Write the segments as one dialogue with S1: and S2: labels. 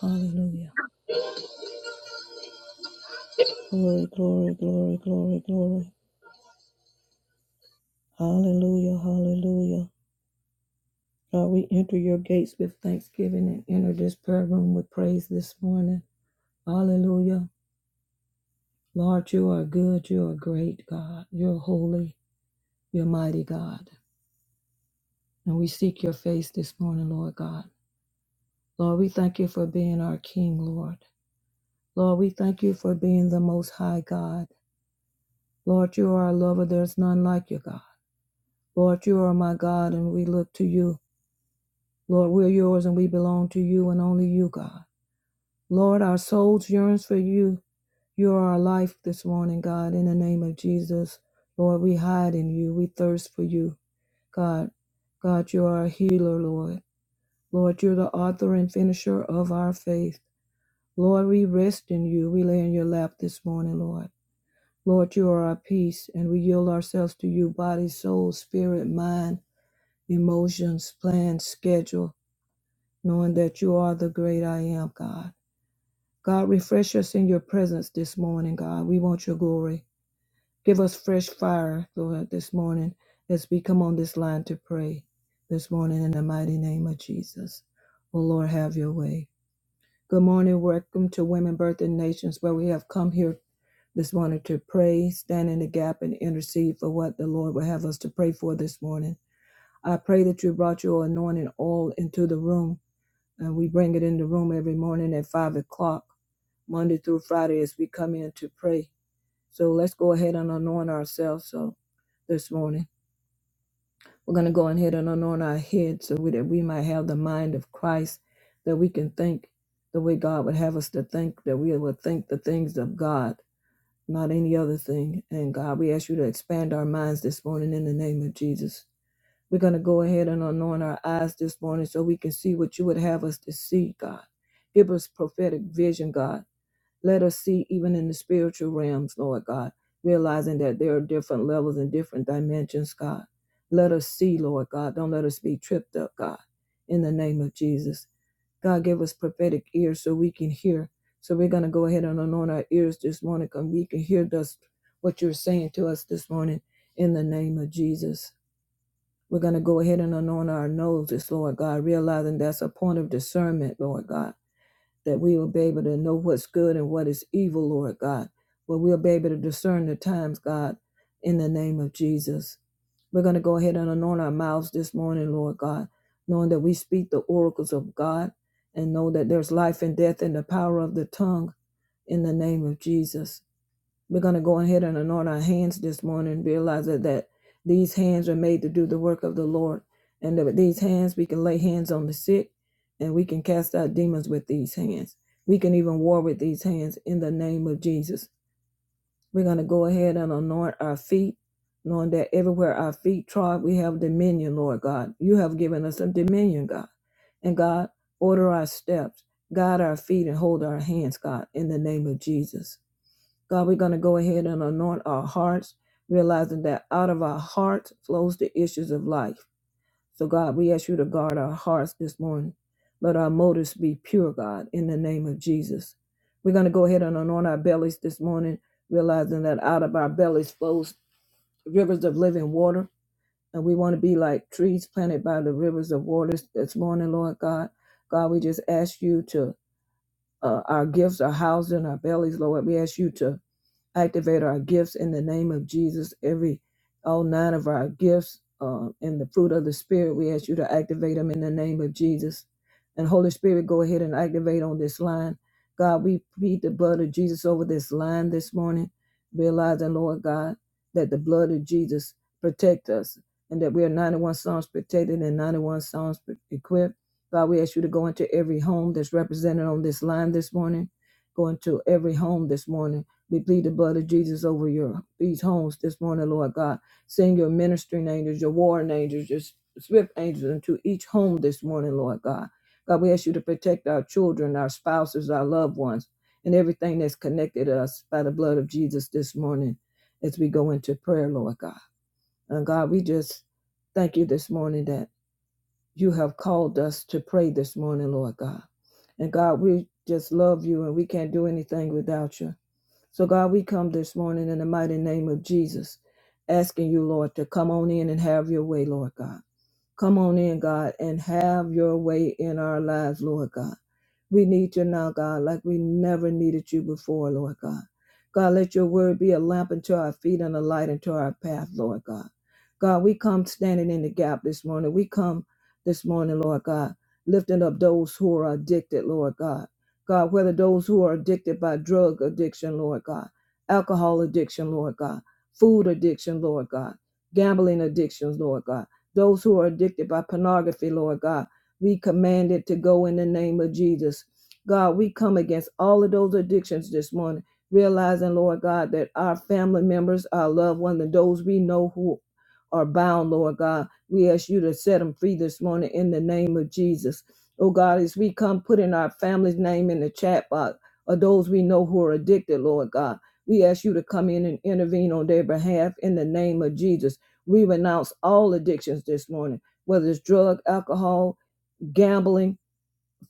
S1: Hallelujah. Glory, glory, glory, glory, glory. Hallelujah, hallelujah. God, we enter your gates with thanksgiving and enter this prayer room with praise this morning. Hallelujah. Lord, you are good. You are great, God. You're holy. You're mighty, God. And we seek your face this morning, Lord God. Lord, we thank you for being our King, Lord. Lord, we thank you for being the Most High God. Lord, you are a lover. There's none like you, God. Lord, you are my God, and we look to you. Lord, we're yours and we belong to you and only you, God. Lord, our souls yearns for you. You are our life this morning, God. In the name of Jesus, Lord, we hide in you. We thirst for you, God. God, you are a healer, Lord. Lord, you're the author and finisher of our faith. Lord, we rest in you. We lay in your lap this morning, Lord. Lord, you are our peace, and we yield ourselves to you, body, soul, spirit, mind, emotions, plans, schedule, knowing that you are the great I am, God. God, refresh us in your presence this morning, God. We want your glory. Give us fresh fire, Lord, this morning as we come on this line to pray this morning in the mighty name of Jesus. Oh, Lord, have your way. Good morning. Welcome to Women, Birth, and Nations, where we have come here this morning to pray, stand in the gap, and intercede for what the Lord will have us to pray for this morning. I pray that you brought your anointing oil into the room And we bring it in the room every morning at 5 o'clock, Monday through Friday, as we come in to pray. So let's go ahead and anoint ourselves. So this morning, we're going to go ahead and anoint our heads so we, that we might have the mind of Christ, that we can think the way God would have us to think, that we will think the things of God, not any other thing. And God, we ask you to expand our minds this morning in the name of Jesus. We're going to go ahead and anoint our eyes this morning so we can see what you would have us to see, God. Give us prophetic vision, God. Let us see even in the spiritual realms, Lord God, realizing that there are different levels and different dimensions, God. Let us see, Lord God. Don't let us be tripped up, God, in the name of Jesus. God, give us prophetic ears so we can hear. So we're going to go ahead and anoint our ears this morning because we can hear thus what you're saying to us this morning in the name of Jesus. We're going to go ahead and anoint our noses, Lord God, realizing that's a point of discernment, Lord God, that we will be able to know what's good and what is evil, Lord God. But we'll be able to discern the times, God, in the name of Jesus. We're going to go ahead and anoint our mouths this morning, Lord God, knowing that we speak the oracles of God and know that there's life and death in the power of the tongue in the name of Jesus. We're going to go ahead and anoint our hands this morning, realize that, that these hands are made to do the work of the Lord. And that with these hands, we can lay hands on the sick and we can cast out demons with these hands. We can even war with these hands in the name of Jesus. We're going to go ahead and anoint our feet, knowing that everywhere our feet trod, we have dominion, Lord God. You have given us some dominion, God. And God, order our steps, guide our feet, and hold our hands, God, in the name of Jesus. God, we're going to go ahead and anoint our hearts, realizing that out of our hearts flows the issues of life. So, God, we ask you to guard our hearts this morning. Let our motives be pure, God, in the name of Jesus. We're going to go ahead and anoint our bellies this morning, realizing that out of our bellies flows rivers of living water. And we want to be like trees planted by the rivers of waters this morning, Lord God. God, we just ask you to, uh, our gifts, our housing, our bellies, Lord, we ask you to activate our gifts in the name of Jesus. Every all nine of our gifts uh, and the fruit of the Spirit, we ask you to activate them in the name of Jesus. And Holy Spirit, go ahead and activate on this line. God, we plead the blood of Jesus over this line this morning, realizing, Lord God, that the blood of Jesus protect us and that we are 91 Psalms protected and 91 Psalms pre- equipped. God, we ask you to go into every home that's represented on this line this morning. Go into every home this morning we plead the blood of Jesus over your these homes this morning, Lord God. Send your ministering angels, your warring angels, your swift angels into each home this morning, Lord God. God, we ask you to protect our children, our spouses, our loved ones, and everything that's connected to us by the blood of Jesus this morning as we go into prayer, Lord God. And God, we just thank you this morning that you have called us to pray this morning, Lord God. And God, we just love you and we can't do anything without you. So, God, we come this morning in the mighty name of Jesus, asking you, Lord, to come on in and have your way, Lord God. Come on in, God, and have your way in our lives, Lord God. We need you now, God, like we never needed you before, Lord God. God, let your word be a lamp unto our feet and a light unto our path, Lord God. God, we come standing in the gap this morning. We come this morning, Lord God, lifting up those who are addicted, Lord God. God, whether those who are addicted by drug addiction, Lord God, alcohol addiction, Lord God, food addiction, Lord God, gambling addictions, Lord God, those who are addicted by pornography, Lord God we command it to go in the name of Jesus. God, we come against all of those addictions this morning, realizing, Lord God, that our family members, our loved ones, and those we know who are bound, Lord God, we ask you to set them free this morning in the name of Jesus. Oh God, as we come put in our family's name in the chat box, or those we know who are addicted, Lord God, we ask you to come in and intervene on their behalf in the name of Jesus. We renounce all addictions this morning, whether it's drug, alcohol, gambling,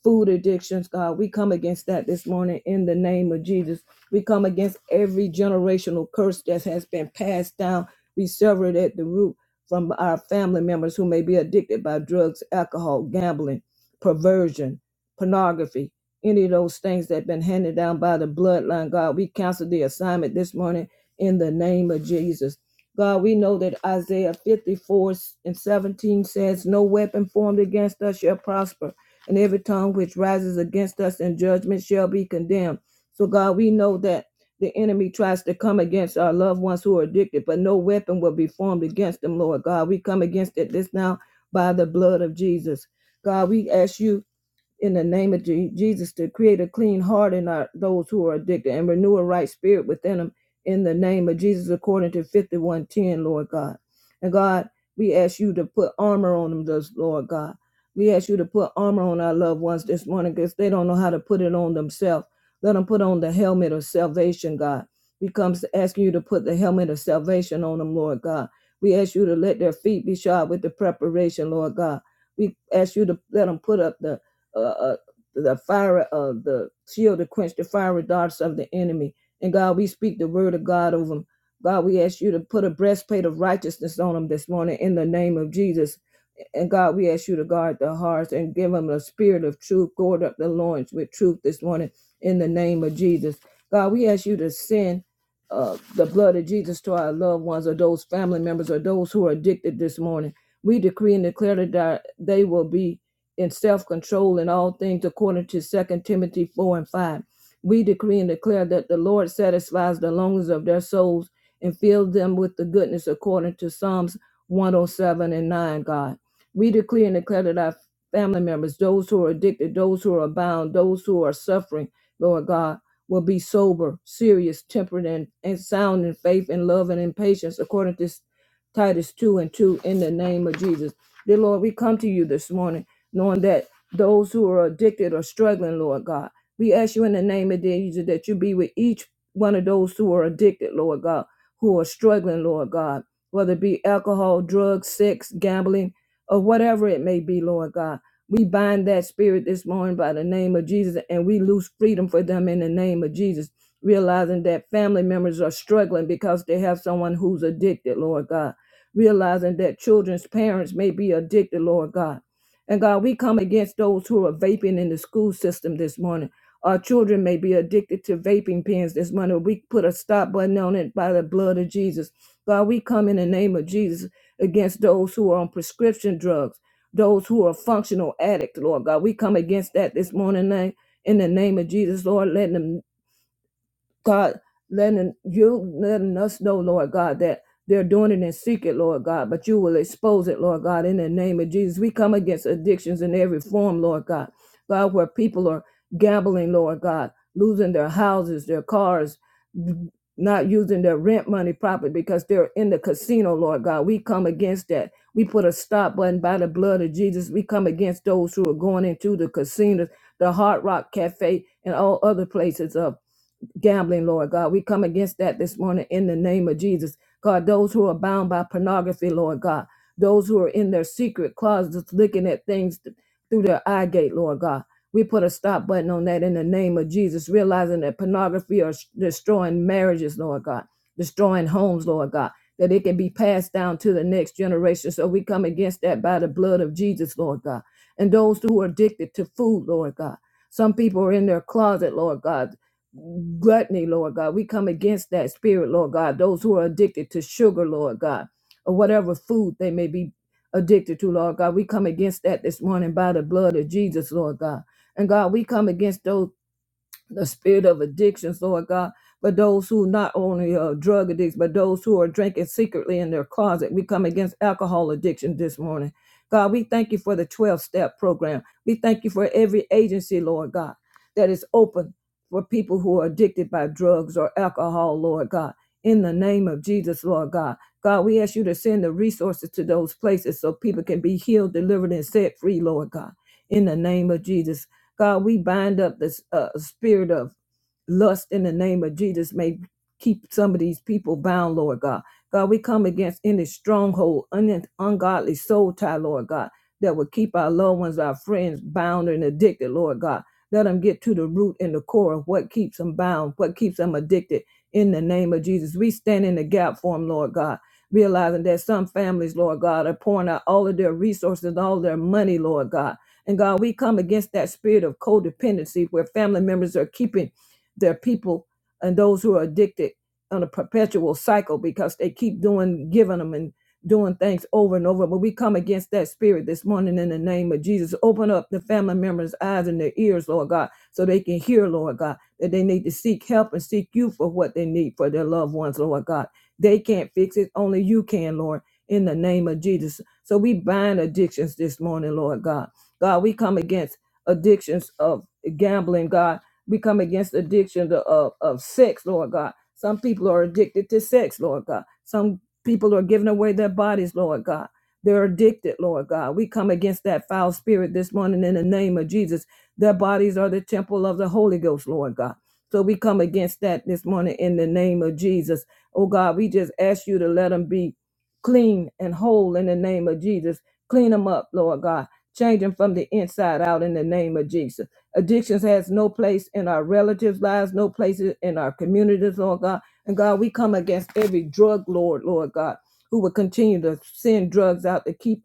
S1: food addictions, God. We come against that this morning in the name of Jesus. We come against every generational curse that has been passed down. We sever it at the root from our family members who may be addicted by drugs, alcohol, gambling, perversion, pornography, any of those things that have been handed down by the bloodline. God, we cancel the assignment this morning in the name of Jesus. God, we know that Isaiah 54 and 17 says, No weapon formed against us shall prosper and every tongue which rises against us in judgment shall be condemned. So, God, we know that the enemy tries to come against our loved ones who are addicted, but no weapon will be formed against them, Lord God. We come against it this now by the blood of Jesus. God, we ask you in the name of Je- Jesus to create a clean heart in our, those who are addicted and renew a right spirit within them in the name of Jesus, according to 5110, Lord God. And God, we ask you to put armor on them, thus, Lord God. We ask you to put armor on our loved ones this morning because they don't know how to put it on themselves. Let them put on the helmet of salvation, God. We come s- asking you to put the helmet of salvation on them, Lord God. We ask you to let their feet be shod with the preparation, Lord God. We ask you to let them put up the uh, uh, the fire, uh, the shield to quench the fiery darts of the enemy. And God, we speak the word of God over them. God, we ask you to put a breastplate of righteousness on them this morning in the name of Jesus. And God, we ask you to guard their hearts and give them a spirit of truth. Gird up the loins with truth this morning in the name of Jesus. God, we ask you to send uh, the blood of Jesus to our loved ones or those family members or those who are addicted this morning. We decree and declare that they will be in self-control in all things according to Second timothy 4 and 5 we decree and declare that the lord satisfies the longings of their souls and fills them with the goodness according to psalms 107 and 9 god we decree and declare that our family members those who are addicted those who are bound those who are suffering lord god will be sober serious temperate and, and sound in faith and love and in patience according to titus 2 and 2 in the name of jesus dear lord we come to you this morning knowing that those who are addicted are struggling, Lord God. We ask you in the name of Jesus that you be with each one of those who are addicted, Lord God, who are struggling, Lord God, whether it be alcohol, drugs, sex, gambling, or whatever it may be, Lord God. We bind that spirit this morning by the name of Jesus and we lose freedom for them in the name of Jesus, realizing that family members are struggling because they have someone who's addicted, Lord God. Realizing that children's parents may be addicted, Lord God and God, we come against those who are vaping in the school system this morning. Our children may be addicted to vaping pens this morning. We put a stop button on it by the blood of Jesus. God, we come in the name of Jesus against those who are on prescription drugs, those who are functional addicts, Lord God. We come against that this morning, na- in the name of Jesus, Lord. Let them God, letting you letting us know, Lord God, that they're doing it in secret, Lord God, but you will expose it, Lord God, in the name of Jesus. We come against addictions in every form, Lord God. God, where people are gambling, Lord God, losing their houses, their cars, not using their rent money properly because they're in the casino, Lord God. We come against that. We put a stop button by the blood of Jesus. We come against those who are going into the casinos, the Hard Rock Cafe, and all other places of gambling, Lord God. We come against that this morning in the name of Jesus. God, those who are bound by pornography, Lord God, those who are in their secret closets looking at things th- through their eye gate, Lord God. We put a stop button on that in the name of Jesus, realizing that pornography are destroying marriages, Lord God, destroying homes, Lord God, that it can be passed down to the next generation. So we come against that by the blood of Jesus, Lord God. And those who are addicted to food, Lord God. Some people are in their closet, Lord God gluttony, Lord God. We come against that spirit, Lord God. Those who are addicted to sugar, Lord God, or whatever food they may be addicted to, Lord God. We come against that this morning by the blood of Jesus, Lord God. And God, we come against those the spirit of addictions, Lord God, but those who not only are drug addicts, but those who are drinking secretly in their closet. We come against alcohol addiction this morning. God, we thank you for the 12 step program. We thank you for every agency, Lord God, that is open for people who are addicted by drugs or alcohol, Lord God. In the name of Jesus, Lord God. God, we ask you to send the resources to those places so people can be healed, delivered, and set free, Lord God. In the name of Jesus. God, we bind up this uh, spirit of lust in the name of Jesus. May keep some of these people bound, Lord God. God, we come against any stronghold, un- ungodly soul tie, Lord God, that will keep our loved ones, our friends bound and addicted, Lord God. Let them get to the root and the core of what keeps them bound, what keeps them addicted. In the name of Jesus, we stand in the gap for them, Lord God, realizing that some families, Lord God, are pouring out all of their resources, all their money, Lord God and God, we come against that spirit of codependency where family members are keeping their people and those who are addicted on a perpetual cycle because they keep doing, giving them and doing things over and over. But we come against that spirit this morning in the name of Jesus. Open up the family members' eyes and their ears, Lord God, so they can hear, Lord God, that they need to seek help and seek you for what they need for their loved ones, Lord God. They can't fix it. Only you can, Lord, in the name of Jesus. So we bind addictions this morning, Lord God. God, we come against addictions of gambling, God. We come against addiction of, of, of sex, Lord God. Some people are addicted to sex, Lord God. Some people are giving away their bodies, Lord God. They're addicted, Lord God. We come against that foul spirit this morning in the name of Jesus. Their bodies are the temple of the Holy Ghost, Lord God. So we come against that this morning in the name of Jesus. Oh God, we just ask you to let them be clean and whole in the name of Jesus. Clean them up, Lord God Change them from the inside out in the name of Jesus. Addictions has no place in our relatives' lives, no place in our communities, Lord God. And God, we come against every drug lord, Lord God, who will continue to send drugs out to keep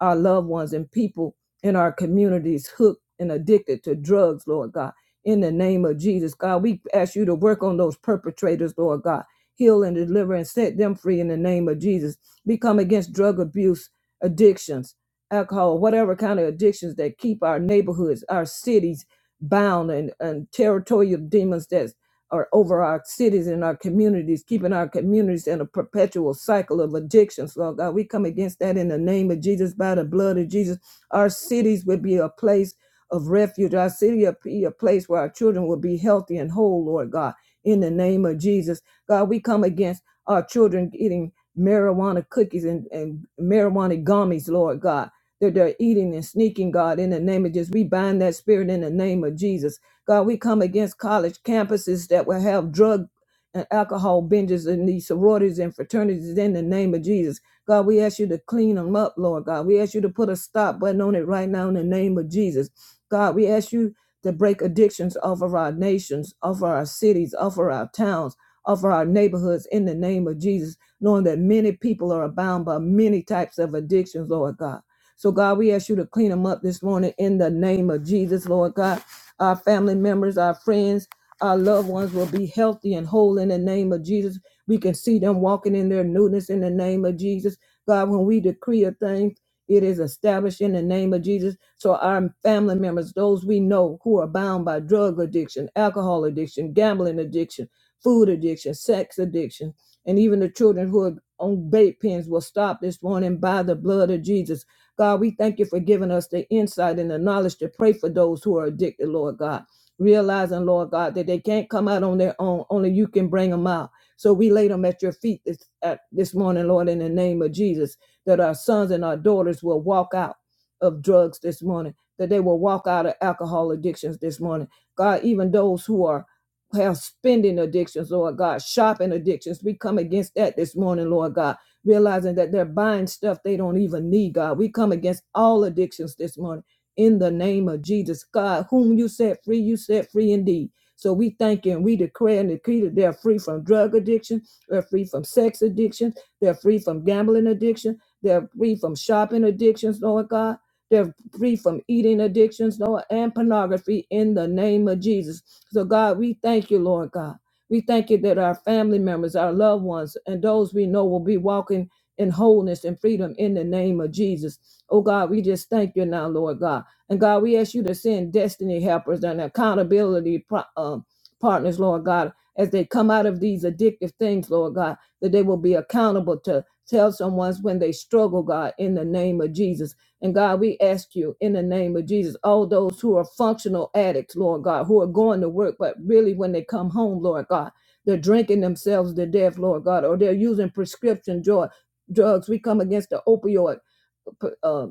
S1: our loved ones and people in our communities hooked and addicted to drugs, Lord God. In the name of Jesus, God, we ask you to work on those perpetrators, Lord God. Heal and deliver and set them free in the name of Jesus. We come against drug abuse, addictions, alcohol, whatever kind of addictions that keep our neighborhoods, our cities bound and, and territorial demons That or over our cities and our communities, keeping our communities in a perpetual cycle of addictions. Lord God, we come against that in the name of Jesus, by the blood of Jesus. Our cities would be a place of refuge. Our city would be a place where our children will be healthy and whole, Lord God, in the name of Jesus. God, we come against our children eating marijuana cookies and, and marijuana gummies, Lord God. That they're eating and sneaking, God, in the name of Jesus. We bind that spirit in the name of Jesus. God, we come against college campuses that will have drug and alcohol binges in these sororities and fraternities in the name of Jesus. God, we ask you to clean them up, Lord God. We ask you to put a stop button on it right now in the name of Jesus. God, we ask you to break addictions off of our nations, off of our cities, off of our towns, off of our neighborhoods in the name of Jesus, knowing that many people are bound by many types of addictions, Lord God. So, God, we ask you to clean them up this morning in the name of Jesus, Lord God. Our family members, our friends, our loved ones will be healthy and whole in the name of Jesus. We can see them walking in their newness in the name of Jesus. God, when we decree a thing, it is established in the name of Jesus. So our family members, those we know who are bound by drug addiction, alcohol addiction, gambling addiction, food addiction, sex addiction, and even the children who are on bait pens will stop this morning by the blood of Jesus. God, we thank you for giving us the insight and the knowledge to pray for those who are addicted, Lord God. Realizing, Lord God, that they can't come out on their own, only you can bring them out. So we lay them at your feet this, at, this morning, Lord, in the name of Jesus, that our sons and our daughters will walk out of drugs this morning, that they will walk out of alcohol addictions this morning. God, even those who are have spending addictions, Lord God, shopping addictions. We come against that this morning, Lord God realizing that they're buying stuff they don't even need, God. We come against all addictions this morning in the name of Jesus. God, whom you set free, you set free indeed. So we thank you and we declare and decree that they're free from drug addiction, they're free from sex addiction, they're free from gambling addiction, they're free from shopping addictions, Lord God. They're free from eating addictions, Lord, and pornography in the name of Jesus. So, God, we thank you, Lord God. We thank you that our family members, our loved ones, and those we know will be walking in wholeness and freedom in the name of Jesus. Oh God, we just thank you now, Lord God. And God, we ask you to send destiny helpers and accountability pro- um, partners, Lord God, as they come out of these addictive things, Lord God, that they will be accountable to tell someone when they struggle, God, in the name of Jesus. And God, we ask you in the name of Jesus, all those who are functional addicts, Lord God, who are going to work, but really when they come home, Lord God, they're drinking themselves to death, Lord God, or they're using prescription drug, drugs. We come against the opioid uh,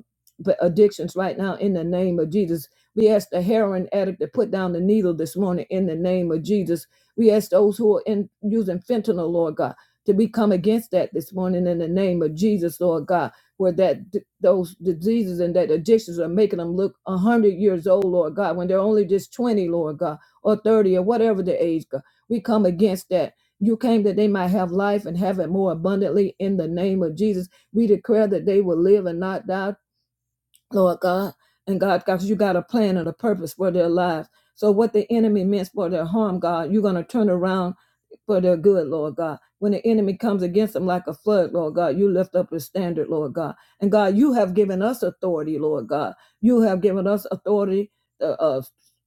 S1: addictions right now in the name of Jesus. We ask the heroin addict to put down the needle this morning in the name of Jesus. We ask those who are in using fentanyl, Lord God, to become against that this morning in the name of Jesus, Lord God, where that those diseases and that addictions are making them look a hundred years old, Lord God, when they're only just twenty, Lord God, or thirty or whatever the age. God. We come against that. You came that they might have life and have it more abundantly in the name of Jesus. We declare that they will live and not die, Lord God. And God, God, you got a plan and a purpose for their lives. So what the enemy meant for their harm, God, you're going to turn around for their good, Lord God. When the enemy comes against them like a flood, Lord God, you lift up the standard, Lord God. And God, you have given us authority, Lord God. You have given us authority to uh,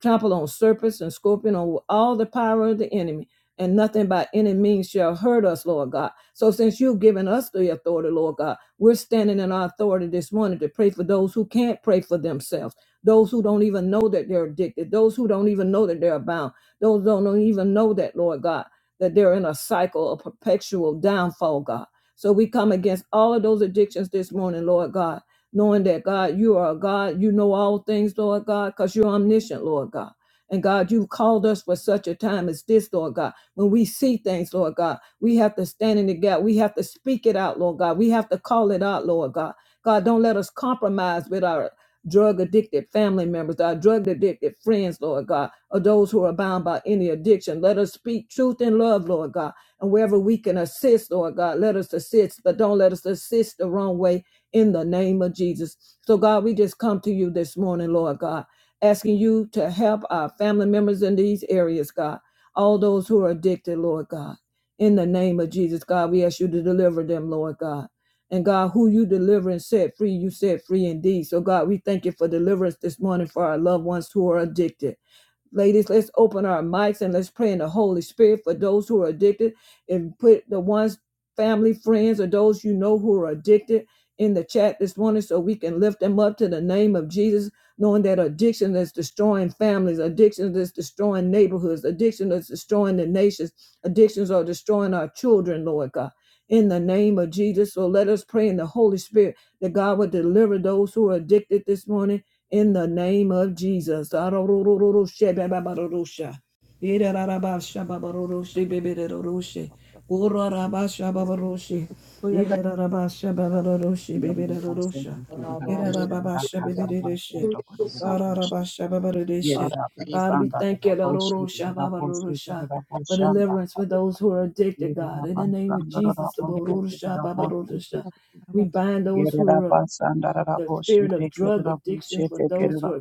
S1: trample on serpents and scorpion on all the power of the enemy and nothing by any means shall hurt us, Lord God. So since you've given us the authority, Lord God, we're standing in our authority this morning to pray for those who can't pray for themselves, those who don't even know that they're addicted, those who don't even know that they're bound, those who don't even know that, Lord God, that they're in a cycle of perpetual downfall, God. So we come against all of those addictions this morning, Lord God, knowing that God, you are a God, you know all things, Lord God, because you're omniscient, Lord God. And God, you've called us for such a time as this, Lord God. When we see things, Lord God, we have to stand in the gap. We have to speak it out, Lord God. We have to call it out, Lord God. God, don't let us compromise with our drug addicted family members, our drug addicted friends, Lord God, or those who are bound by any addiction. Let us speak truth in love, Lord God. And wherever we can assist, Lord God, let us assist, but don't let us assist the wrong way in the name of Jesus. So, God, we just come to you this morning, Lord God, asking you to help our family members in these areas, God all those who are addicted, Lord God. In the name of Jesus, God, we ask you to deliver them, Lord God. And God, who you deliver and set free, you set free indeed. So, God, we thank you for deliverance this morning for our loved ones who are addicted. Ladies, let's open our mics and let's pray in the Holy Spirit for those who are addicted and put the ones, family, friends, or those you know who are addicted in the chat this morning so we can lift them up to the name of Jesus, knowing that addiction is destroying families, addiction is destroying neighborhoods, addiction is destroying the nations, addictions are destroying our children, Lord God. In the name of Jesus. So let us pray in the Holy Spirit that God would deliver those who are addicted this morning in the name of Jesus. Irarabashababaroshe bebereroshe.
S2: Rata
S1: Gorarabashababaroshe.
S3: Thank
S4: it up.
S1: Irarabashababaroshe bebererosha. Irarabashabebereshe. Ararabashababareshe.
S4: Yerera
S1: God, we
S4: basanda
S1: thank you Roroshababarosha, for deliverance for those who are addicted, God. In the name of Jesus, the Roroshababarosha. we
S5: Thank
S1: bind those who are the spirit of drug addictions with those who are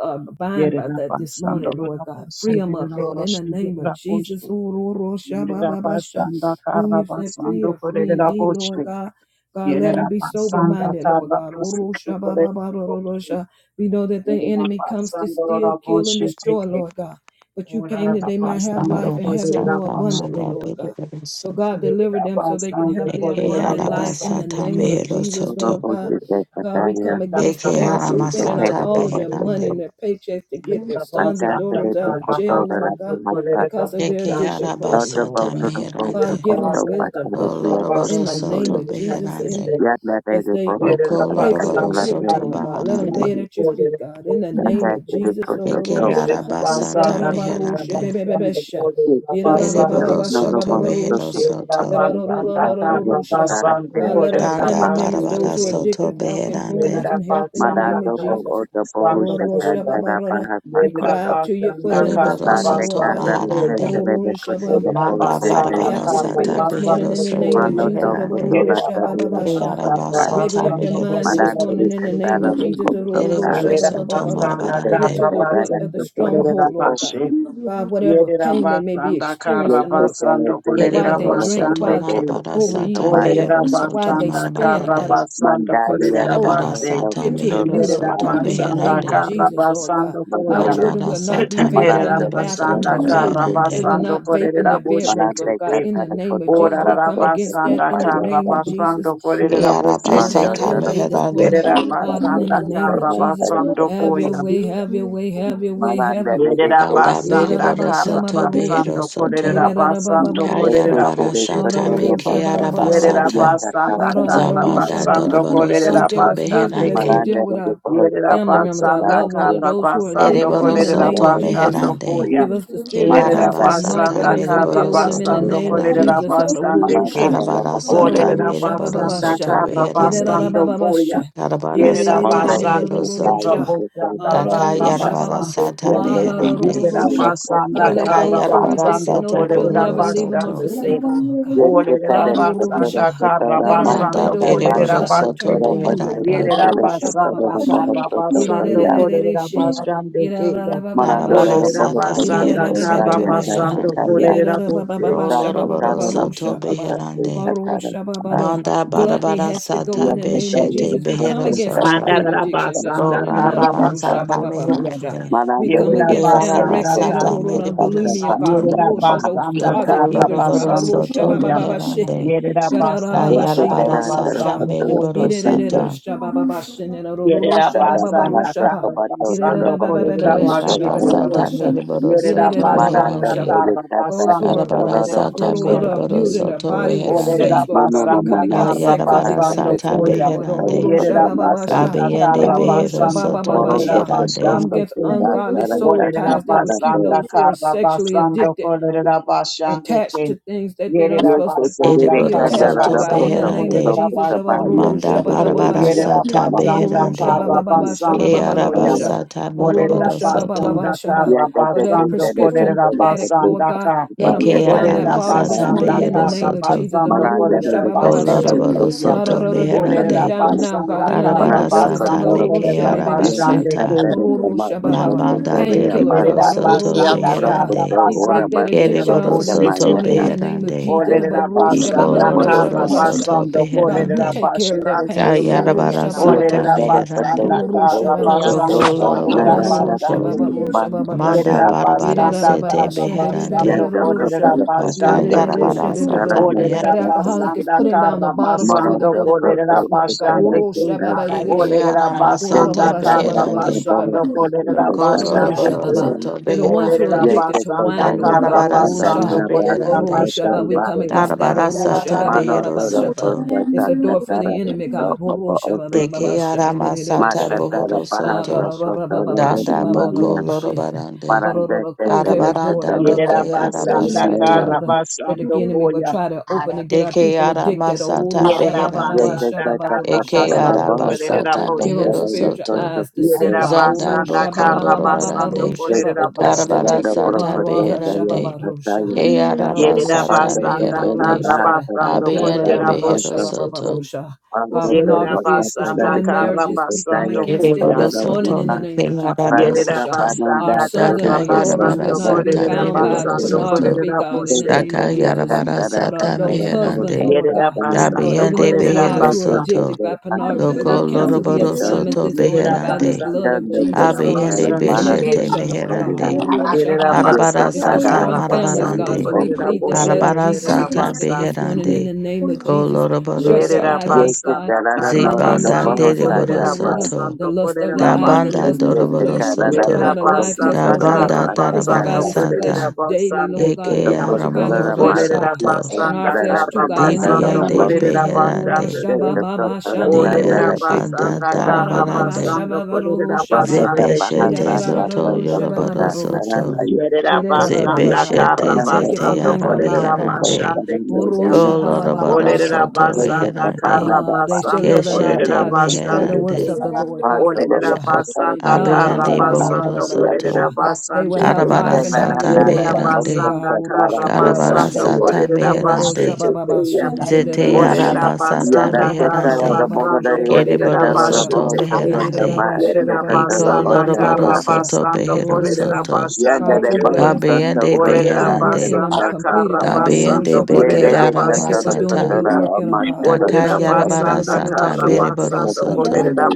S1: uh, bind by that this morning, Lord God. Free them up, Lord, in the name of Jesus. Oh, ro- ro- sha- ba- ba- ba- sha. Whom you set free
S4: karabasando
S1: are free
S4: korera
S1: indeed, Lord
S4: boshwe.
S1: God. God, let
S4: Yerera
S1: them be sober
S4: basanda
S1: minded, Lord
S4: karra
S1: God. Oh, ro-
S4: prosutu
S1: sha- ba-
S4: kore
S1: ba- ba- ro- ro- ro-
S4: boshi.
S1: sha. We know that the
S4: Yerera
S1: enemy comes to
S4: basanda
S1: steal,
S4: rora
S1: kill, and
S4: boshi
S1: destroy,
S4: teke.
S1: Lord God. But you came
S4: Orara
S1: that
S4: da
S1: they might have
S4: basanda
S1: life and
S4: kore
S1: have it
S4: rera
S1: more
S6: Arabasata
S1: abundantly,
S6: manda
S4: basanda
S1: Lord
S4: te.
S1: God.
S6: bedebede
S1: So, God,
S6: soto.
S1: deliver
S4: Yerera
S1: them so they can
S4: basanda
S1: have their
S6: Deke
S4: kore rera
S1: abundant life in the
S4: basanda
S6: arabasata
S4: te.
S1: name of
S6: mehero
S1: Jesus, Lord
S6: soto.
S1: God.
S4: Yerera
S1: God, we
S7: Roboshekataya
S1: come
S4: basanda
S1: against
S6: Deke
S4: rera
S1: parents
S7: is a
S4: basanda
S1: spending out
S4: kore
S6: aramasata
S1: all
S7: terrible
S4: rera
S1: of their money
S7: obstacle.
S1: and
S6: beherande.
S4: boshi.
S1: their paychecks to get their
S4: Yerera
S1: sons and
S4: basanda
S1: daughters
S7: Ambassador
S1: out of
S4: karra
S1: jail,
S7: Kotora
S1: Lord
S4: basanda
S1: God,
S4: kore rera
S7: Rapimakata.
S1: because of their
S6: Deke
S4: basanda
S1: addiction
S4: te.
S1: problem,
S7: Other
S1: Lord
S7: boat
S6: arabasata
S1: God.
S7: to the boat
S1: But
S7: to
S4: Yerera
S6: meherande.
S1: give them
S7: Koto
S4: basanda
S1: wisdom,
S6: O
S1: God,
S4: karra
S7: Pasaria
S1: in
S6: loroboro
S1: the
S7: Costa
S4: basanda
S1: name
S4: kore
S6: soto
S7: Poli.
S1: of
S4: rera
S1: Jesus, in,
S6: beherande.
S4: boshi.
S7: Yadla
S1: as
S7: Rede
S1: they
S7: Bohosa
S4: Yere da
S6: Oko
S7: and
S1: Pray for their
S6: loroboro
S7: Katila
S4: basanda
S1: children,
S7: Rede
S6: soto
S1: Lord
S4: kanda
S1: God. Let them lay
S6: baharande.
S4: basanda
S1: it
S7: Mali.
S1: at your feet,
S4: kolere da
S1: God. In the name
S4: basanda
S7: Yata
S1: of
S4: ke.
S7: to the
S1: Jesus.
S7: Costa
S6: Deke
S7: So.
S4: Yere
S1: Ororosha.
S4: da
S6: arabasata
S4: basanda kanda
S1: Yerabaroshe,
S6: meherande.
S4: basanda
S1: bebebebesha.
S4: kolere
S7: It
S4: da
S7: is the
S4: basanda
S7: tale of
S6: Ereboro
S4: ke.
S1: Yerabababasha,
S7: Nodo
S6: soto
S7: Mohosa
S6: behero
S1: bababaroshe.
S4: Yere da
S6: soto.
S7: Sokopadia. The
S4: basanda
S7: castle
S4: kanda
S7: of the
S1: Yerorororororosha.
S4: basanda
S7: Karakia
S1: God, let
S4: kolere
S1: our
S4: da
S6: Danda
S1: family
S7: Chetapa.
S1: members,
S4: basanda
S1: those
S6: barabara
S1: who are
S4: ke.
S6: soto
S1: addicted, walk in
S4: Yere
S1: wholeness
S6: beherande.
S4: da
S1: and health in the
S4: basanda
S1: name of
S7: Madado Bo
S4: kanda
S1: Jesus.
S7: Odo
S4: basanda
S7: Bohusa
S1: Ororosha,
S4: koya.
S7: Katara
S1: babarara. We
S4: Yere da
S1: cry
S7: Bahasa
S1: out to you for
S4: basanda
S1: them this
S4: kanda
S6: Ereboro
S1: morning, Lord
S6: soto
S4: basanda
S7: Patekala
S1: God.
S4: koya.
S6: maharande.
S7: Kesele de
S1: Ororosha, bam.
S4: Yere
S7: Kotola
S4: da
S6: Manda
S1: Set the
S7: Bosete
S4: basanda
S6: barabara
S1: captives
S4: kanda
S1: free
S6: sata
S7: Adivaya.
S1: this morning
S6: behero
S1: in
S4: basanda
S1: the name
S4: koya.
S6: soto
S1: of
S7: Mano
S1: Jesus.
S7: do
S6: beherande.
S7: Kotola
S4: Yerera
S1: Ororosha,
S7: Tadia
S4: basanda
S1: bababasha.
S6: Yaraba
S4: karra
S7: Pasanta.
S6: sata
S1: Regulate their
S4: basando
S6: mehero
S1: minds this
S7: Madan
S4: kolerera
S6: soto.
S7: de
S1: morning in the
S4: bisete.
S1: name
S7: Katala
S1: of Jesus.
S7: Lukosota.
S6: Ereboro
S4: Yerera
S6: soto
S4: basanda
S7: Ante
S1: Get
S4: karra
S1: to
S6: marabarande.
S1: the root
S7: Kedevara
S1: of the
S4: basando
S7: Kotola
S4: kolerera
S1: stronghold, Lord
S7: Pupo.
S1: God.
S4: bashe.
S1: God, whatever
S4: Yerera
S1: pain they may be
S4: basanda karra
S1: experiencing,
S7: Yete
S1: Lord God,
S7: Tele
S4: basando
S7: Tele
S1: and why
S4: kolerera
S1: they
S6: Ereboro
S7: Katola
S1: drink,
S6: soto
S4: basande
S1: why
S4: ke.
S7: Kotobo
S1: they
S6: marabara
S7: Oste
S1: overeat,
S6: sata
S1: Lord God,
S7: Kabayan.
S4: Olerera
S6: mehero
S1: why
S6: soto
S1: they
S4: basanda
S1: spin
S4: karra
S1: out
S6: marabarande.
S1: of
S4: basando
S7: Mandaria
S4: kolerera
S1: control,
S6: Yarabara
S1: God.
S7: Katata
S4: basse.
S6: sata
S1: Get to the
S6: mehero
S1: root
S7: Kotola
S1: of
S4: Yerera
S1: it,
S6: soto
S7: Ayan
S1: God, in the
S4: basanda
S1: name of
S7: Kotati.
S6: beherande.
S4: karra
S1: Jesus, Lord God.
S4: basando
S1: Our
S4: koya.
S7: Manoya.
S1: children
S6: Yarabara
S1: will not be
S6: sata
S1: vaping in
S4: Yerera
S7: Maranta
S1: the
S6: mereboro
S7: Kotola
S1: bathrooms
S6: soto
S4: basanda
S1: at
S7: Ayan
S1: school.
S4: karra
S1: They
S6: beherande.
S1: will
S7: Kotata.
S4: basando
S1: not vape in
S4: kolerera
S1: their
S4: boşe
S1: bedrooms,
S7: Maranta
S1: Lord God.
S4: teke.
S1: In the
S7: Katara
S1: name of Jesus,
S7: Kotola
S1: we
S4: Orarara
S1: come
S7: Oste
S1: against that
S4: basanda
S1: in the
S4: karra
S1: name of
S7: Kabayan.
S1: Jesus.
S4: basando kolerera
S6: Yaraba
S4: boşe
S1: Lord,
S7: Manda
S1: have
S4: teke.
S6: sata
S1: your way this
S6: meherande.
S1: morning.
S4: Yerera
S7: Tarapataya
S1: God,
S7: Patas
S1: in
S4: basanda
S1: the name of
S4: karra
S7: Ipana
S1: Jesus,
S4: basando
S1: have
S7: Tarapatapa.
S1: your
S4: koya.
S1: way, have your way, have your way, have
S7: Maranda
S1: your way,
S7: Lady
S1: God.
S4: Yerera
S6: Danda
S7: Kosi.
S4: basanda
S6: bereboro
S4: kara
S6: soto behero
S1: Yirarabashamabaroshe,
S4: basando korerera
S6: soto.
S4: basando
S7: Yake
S1: yirararababarosha,
S4: korerera
S6: Kayarabara
S7: Tere
S4: boshete
S6: sata
S7: Satoro
S4: kem.
S6: meke
S7: Pasa Tapa
S4: Yerera
S1: larororoshabababarosha,
S6: yarabasata.
S7: Yaka
S4: basanda
S7: Tata.
S4: kara
S6: Zabanda
S1: larororoshababa.
S4: basando
S6: Doroboro
S4: korerera
S1: God, give
S6: Soto
S1: us wisdom
S4: basande
S1: as we
S6: Beherande,
S4: kem.
S7: Maranda
S1: deal with
S7: Lady
S1: our
S7: Boy
S4: Yerera
S1: family
S7: Soto
S1: members, our
S4: basanda
S7: Tatara
S1: loved ones, or
S4: kara
S7: Priyanka.
S1: those who are
S4: basando
S1: addicted
S6: Dereboro
S1: in the
S4: korerera
S1: name
S7: Patara
S6: Soto
S1: of Jesus.
S4: basando
S1: Uh,
S7: Ramesa.
S6: Meherande,
S4: koya.
S1: give us the spirit of
S4: Yerera
S6: Kearaba
S1: counsel
S7: Maranda
S1: and might,
S6: Sata
S4: basanda
S1: God,
S7: Tere
S1: as we
S4: kara
S1: deal
S6: Mereboro
S7: Satoro
S1: with them in the
S6: Soto
S4: basando
S1: name
S7: Pasa.
S1: of
S4: korerera
S6: Meherande,
S1: Jesus. Uh,
S4: basande
S7: Maranda
S4: kem.
S1: rororosha,
S6: Karabara
S7: Lava
S6: Sata
S4: Olerera
S7: Hostaka.
S6: Mereboro
S4: basanda
S1: larororoshabababasha.
S7: Ate
S6: Soto
S4: kara
S6: Meherande,
S4: basando
S7: Tate.
S4: koya.
S1: Irerarababasha.
S6: Karabara
S4: Yerera
S6: Sata
S7: Moto
S6: Mehero
S4: basande kera
S7: Tataya
S1: Irerererererororosha.
S6: Soto,
S7: Kasa
S4: basanda
S6: Daka
S4: kara
S7: Tarapriya.
S1: Arororosha
S6: Yarabara
S1: baba.
S4: basande
S6: Sata
S4: kem.
S7: Yande
S6: Beherande,
S4: Yerera
S7: Tatara
S1: Alarororosha.
S7: Loko
S4: basanda
S7: Pura
S1: God, let
S6: Daka
S4: kara
S1: those
S7: Basa.
S1: who are
S6: Yarabara
S1: addicted
S4: basando
S1: know
S6: Sata
S1: that you'll
S4: kolerera
S6: Bohoro
S1: never leave them or
S4: basando
S6: Soto,
S4: ke.
S1: forsake them, Lord God.
S4: Olerera
S7: Yeketere
S1: God,
S7: kotoro
S1: rororosha.
S4: basanda kara
S7: kotoro
S1: let them repent
S6: Yanda
S4: basando
S7: masaka
S4: kolerera
S7: basa
S6: Bereboro
S1: ororosha, and
S6: Soto
S4: basando
S1: turn
S7: kotoro
S1: to you,
S7: basa
S1: Lord God.
S6: Beherande,
S4: Yerera
S7: ketere
S1: Rorosha
S7: kotoro
S4: basanda
S7: no
S1: bababasha.
S4: kara
S7: bohoso
S4: basando
S7: tokaya.
S4: kolerera
S1: Irerererereshe.
S4: basando ke.
S7: Marandoro
S6: Karabara
S1: Irerarabababasha.
S7: no
S4: Olerera
S6: Sata
S7: bohoso
S4: basanda
S6: Mehero
S4: kara
S6: Soto
S7: tokaya
S1: Irerererebebebebesha.
S4: basando
S6: Beherande,
S7: kasakaya.
S4: kolerera bote.
S1: Irerarabababasha
S7: Rata
S6: Koloroboro
S7: kara no
S6: soto
S1: babababarosha
S7: bohoso
S1: baba.
S7: tokaya
S6: beherande.
S7: katara.
S1: Karorosha baba.
S6: Manda
S1: Gluttony
S6: barabara
S1: has to
S6: sata
S1: go in the name of
S7: Yeketere
S6: beshete
S7: no
S1: Jesus. We come
S6: behero
S7: kotoro
S1: against
S6: soto.
S1: that food
S7: sakari
S4: Andara
S1: addiction
S7: kotoro
S1: this
S4: basanda
S1: morning. And I
S7: adamini
S4: kara
S1: don't
S6: Kolarabara
S1: know,
S7: saka.
S1: sha,
S6: sata
S1: ba,
S4: basando
S1: ba, ba, ro,
S4: kolerera.
S1: sha.
S6: meherande.
S1: We
S7: Marandoro
S1: come
S4: Yerera
S7: no
S1: against
S7: kotoro
S6: Kearaba
S4: basanda
S1: anorexia, da,
S6: sata
S7: kotoro
S1: ro, ro, da,
S6: mediboro
S7: sakata pa
S1: bulimia,
S6: soto.
S1: God. ro,
S4: Yerera
S1: ro,
S7: andara
S1: sha,
S7: baha.
S1: Those
S4: basanda
S6: Doko
S1: closet
S4: karra
S1: eaters. God,
S6: loroboro
S1: ba, ro,
S4: basando
S1: sha,
S6: soto
S1: ba, ba,
S4: koyam.
S1: ba, ba, shi.
S6: beherande.
S4: Yerera
S1: Ga, da, da, ba, ba,
S4: basanda
S1: shi, da, da,
S4: karra
S6: Ayarabara
S1: ro, ro,
S6: sata
S1: sha.
S4: basando
S6: mediboro
S1: Ye,
S4: koyam.
S1: da, da, da,
S6: sata.
S1: da, sha, ba, ba, ba, shi, da, da, ro, ro, ro,
S4: Yerera
S1: sha, ba,
S7: Dada
S1: ba, ba, ro,
S4: basanda
S1: sha,
S7: Bahasa
S1: ba.
S4: karra
S7: Kobato
S1: Ye, da, da,
S7: Toro
S1: da,
S4: basando
S1: ba, ba, ba,
S7: Bahasa
S1: ba,
S4: kolerera
S1: ba, sha,
S7: Koto
S1: ba,
S6: Kearaba
S1: ba,
S4: bachete
S1: ba, ba,
S6: sata
S1: ba,
S4: koyam.
S7: Orataka
S1: sha.
S6: mediboro
S1: Ye, da,
S4: Yerera
S6: soto
S1: da, da, ro, ro, ro,
S7: Marada
S4: basanda
S1: sha,
S6: beherande.
S1: ba, ba.
S7: Tere
S4: karra
S7: Kata
S1: Goes
S4: basando
S1: for
S6: Karabara
S7: Katororo
S4: kolerera
S6: sata
S7: Broko
S4: basando
S6: mediboro
S7: Sante
S4: koyam.
S1: abusing their
S6: soto
S1: body with
S4: Olerera
S1: sex,
S6: beherande.
S1: Lord
S7: Mono
S1: God.
S7: no
S1: We
S4: basanda
S1: come
S7: Monoro
S1: against
S7: no
S4: karra
S1: sex
S6: Ayarabara
S7: Bahasa
S1: addiction
S4: basando
S1: this
S6: sata
S7: Katere
S1: morning,
S4: koyam.
S1: Lord.
S6: beherande.
S7: Katere
S1: Ororo
S4: Yerera
S7: Koto Narayan
S1: shabababasha.
S4: basanda
S6: Abiyande
S4: karra
S7: Santa
S6: Behero
S4: basando
S6: Soto
S4: kolerera
S7: Morondo Koto
S6: Beherande.
S1: Come
S4: basando
S1: against
S7: Sote
S4: koyam.
S1: ungodly
S7: Katara
S1: soul
S4: Olerera
S7: Kata
S1: ties that would keep
S7: Karato
S4: basanda
S1: those who are
S4: karra
S1: sexually
S4: basando
S1: addicted
S4: kolerera basande ke.
S1: attached to things that they don't
S4: Yerera
S7: Ye
S1: supposed to
S7: Kotere
S4: basanda
S1: be
S6: Ereboro
S4: karra
S7: Rekanda
S1: attached to,
S6: Soto
S7: Rada
S1: God. In
S4: basando
S1: the
S7: Koto
S1: name of
S7: Koto
S6: Beherande.
S4: kolerera
S1: Jesus. uh,
S7: Koto
S1: uh,
S4: basande
S7: Bahaya
S4: ke.
S1: sha-
S6: Manda
S1: ba-
S7: Koto
S1: ba- ba-
S7: De
S1: ba-
S6: Barabara
S7: Ise
S1: sha.
S4: Yerera
S7: Koto
S6: Sata
S7: Ma
S1: the
S7: Oto
S4: basanda
S1: ru- sha-
S6: Beherande.
S1: ba-
S4: karra
S7: Koto
S1: ba- ba- ba-
S7: Ina
S1: sha- ba-
S4: basando
S7: Koto
S1: ba- ba- ru- ru-
S6: Kearaba
S4: koya.
S7: Koto
S1: sha.
S6: Sata
S1: Ru-
S4: Olerera
S1: ru-
S6: Moroboro
S1: sha- ba- ba- ba-
S6: Soto.
S4: basanda
S1: ba- sha- ba.
S4: karra
S7: Ya da
S1: For
S7: da da
S1: that
S4: basando
S7: da da da
S1: prescription
S4: kolerera
S7: da da da
S1: addict, Lord
S4: basanda
S7: da.
S1: God,
S4: ka.
S1: let them
S7: Upaya
S1: put down
S6: Ekeara
S7: kata
S1: that
S4: Olerera
S1: bottle this
S6: Masata
S4: basanda
S1: morning in
S7: kepadanya.
S1: the
S6: Behero
S4: karra
S1: name of
S6: Soto.
S1: Jesus. Uh,
S4: basando
S7: Mananda da
S4: kolerera
S7: kata da
S4: basete
S7: da
S6: Oloroboro
S4: keya.
S1: Ah,
S7: kata
S6: Soto
S1: They're
S7: kata da
S1: putting
S4: Olerera
S1: it
S6: Beherande.
S7: kata.
S1: down now,
S4: basanda
S1: God, in the name
S4: karra
S1: of
S6: Arabara
S7: Mananda
S1: Jesus. Uh,
S6: Sata
S4: basando
S7: kata da
S1: ru- ru-
S4: kolerera
S7: kata.
S6: Mekearaba
S7: Ya
S6: Sata.
S4: basande
S7: kata da sama
S6: La
S7: kata kata
S6: Banda
S7: da ya
S1: Painkillers.
S6: Dereboro
S4: Lerera
S7: basa.
S6: Soto
S4: basanda
S7: Ora
S4: kara
S7: kata
S6: Beherande.
S1: We
S7: ora
S1: break that
S4: basande
S7: basa
S4: kerera
S1: addiction off
S7: kata
S6: Kereboro
S1: of them
S4: boshe
S7: sama
S1: this
S6: Soto
S7: ya
S1: morning in
S7: ta.
S4: chete.
S1: the name of
S6: Beherande.
S1: Jesus.
S7: Ya
S4: Olerera
S7: kata da
S6: Iko
S7: da
S4: basanda kara
S6: Loroboro
S7: bahasa.
S6: Soto
S4: basando
S1: God, you
S4: kolerera
S6: Beherande.
S1: take care
S4: bashe
S1: of their pain.
S4: chekeya.
S2: shiri
S6: Kayarabara
S2: yana
S7: Ya
S2: makia
S6: sata
S2: na
S4: Olerera
S7: kata da
S2: mkudai.
S7: kata
S4: basanda
S6: meherande.
S7: kata
S4: kara
S2: Yeki ya
S7: kata
S4: basando
S6: Doko
S2: sakala
S7: da
S2: baba.
S4: kolerera
S6: loroboro
S7: nada kata
S6: soto.
S4: basande
S7: ya
S4: ke.
S7: basa
S6: Manda
S4: Yerera
S7: kata.
S6: barabara
S4: basanda
S6: sete
S4: kara
S2: Kaya
S7: Ya
S6: beherande.
S4: basando
S2: mkudai.
S7: da kata
S4: kolerera
S7: da kata
S4: basande
S7: asa
S4: ke.
S6: Vakayarabara
S7: kata da
S6: sata
S7: nada
S1: That
S6: beherande.
S4: Olerera
S7: kata.
S1: alcoholic is
S4: basanda
S1: putting down the
S4: kara
S1: bottle before they
S4: basando
S7: Morocco
S1: go to work
S4: kolerera
S1: this
S7: Koto
S1: morning. God,
S7: Utara
S4: basande ke.
S7: Koto
S2: Rada yisi
S4: Olerera
S2: kana
S6: Kayarama
S2: na
S7: Yeke
S4: basanda
S6: sata
S7: Katara
S4: karra
S7: the
S6: beherande.
S7: Boho
S4: basando
S7: Sister
S4: kolerera
S6: Doko
S7: Kota
S2: makia
S4: basando
S6: loroboro
S4: ke.
S1: Ororoshaba,
S2: sakala.
S7: Katara
S6: soto
S1: they're the ones who are
S4: Olerera
S6: beherande.
S7: Yeke
S1: addicted to
S7: Katara
S4: basanda
S1: wine.
S2: Yeki
S1: Lord
S2: ya
S1: God,
S4: karra
S6: Kayarabara
S7: Katara
S1: Ororoshah,
S6: sata
S4: basando
S7: the
S4: kolerera
S7: Basso
S6: beherande.
S7: Koto
S1: Ororoshaba. We
S4: basando
S1: come
S4: ke.
S7: Bahasa
S1: against that
S6: Darabara
S2: sakala
S6: sata
S2: baba.
S6: behero
S7: Anodoro
S1: Ororoshaba.
S6: soto.
S7: Koto
S1: It's the door for the
S7: Katara
S1: enemy.
S7: Koto
S1: God,
S7: Oba
S1: Ororoshaba.
S6: Deke
S7: Ofisin
S6: arama sata
S7: Matatara
S6: bohoro
S7: Bahasa
S6: soto.
S7: Koto Lede
S6: Danda boko
S7: Namaya
S6: lorobarande.
S7: Paranda
S1: Close
S7: Katara
S1: every door
S6: Arabaranda
S7: Koto
S4: Yerera
S6: deke
S7: Koto
S4: basanda
S7: Kayunaya
S6: arabasata.
S4: karra
S1: that the
S4: basando
S1: enemy will
S4: koya.
S1: try to open to
S2: Ara,
S1: get our
S6: Deke
S1: people
S6: ara
S1: addicted.
S6: masata
S4: Yerera
S6: beherande.
S7: Yeke
S4: basanda
S7: Katara
S4: karra
S6: Eke
S7: Katara the
S6: ara
S4: basando
S7: Boho Koto
S4: kolerera
S6: basata
S1: Give them
S4: bosu.
S6: behero
S7: Katara the
S1: spiritual
S6: soto.
S7: Koto
S1: eyes to see
S7: Koto
S4: Yerera
S2: ara,
S1: God. Oh,
S6: Zanda
S4: basanda
S1: Rosha, ba,
S6: boko
S1: ba,
S4: karra
S1: ba, ba, ba, ba,
S4: basando
S6: lorobarande.
S1: Rosha,
S7: Thank
S1: ba,
S4: kolerera
S1: ba, ba, ra,
S4: bosu
S1: ra.
S6: Karabara
S4: teke.
S1: Ah,
S6: sata
S1: ra, ra, sha, ba, ba,
S6: beherande.
S1: Rosha.
S6: Ke
S1: Da,
S6: ara
S1: da, ro, ro,
S4: Yerera
S1: sha,
S6: basata
S1: be, be, de, da,
S4: basanda
S1: ro, ro, ro,
S6: meherande.
S4: karra
S1: sha, be.
S4: basando
S1: Ge, da, da,
S6: Abiyande
S1: da,
S4: kolerera
S1: ba, ba, sha,
S6: behero
S4: bosu
S1: ba, ba, ba,
S4: teke.
S6: soto.
S1: Rosha. God,
S4: Yerera
S1: pornography is
S4: basanda
S1: destroying marriages. We come
S4: karabasando
S1: against it
S4: koya.
S6: Ereboro
S1: this morning
S6: soto
S1: in the
S6: na ke
S1: name of Jesus.
S6: ara
S1: Ba,
S4: Yerera
S1: Rosha.
S6: basata.
S1: Our
S4: basanda
S1: sons and
S6: Daka
S1: our daughters will
S6: yarabara
S4: karabasando
S1: not be
S6: sata
S4: kolerera
S1: bound by
S6: mereboro
S4: basando
S6: soto.
S1: pornography,
S4: kolerera
S1: God, in the
S4: boshe.
S1: name
S6: Daka
S1: of Jesus.
S3: you.
S6: yarabara
S1: But uh,
S6: sata
S1: those husbands,
S6: meherande.
S1: Lord
S4: Yerera
S1: God or
S4: basando
S1: even
S6: Dabiyande
S1: those
S4: kolerera
S1: wives
S6: behero
S1: who are
S4: basa.
S6: soto.
S1: addicted by pornography. We
S6: Doko
S1: cancel the
S6: loroboro
S1: assignment
S6: soto
S1: this morning
S4: Yerera
S1: by the
S6: beherande.
S4: basando
S1: blood of
S4: kolerera
S1: Jesus. Oh,
S6: Abiyende
S1: it's
S4: basande
S1: an
S4: ke.
S6: beshete
S1: addiction, Lord God.
S6: meherande.
S1: Ro- ro-
S4: Yerera
S1: shababa.
S6: Arabara
S1: It's
S4: basanda
S6: sata
S1: destroying families,
S4: karabasando
S1: God. So
S6: marabarande.
S1: we
S4: kolerera
S1: plead the
S4: boshe
S1: blood
S7: you.
S1: of
S6: Arabara
S1: Jesus
S4: teterera
S6: sata
S1: against it this
S4: basande
S1: morning in
S4: ke.
S6: beherande.
S1: the name of
S6: Ko
S1: Jesus.
S6: loroboro
S1: Shut their
S4: Yerera
S1: eye
S6: soto.
S1: gate, God.
S4: basanda
S7: Yekekarara
S1: In the name
S7: norodo
S1: of
S6: Zibanda
S4: karabasando
S7: boho
S1: Jesus, Ah,
S6: deriboro
S4: kolerera
S7: sataka.
S6: soto.
S1: the
S4: basando
S1: lust of
S4: kolerera
S1: the
S6: Da
S1: eyes, the
S6: banda
S4: bashe.
S1: lust of the
S6: doroboro
S1: flesh, and the
S7: Yekekarara
S6: soto.
S7: da
S4: Yerera
S1: pride of
S7: boro
S1: life has
S6: Da
S4: basanda
S1: no
S7: sotorara
S1: place.
S4: kara
S6: banda darabara
S1: Crucify
S4: basando
S7: masakata.
S1: this flesh
S4: kolerera
S6: sata.
S1: daily,
S4: basande
S1: Lord God.
S6: Eke
S4: kuya.
S1: Crucify their
S7: Sokotorara
S6: aramohoro
S1: flesh,
S4: Olerera
S1: God
S6: soto.
S7: masakata.
S1: in our
S4: basanda
S7: Arara
S1: flesh too,
S4: kara
S1: God, in the
S7: tikarara
S4: basando
S7: da
S1: name of
S6: Dibiyande
S7: moto.
S4: kolerera
S1: Jesus. Orora
S4: basande
S6: beherande.
S4: kuya.
S1: shabababa
S7: Yekekotora
S4: Olerera
S7: kandara
S1: shananaroroshe.
S6: Diarabanda
S4: basanda
S7: kikikara
S4: kara
S1: Arababa
S6: darabarande.
S7: sotoko.
S4: basando kolerera
S7: Donde
S1: shababaroshaba.
S7: da
S4: basande
S7: baha
S4: kuya.
S6: Zebeshete
S7: sataka
S6: zoto yorobado
S7: sokota. Sarana
S6: soto.
S1: Irararararoroshabababaroshaba.
S4: Yerera basanda
S1: Gererararara.
S3: Thank
S4: kara
S6: Zebeshete
S1: We
S7: yekekarara da
S1: thank you
S6: zete
S1: for
S2: ara.
S4: basando
S1: bringing
S7: sotoko
S6: yara
S1: them out,
S4: kolerera
S1: Lord God.
S7: sotoko
S6: meherande.
S4: basande
S7: sarana da
S4: kuya.
S1: Orosha
S7: yike.
S1: Baba Baba baba
S6: Kolorobado
S4: Olerera
S1: Shaba
S6: soto
S1: Baba,
S4: basanda
S6: reherande.
S7: Yekekarara
S4: kara
S7: da
S1: Uh, they
S7: baha
S1: shall
S4: basando
S1: live and not
S4: kolerera
S6: Keshete
S7: sataka
S1: die to declare
S7: sotoko.
S1: the
S4: basande
S1: works
S6: meherande.
S4: kuya.
S1: of the Lord God.
S7: Yada
S4: Olerera
S1: Orosha.
S6: A-
S4: basanda kara
S6: Abiyande bohoro
S4: basando
S6: soto.
S1: Yarararararorosha.
S4: kolerera
S1: They will
S4: basande
S1: have
S4: kuya.
S6: Arabara
S1: life and have it
S6: sata
S1: more
S4: Yerera
S1: abundantly,
S6: meherande.
S1: God.
S4: basanda kara
S6: Karabara
S1: Oroshabababasha.
S4: basando
S6: sata
S4: kolerera
S1: Ororo
S6: meherande.
S4: basete
S1: shababa
S4: teya.
S6: Zete
S1: shenererara
S6: yara
S4: Olerera
S1: she.
S6: basata
S4: basanda
S1: Orababa
S4: kara
S6: meherande.
S1: shababa
S4: basando
S1: rosha
S4: kolerera
S1: beberera
S6: Keriboro
S1: rosha.
S6: soto
S4: basete teya.
S6: meherande.
S1: Ireraba
S4: Yerera
S1: shababa
S6: Iko
S1: rosha
S4: basanda
S1: beberera
S6: lorobado
S4: kara
S1: rosha.
S6: soto
S4: basando
S6: behero
S4: kolerera
S1: Ororosha.
S6: soto.
S4: basande
S1: God, you
S4: ke.
S1: got a
S6: Dabiende
S4: Olerera
S1: good work in
S6: beherande.
S1: them
S4: basanda
S1: completed,
S4: kara
S1: God. Ororo
S6: Dabiende
S4: basando
S6: beke
S1: shabara.
S4: kolerera
S6: yara
S1: Thank you for
S4: basete
S1: doing a
S6: masata.
S1: good
S4: teya.
S1: work in them, God. Ororo
S6: Daka
S4: Olerera
S6: yarabara
S1: shabeberera
S4: basanda
S6: sata
S4: kara
S6: meriboro
S4: basando
S6: soto.
S4: kolerera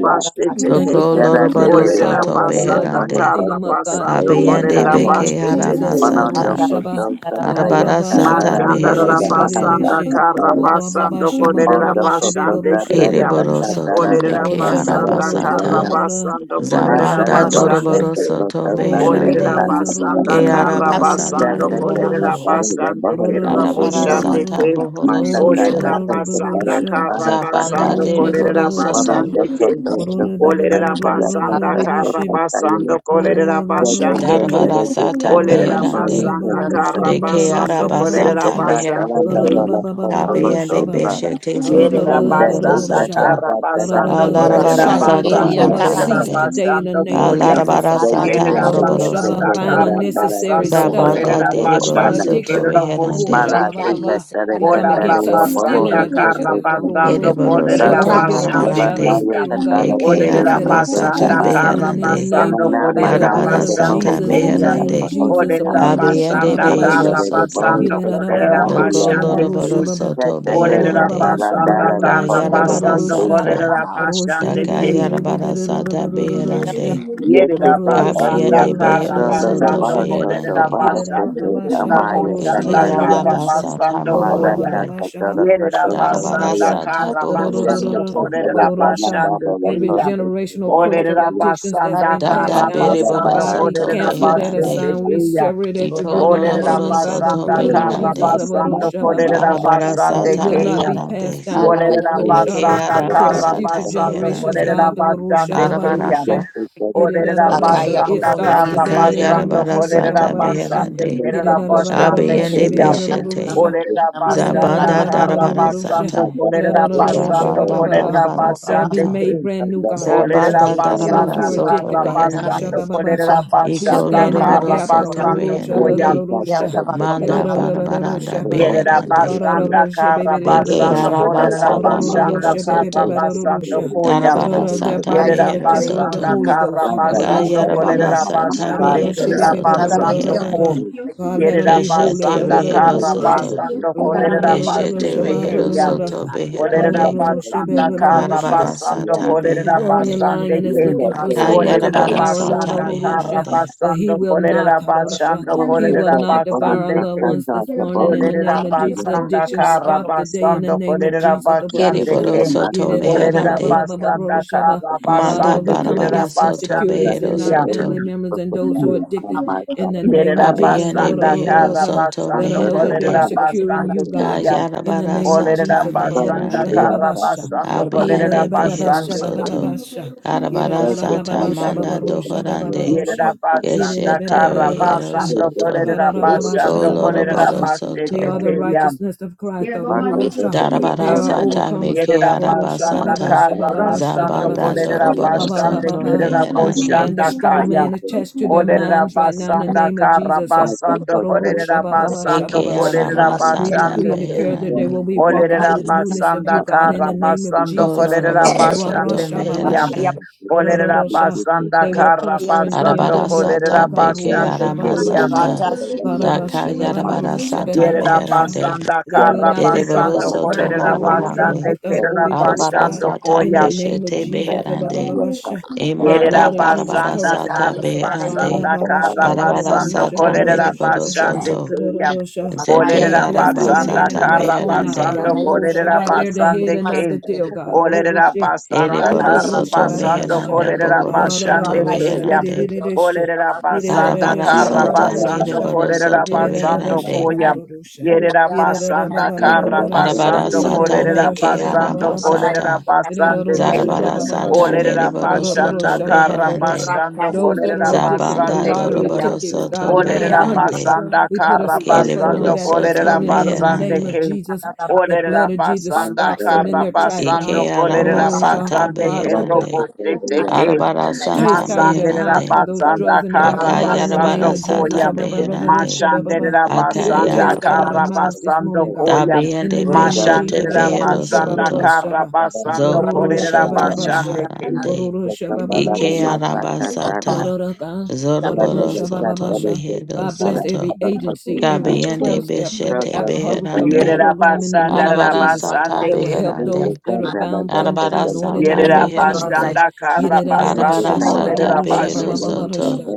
S1: we
S4: basete
S1: thank
S4: teya.
S1: you
S6: Doko
S1: for the
S7: de
S6: loroboro
S1: cleansing
S7: lady
S4: Olerera
S7: cut
S1: power
S6: soto
S1: of the
S7: the
S1: blood
S4: basanda
S1: that will
S6: beherande.
S1: clean
S7: bohosa,
S4: kara
S1: them up, God,
S4: basando
S1: in the
S6: Abiende
S4: kolerera
S1: name
S7: the
S6: beke
S1: of
S4: basete
S6: yara
S1: Jesus.
S4: teya.
S7: Mana
S1: Abaroro
S6: masata.
S1: shaba,
S7: dokoto sakaya
S1: waroro
S6: Arabara
S1: ba shaba
S6: sata
S7: tatara
S1: roro
S6: mehero
S4: Masandara
S7: tarara
S1: shebe
S7: baha
S1: berere
S6: soto.
S4: basanda
S1: she,
S4: kara
S7: sakaya.
S1: waro ba ba
S4: basando
S3: you.
S1: shama
S7: Mo
S4: kolerera
S1: baroro shebe
S7: dokoto
S1: baro
S4: basande
S7: tata
S1: shebe
S4: kriya.
S1: babaro
S6: Ereboro
S1: sha,
S6: soto
S7: sakatara
S4: Olerera
S1: waro
S6: meke yara
S1: shaba
S7: tatara
S4: basanda
S1: roro
S3: Thank
S1: shaba
S4: kara
S7: sakaya.
S6: basata.
S1: roro,
S4: basando
S1: waro
S6: Zabanda
S7: Atara
S1: shaba
S4: basande
S7: boso
S1: rosha,
S6: doroboro
S4: kriya.
S7: dokoto
S6: soto
S1: Orosha
S7: sakaya
S4: Olerera
S6: beherande.
S1: babarosha
S4: basanda
S1: rorosha
S7: sakaya.
S6: Ke yara
S4: kara
S6: basata
S4: basando
S7: Tata tata
S4: kolerera
S6: meherando.
S1: rororororororororosha
S7: tarara
S4: basande
S7: baha
S4: kriya
S1: orororosha
S6: Arabara
S7: sakaya.
S4: boshande
S1: rororororo
S6: sata
S4: kriya.
S6: bohoro
S7: Mata
S1: rorosha
S7: tata
S6: soto.
S7: tata
S4: basanda
S7: tarara
S1: barororororosha
S4: kara
S7: baha
S6: Zabanda
S7: sakaya.
S4: basando kolerera
S6: deriboro
S7: Mana
S1: orororororororosha
S6: soto.
S4: basande kriya.
S7: dokoto sakata
S4: Olerera
S7: tarara
S4: basanda
S7: sakaya.
S4: kara
S1: ororororororororosha
S7: Tata
S4: basando kolerera basande
S7: tata
S4: kriya.
S1: that
S7: tarara
S6: Darabarasata
S7: tatara
S4: Olerera
S6: beherande.
S7: baha
S4: basanda kara
S7: sakaya.
S6: De
S4: basando kolerera
S7: Rete
S6: kearabasata
S7: tata la
S4: basando
S7: la
S6: meherande.
S7: la
S4: kin.
S7: la la la la
S6: Kabeyende
S7: la la.
S6: beshete soto
S4: Yerera
S7: Sende
S6: yoroboro
S4: basanda
S7: esa
S6: soto.
S4: kara
S7: tata tata la
S4: basando
S7: la la la la
S4: kolerera
S2: Rata
S1: shopping
S7: la
S6: Balarabarasata
S7: ba
S4: basando
S1: addiction
S2: Shiria
S1: must
S7: asa
S4: kerera
S7: sa.
S2: Tabaki
S1: cease
S6: marabarande.
S1: today in the
S4: basando
S1: name of
S4: koya.
S1: Jesus.
S7: Sende
S6: Balarabarasata
S7: te
S2: Arata
S4: Yerera
S7: te te
S6: moroboro
S1: Orosha
S7: te
S1: ba
S4: basanda
S7: te te
S1: bind
S6: soto.
S7: la
S4: kara
S7: la la te
S1: unnecessary
S4: basando
S7: te te
S1: stuff,
S2: Shiria
S1: God.
S6: Zabanda
S4: kolerera
S7: oso
S1: It's
S7: ba
S1: an
S6: deriboro
S7: na.
S4: basando
S6: soto
S1: addiction,
S4: kerera
S1: God.
S6: reherande.
S1: Orosha
S4: boshete
S7: Mala
S1: ba ba
S7: te
S2: Rada
S4: kin.
S1: ba
S7: ka
S1: ba.
S2: is
S7: te re
S1: We
S4: Ola
S7: ka
S1: come
S7: te re
S4: rabasanda
S1: against a
S7: o bo
S2: Kalabatian
S7: ho
S1: stealing
S7: re se
S1: addiction.
S4: kara
S7: se
S1: There's lo-
S7: te.
S4: basando
S6: Ereboro
S1: For
S4: kolere la
S1: those
S7: Rata
S6: soto
S1: who get
S7: po
S1: a
S2: Ratsa
S7: te
S1: rush
S4: basande
S7: la
S1: out of
S7: na
S6: marabarande.
S7: yo
S4: keya.
S7: ka
S1: stealing,
S7: ta
S1: God,
S7: la
S1: we
S7: te
S1: come
S6: Eke
S4: Olere
S7: po
S1: against
S4: la
S1: that
S7: se se ta
S1: addiction
S6: aramasata
S7: ba.
S1: this
S4: kara
S1: morning in the
S6: beherande.
S1: name
S7: Yana
S4: basando
S7: na ma
S1: by
S4: kolere
S1: the
S4: la
S7: na te
S1: blood
S7: de
S1: of
S7: bo
S2: Ariana
S7: ho
S4: basande
S6: Arabarasata
S7: ko
S1: Jesus, in
S7: se
S1: the
S4: keya.
S7: ta
S1: name of
S7: ba
S6: meherande.
S7: o se
S1: Jesus.
S4: Olere
S7: ta.
S4: la
S1: Ababarosha,
S6: Abiende
S7: Ana le
S6: Behero
S4: kara
S1: bababasha.
S7: re de bo ho
S6: Soto,
S4: basando
S7: se
S1: Yidada,
S7: se
S4: kolere
S7: ta
S4: la
S7: de ya
S1: babarosha,
S6: Doko
S7: ba.
S4: basande
S1: babarosha,
S6: Loroboro
S4: keya.
S1: baba.
S7: that
S6: Soto
S7: that day
S4: Olere
S1: Korora,
S4: la
S7: that
S6: Beherande,
S7: that
S1: babasha,
S7: and that and the
S4: kara
S1: babarosha,
S7: photo the
S6: Kayarabara
S4: basando
S7: photo
S1: babarosha.
S7: so
S3: you.
S4: kolere
S6: Sata,
S4: la
S1: Orosha,
S4: keya.
S1: beberere,
S6: Dakayarabara
S1: beberere,
S6: Sata
S1: babarosha.
S6: Beherande,
S7: yes they
S4: Yerida
S7: say
S1: Ororosha,
S7: earlier
S4: basanda
S6: Kabiende
S4: kara
S1: barorosha,
S7: custo
S6: Behero
S7: the the
S6: Soto
S4: Yerabasanda
S1: barorosha,
S7: bahas
S1: be.
S7: photo
S6: Beherande,
S7: bahas
S1: Yidada,
S7: they say
S4: Karabasando Korabasando
S1: bababasha,
S7: amaya
S1: babarosha,
S4: Kerabosanda
S6: Eke
S7: kataria
S1: bebererosha.
S6: Arabasata
S4: Karabasando
S7: mada
S1: Korora,
S4: Koya.
S6: Mohorande,
S7: kata
S1: bababasha,
S7: the
S1: babarosha,
S7: that
S6: Darabara
S7: sataya
S4: Yerabasanda
S1: babarosha.
S6: Sata Bohoro
S7: yet the
S4: Karabasando
S1: Rororororo,
S6: Soto,
S7: photo the
S4: Korabasando
S7: dana
S1: kororosha.
S7: dana the
S1: Every
S4: basanda
S7: photo
S1: generational
S7: the
S1: curse of
S7: kataria
S1: addictions that's
S4: Olerabasanda
S1: been passed
S6: Danda
S7: mada
S1: down,
S7: the
S6: Beriboro
S4: Karabasando
S1: God,
S7: bahas
S1: we
S7: the
S6: Soto
S1: cancel
S7: bahas
S1: that
S4: Korabasando
S6: Beherande,
S1: assign. We
S4: Kaya.
S1: sever it at the
S6: Iko
S1: root in the
S7: the bahas the
S1: name
S6: Loroboro
S1: and by the
S6: Soto
S4: Olerabasanda
S1: blood of Jesus.
S6: Beherande,
S7: masa
S4: Karabasando
S7: masa masa
S1: Abaroshabababasha.
S6: Arabara
S1: It
S4: Korabasando
S6: Sata
S1: will
S7: masa
S1: not
S4: Kaya.
S1: be passed
S6: Beherande,
S7: yes
S1: down
S7: they
S1: Lord,
S2: Arama
S7: say they
S6: Eke
S7: say
S1: Oroshaba,
S4: Olerabasanda
S7: the
S1: to our
S7: photo
S1: future
S6: Arabasata
S7: the
S4: Karabasando
S1: generations,
S6: Meherande,
S1: God.
S7: photo
S4: Korabasando
S6: Arabara
S4: Kaya.
S1: Oroshababaroshe.
S4: Olerera
S2: Akaya
S1: Yididadabasha. It
S4: basanda
S2: Bakona
S1: stops
S4: karra
S2: is
S1: today in the name
S4: basando
S1: of
S6: Arabarasata,
S1: Jesus.
S4: kolerera
S6: sata
S1: Ababaroshe.
S4: basande
S6: Meherande,
S4: kerera basande
S1: Yididadabababashe,
S6: abiende
S4: keyam.
S6: Beshete,
S1: bebedororosha.
S4: Olerera basanda
S6: Zabanda
S4: karra
S6: Darabara
S1: Yididadababadororosha.
S4: basando
S6: sata
S4: kolerera
S1: Yididadadadosha,
S4: basando
S6: Zabanda
S4: kolerera
S6: Darabara
S1: They'll be
S4: basande
S6: sata
S1: made
S4: keyam.
S1: brand new, God, oh,
S4: Olerera
S1: Rusha.
S6: Zabanda
S1: Those
S6: Darabara
S4: basanda
S1: who are
S6: soto
S1: addicted,
S4: karra
S1: God,
S2: Yana
S1: oh, Rusha,
S4: basando
S6: Reherande,
S1: ba, ba, ba,
S7: Thank
S4: kolerera
S1: sha.
S2: Rata
S1: we
S6: Iko
S4: basata
S2: Shiria
S1: stand in the
S2: Mamos
S4: karra
S6: Loroboro
S1: gap, oh,
S2: Kura
S6: Soto
S4: basando
S1: Rusha, ba, da,
S4: koyam.
S1: da,
S6: Reherande,
S2: Ikia
S1: Rusha. Get
S2: Tabakona
S6: Manda
S1: out of da,
S2: Masirion
S6: Barabaranda
S1: Rusha, ba, ba.
S4: Yerera
S1: Ba,
S6: Beherande,
S1: da,
S4: basanda
S1: Rusha,
S4: karra
S1: baby, da, da, da,
S6: Beke
S2: Ikia
S4: basando
S1: Rusha.
S6: Araba
S2: Makana
S4: kolerera
S1: Ba, da,
S6: sata
S1: da, da,
S2: Nanda
S4: basanda
S6: Mehero
S1: Rusha, baby,
S4: karra
S1: ba,
S6: Soto,
S1: ba, da, da,
S4: basando
S1: Rusha.
S4: koyam.
S1: Da, da,
S6: Darabara
S1: da, Their
S6: sata
S1: bodies
S2: is
S4: Yerera
S1: are the
S2: the
S6: Mehero
S1: temple
S2: Canadian
S1: of the
S4: basanda
S2: of
S6: Soto,
S1: Holy
S2: Kuna
S4: kara
S1: Ghost. Ba, ba, ba,
S2: Masiri of
S4: basando
S1: Rusha, ba, ba,
S6: Kayarabara
S1: ba.
S4: kolerera
S6: sata
S1: Ah, da,
S4: basande
S2: Rara
S1: Rusha,
S6: Mehero
S2: is
S4: kerera
S2: the
S1: baby, ba, da,
S6: Soto
S2: Canada
S1: da, da,
S4: basando
S1: da,
S2: Bakion
S1: da, da.
S4: ko.
S6: Beherande,
S7: you.
S1: God, let them
S4: Yerera
S1: be holy.
S6: Keshete
S1: La,
S4: basanda
S1: la, la, la, la,
S6: rehero
S4: kara
S7: Thank
S2: Rara
S1: Rusha.
S2: is
S6: soto.
S4: basando
S2: the
S1: Ro- ro- ro-
S2: Canada
S4: kolerera
S1: ro- ro-
S2: Bakion
S1: ro-
S2: Rara
S1: ro-
S6: Keshete
S4: basete
S1: shaba- ra-
S6: rehero
S1: ra-
S2: is the
S1: ra- ra-
S6: soto
S4: Olerera
S6: beherande.
S4: basanda kara
S6: Arabara
S4: basando
S6: sata
S1: the
S4: kolerera
S1: roaring
S6: beherande.
S4: basande
S1: lion is
S4: kem.
S1: looking for
S2: Canada
S1: someone to
S4: Olerera
S2: Bakion
S6: Akayarabara
S1: devour, Lord
S6: sata
S4: basanda kara
S1: Orusha,
S6: meherande.
S1: but he
S4: basando
S1: will not,
S4: kolerera
S1: Orusha.
S4: basando
S2: Rata
S3: Thank
S1: He
S3: you.
S1: will
S4: kolerera
S2: Shiria
S1: not devour our
S4: basande
S1: loved
S4: kem.
S1: ones this
S3: Thank
S1: morning in the
S4: Olerera
S1: name of
S2: Ara
S1: Jesus.
S4: basanda
S1: Addiction
S2: Masirion
S4: kara
S2: of
S1: stop today in the
S4: basando
S1: name of
S4: kolerera
S1: Jesus,
S4: basande
S1: Orusha.
S6: Keriboro
S4: kem.
S6: soto
S4: Olerera
S6: meherande.
S2: Kuna
S4: basanda kara
S1: Father,
S6: Manda
S4: basande
S1: we come
S4: kolerera
S6: barabara
S1: against
S6: soto
S4: basande
S1: insecurities
S6: behero
S1: in our
S4: kem.
S1: family
S6: soto.
S1: members and those who are addicted in
S2: Masirion
S1: the name of
S4: Yerera
S1: Jesus, oh,
S6: Abiyande
S1: Lord
S4: basanda
S6: behero
S4: kara
S1: Orusha.
S6: soto
S1: Let
S4: basando
S1: them know that they are
S4: kolerera
S6: meherande.
S1: secure in
S2: Baba
S4: basande
S1: you, God,
S4: kem.
S1: in the
S6: Kayarabara
S1: name of
S4: Olerera
S6: sata
S1: Jesus,
S4: basanda
S6: meherande.
S4: kara
S1: Orusha.
S4: basando kolerera
S6: Abiyande behero
S4: basande
S7: you.
S4: ken.
S6: soto.
S1: Yididabababashabababasha.
S6: Arabara
S7: Thank you,
S6: sata
S7: Father, that I
S6: manda
S7: give them to you, that
S6: dohorande.
S1: Yididadabababashababaroshababarosha.
S4: Yerera
S7: almost something.
S4: basanda
S6: Keshete
S4: kara
S6: Rehero
S1: Yididababababasha.
S7: Take
S4: basando
S7: the
S6: Soto.
S7: peace
S4: kolerera
S7: to open
S6: Go
S4: basando
S7: that that
S4: kolerera
S6: Lorobaro
S1: Dadadababashababarosha.
S7: that that that
S1: They
S4: basete
S1: are
S6: Soto.
S7: that
S1: the
S7: that
S4: kelyam.
S1: righteousness of Christ.
S7: also the
S1: Arororosha.
S7: bonus
S1: They
S6: Darabara
S7: to
S1: are
S7: success.
S6: Sata
S1: overcomers,
S6: Meke
S1: God.
S4: Yerera basanda
S7: Also,
S6: Arabasata.
S7: that
S4: kara
S7: the that that
S4: basando
S7: that
S6: Zabanda
S7: the
S1: Oroshabababashabababashabababasha.
S7: that
S4: kolerera
S6: Dorobaro
S4: basande
S6: Soto
S1: Bababababa.
S4: kerera
S1: We
S7: that also that that that that
S6: Meherande.
S1: bind the
S4: boşanda
S1: strong
S4: kayam.
S1: man attached to their
S7: that that
S4: Olerera
S1: minds right now
S7: that that
S1: in the
S4: basanda
S1: name of
S4: kara
S1: Jesus. Uh,
S7: that
S4: basando
S7: also that that
S4: kolerera basando
S6: Eke
S1: Baroroshabababashababashi.
S7: that
S4: kolerera
S1: We
S6: Aramasata
S1: decree
S4: basande
S1: and
S4: kem.
S1: declare that they
S6: Meherande.
S1: will
S7: that that that that
S1: be
S7: Yes, it's a
S1: walking
S7: matter
S4: Olerera
S1: in the
S7: of
S1: newness of
S4: basanda
S1: you,
S7: about
S1: God, in
S4: kara
S1: the
S7: performing
S1: name
S7: the
S1: of
S7: leader.
S4: basando
S6: Go
S1: Jesus.
S4: kolerera
S6: Lorobaro
S7: yes,
S4: basande
S6: Soto
S7: it's a
S4: kiyam.
S6: Meherande.
S7: matter
S4: Olerera
S7: of
S4: basanda
S1: They will
S4: kara
S1: prosper and be
S7: appreciation.
S1: in
S4: basando
S1: good
S6: Arabara
S1: health,
S4: kolerera
S6: Sata
S1: Lord God.
S6: Beke
S7: Thank
S4: basande kiyam.
S6: Aramasata. Daka Yarabara Sata
S4: Yerera
S6: Meherande.
S4: basanda
S1: They will
S4: kara
S1: not be drunk
S6: Deriboro
S4: basando
S1: with
S6: Soto
S1: wine, but
S4: kolerera
S1: they will be drunk
S4: basande
S6: Marabarande.
S1: with the
S4: kerera
S1: Holy Ghost,
S6: Arabara
S1: God,
S4: basando
S6: Sata
S1: in the
S4: koyam.
S1: name of
S6: Beshete
S1: Jesus.
S6: Beherande.
S1: The
S6: Imanda
S4: Yerera
S1: blood of Jesus
S6: barabara
S4: basanda
S1: covers them,
S6: sata
S4: kara
S1: God.
S6: beherande.
S4: basanda
S1: Ba-ra-ba-ba-sha,
S4: kara
S6: Arabara
S4: basando
S1: ba-ba-ra-ra-ra-sha,
S6: sata
S4: kolerera
S1: ba-ba-ra-ra-sha,
S6: meriboro
S4: basande
S6: soto.
S4: keya.
S1: they
S2: Makaya
S6: Zete
S1: are
S4: Olerera
S1: blessed
S2: bakula,
S6: araba
S1: coming in
S4: basanda
S1: and
S6: sata
S1: blessed
S4: kara
S1: going out,
S6: meherande.
S1: God.
S4: basando
S2: yana
S1: Oro
S4: kolerera
S2: isekala
S1: Shabbat, they're
S2: yana
S1: the head
S2: kuna
S4: basande
S1: and not
S4: ke.
S1: the
S2: masekele
S1: tail, God. Oro
S4: Olerera
S1: She.
S4: basanda
S2: Rata
S6: Eriboro
S1: Iro
S4: kara
S6: soto
S4: basando
S1: Shababasha.
S6: meherande.
S4: kolerera
S6: Bohoro soto
S4: basande
S1: Arababasha.
S4: keya.
S6: meherande.
S1: Bedidididisha.
S4: Olerera basanda
S6: Arabara
S1: Yididididisha.
S4: kara
S6: sata
S4: basando
S1: Babababasha.
S6: meriboro
S4: kolerera
S6: soto
S4: basando
S1: Yididididisha.
S6: meherande.
S4: koya.
S1: Babarusha.
S4: Yerera basanda kara
S1: Yididididababababara.
S6: Arabara
S4: basando
S6: sata
S4: kolerera
S1: Yidididididisha.
S6: meke
S4: basando
S7: you.
S6: araba
S1: Babababasha.
S4: kolerera
S6: sata.
S4: basande ke.
S7: one
S1: Yidididididisha.
S7: that
S6: Zarabara
S7: I said
S6: sata
S1: Babababasha.
S7: that I
S4: Olerera
S7: didn't
S6: meriboro
S7: say
S4: basanda
S7: to
S6: soto
S1: Karororosha.
S4: kara
S1: Babarosha.
S6: meherande.
S4: basando
S7: God.
S1: Those that
S7: what
S1: are
S4: kolerera
S7: they can
S1: addicted
S7: do,
S1: to
S6: Zabanda
S4: basande
S7: other
S1: lottery
S7: than
S4: keya.
S6: doroboro
S1: tickets,
S7: suffering to
S6: soto
S1: God, buying
S4: Olerera
S1: hundreds, God.
S6: meherande.
S7: experience.
S4: basanda
S1: We put a
S4: kara
S1: stop
S7: First, I
S1: button on
S7: will
S6: Keriboro
S4: basando
S1: that
S7: Thank
S1: this
S7: them
S6: soto
S4: kolerera
S7: for
S1: morning
S7: the
S1: in the
S4: basande
S1: name
S7: system.
S1: of
S6: meherande.
S4: keya.
S1: Jesus. The
S4: Olerera
S1: blood of Jesus
S7: Find
S4: basanda
S1: stops
S7: together
S1: them in
S7: the
S4: kara
S1: their
S7: test
S1: track.
S7: and after
S1: ah,
S4: basando
S6: Ike
S7: the test.
S6: arama
S4: kolerera
S1: Oroja.
S6: sata
S4: basande
S1: God,
S7: But I
S1: put
S4: kero
S7: just
S1: the
S7: said
S6: beherande.
S4: bote
S7: that you. are
S4: teke.
S7: saying,
S6: Arabara sata
S1: taste out of their
S4: Masanderera
S1: mouths
S7: I'm
S6: meherande.
S1: for
S7: not
S1: those
S7: glad
S1: drugs
S4: basanda
S1: and
S7: after
S1: that
S7: the
S4: kara
S2: Rata
S7: test,
S1: alcohol
S7: they
S1: in the
S7: said
S1: name
S4: basando
S6: Akayarabara
S7: that
S1: of
S7: one
S1: Jesus.
S4: koya.
S6: sata
S1: Ah,
S7: thing
S1: ba, ba,
S3: you.
S1: ba, da,
S7: is
S1: da, sha,
S6: beherande.
S1: ba, ba, ba.
S4: Mashanderera
S7: only the
S1: Take the
S7: trailer
S4: basanda
S1: taste
S7: is
S1: out
S7: such
S1: of their
S6: Akayarabara
S4: kara
S7: a
S1: mouths
S6: sata
S7: person
S1: this
S7: to
S4: basando
S1: morning,
S7: test
S1: God.
S7: and
S4: koya.
S1: In the
S6: beherande
S1: name of
S7: German is
S6: beshete
S1: Jesus.
S7: a
S1: Ah, ba,
S4: Mashandera
S7: fact
S1: ro,
S7: that
S6: behero
S1: sha,
S7: they
S1: ba,
S7: said
S4: basanda
S1: ba, ba,
S7: that
S6: soto.
S1: sha,
S4: kara
S1: ba.
S7: I don't need
S1: Ro,
S4: basando
S1: ro,
S7: to
S1: ro,
S6: Zobo
S1: ro,
S7: test that
S4: korera
S1: sha, ba,
S6: shoto
S1: ba,
S7: I am.
S1: ba, sha.
S4: basande ke.
S3: Thank
S1: Ro,
S7: It's
S1: ro,
S3: you,
S6: naharande.
S1: ro,
S7: a
S1: sha,
S7: fact
S1: ba,
S3: Jesus.
S1: ba,
S7: that
S1: ro,
S7: I
S1: ro,
S6: Ike
S7: don't
S1: sha.
S7: master
S6: araba
S7: that
S6: sata.
S1: Kwaroraka,
S7: Thank
S6: Zoroboro
S1: kwarorosha,
S6: soto
S1: bababasha.
S6: mehero
S1: God bless
S6: soto.
S1: every agency, every
S6: Kabiyende
S1: 12 step, every
S6: beshete
S1: alcohol recovery
S6: beherande.
S4: Yerera
S1: program in the
S4: basanda
S1: name of
S4: rara
S6: Arabara
S1: Jesus
S6: sata
S4: basande
S1: that will
S4: ke.
S1: help
S6: beherande.
S1: those that are bound come free,
S6: Arabara
S1: Lord, in the
S6: sata
S1: name
S4: Yerera
S1: of Jesus.
S6: beherande.
S4: basanda kara basando
S6: Arabara
S1: Yirerarabasha,
S6: sata
S4: korera
S1: babarorosha,
S6: behero
S4: bashe.
S6: soto.
S1: bababarosha.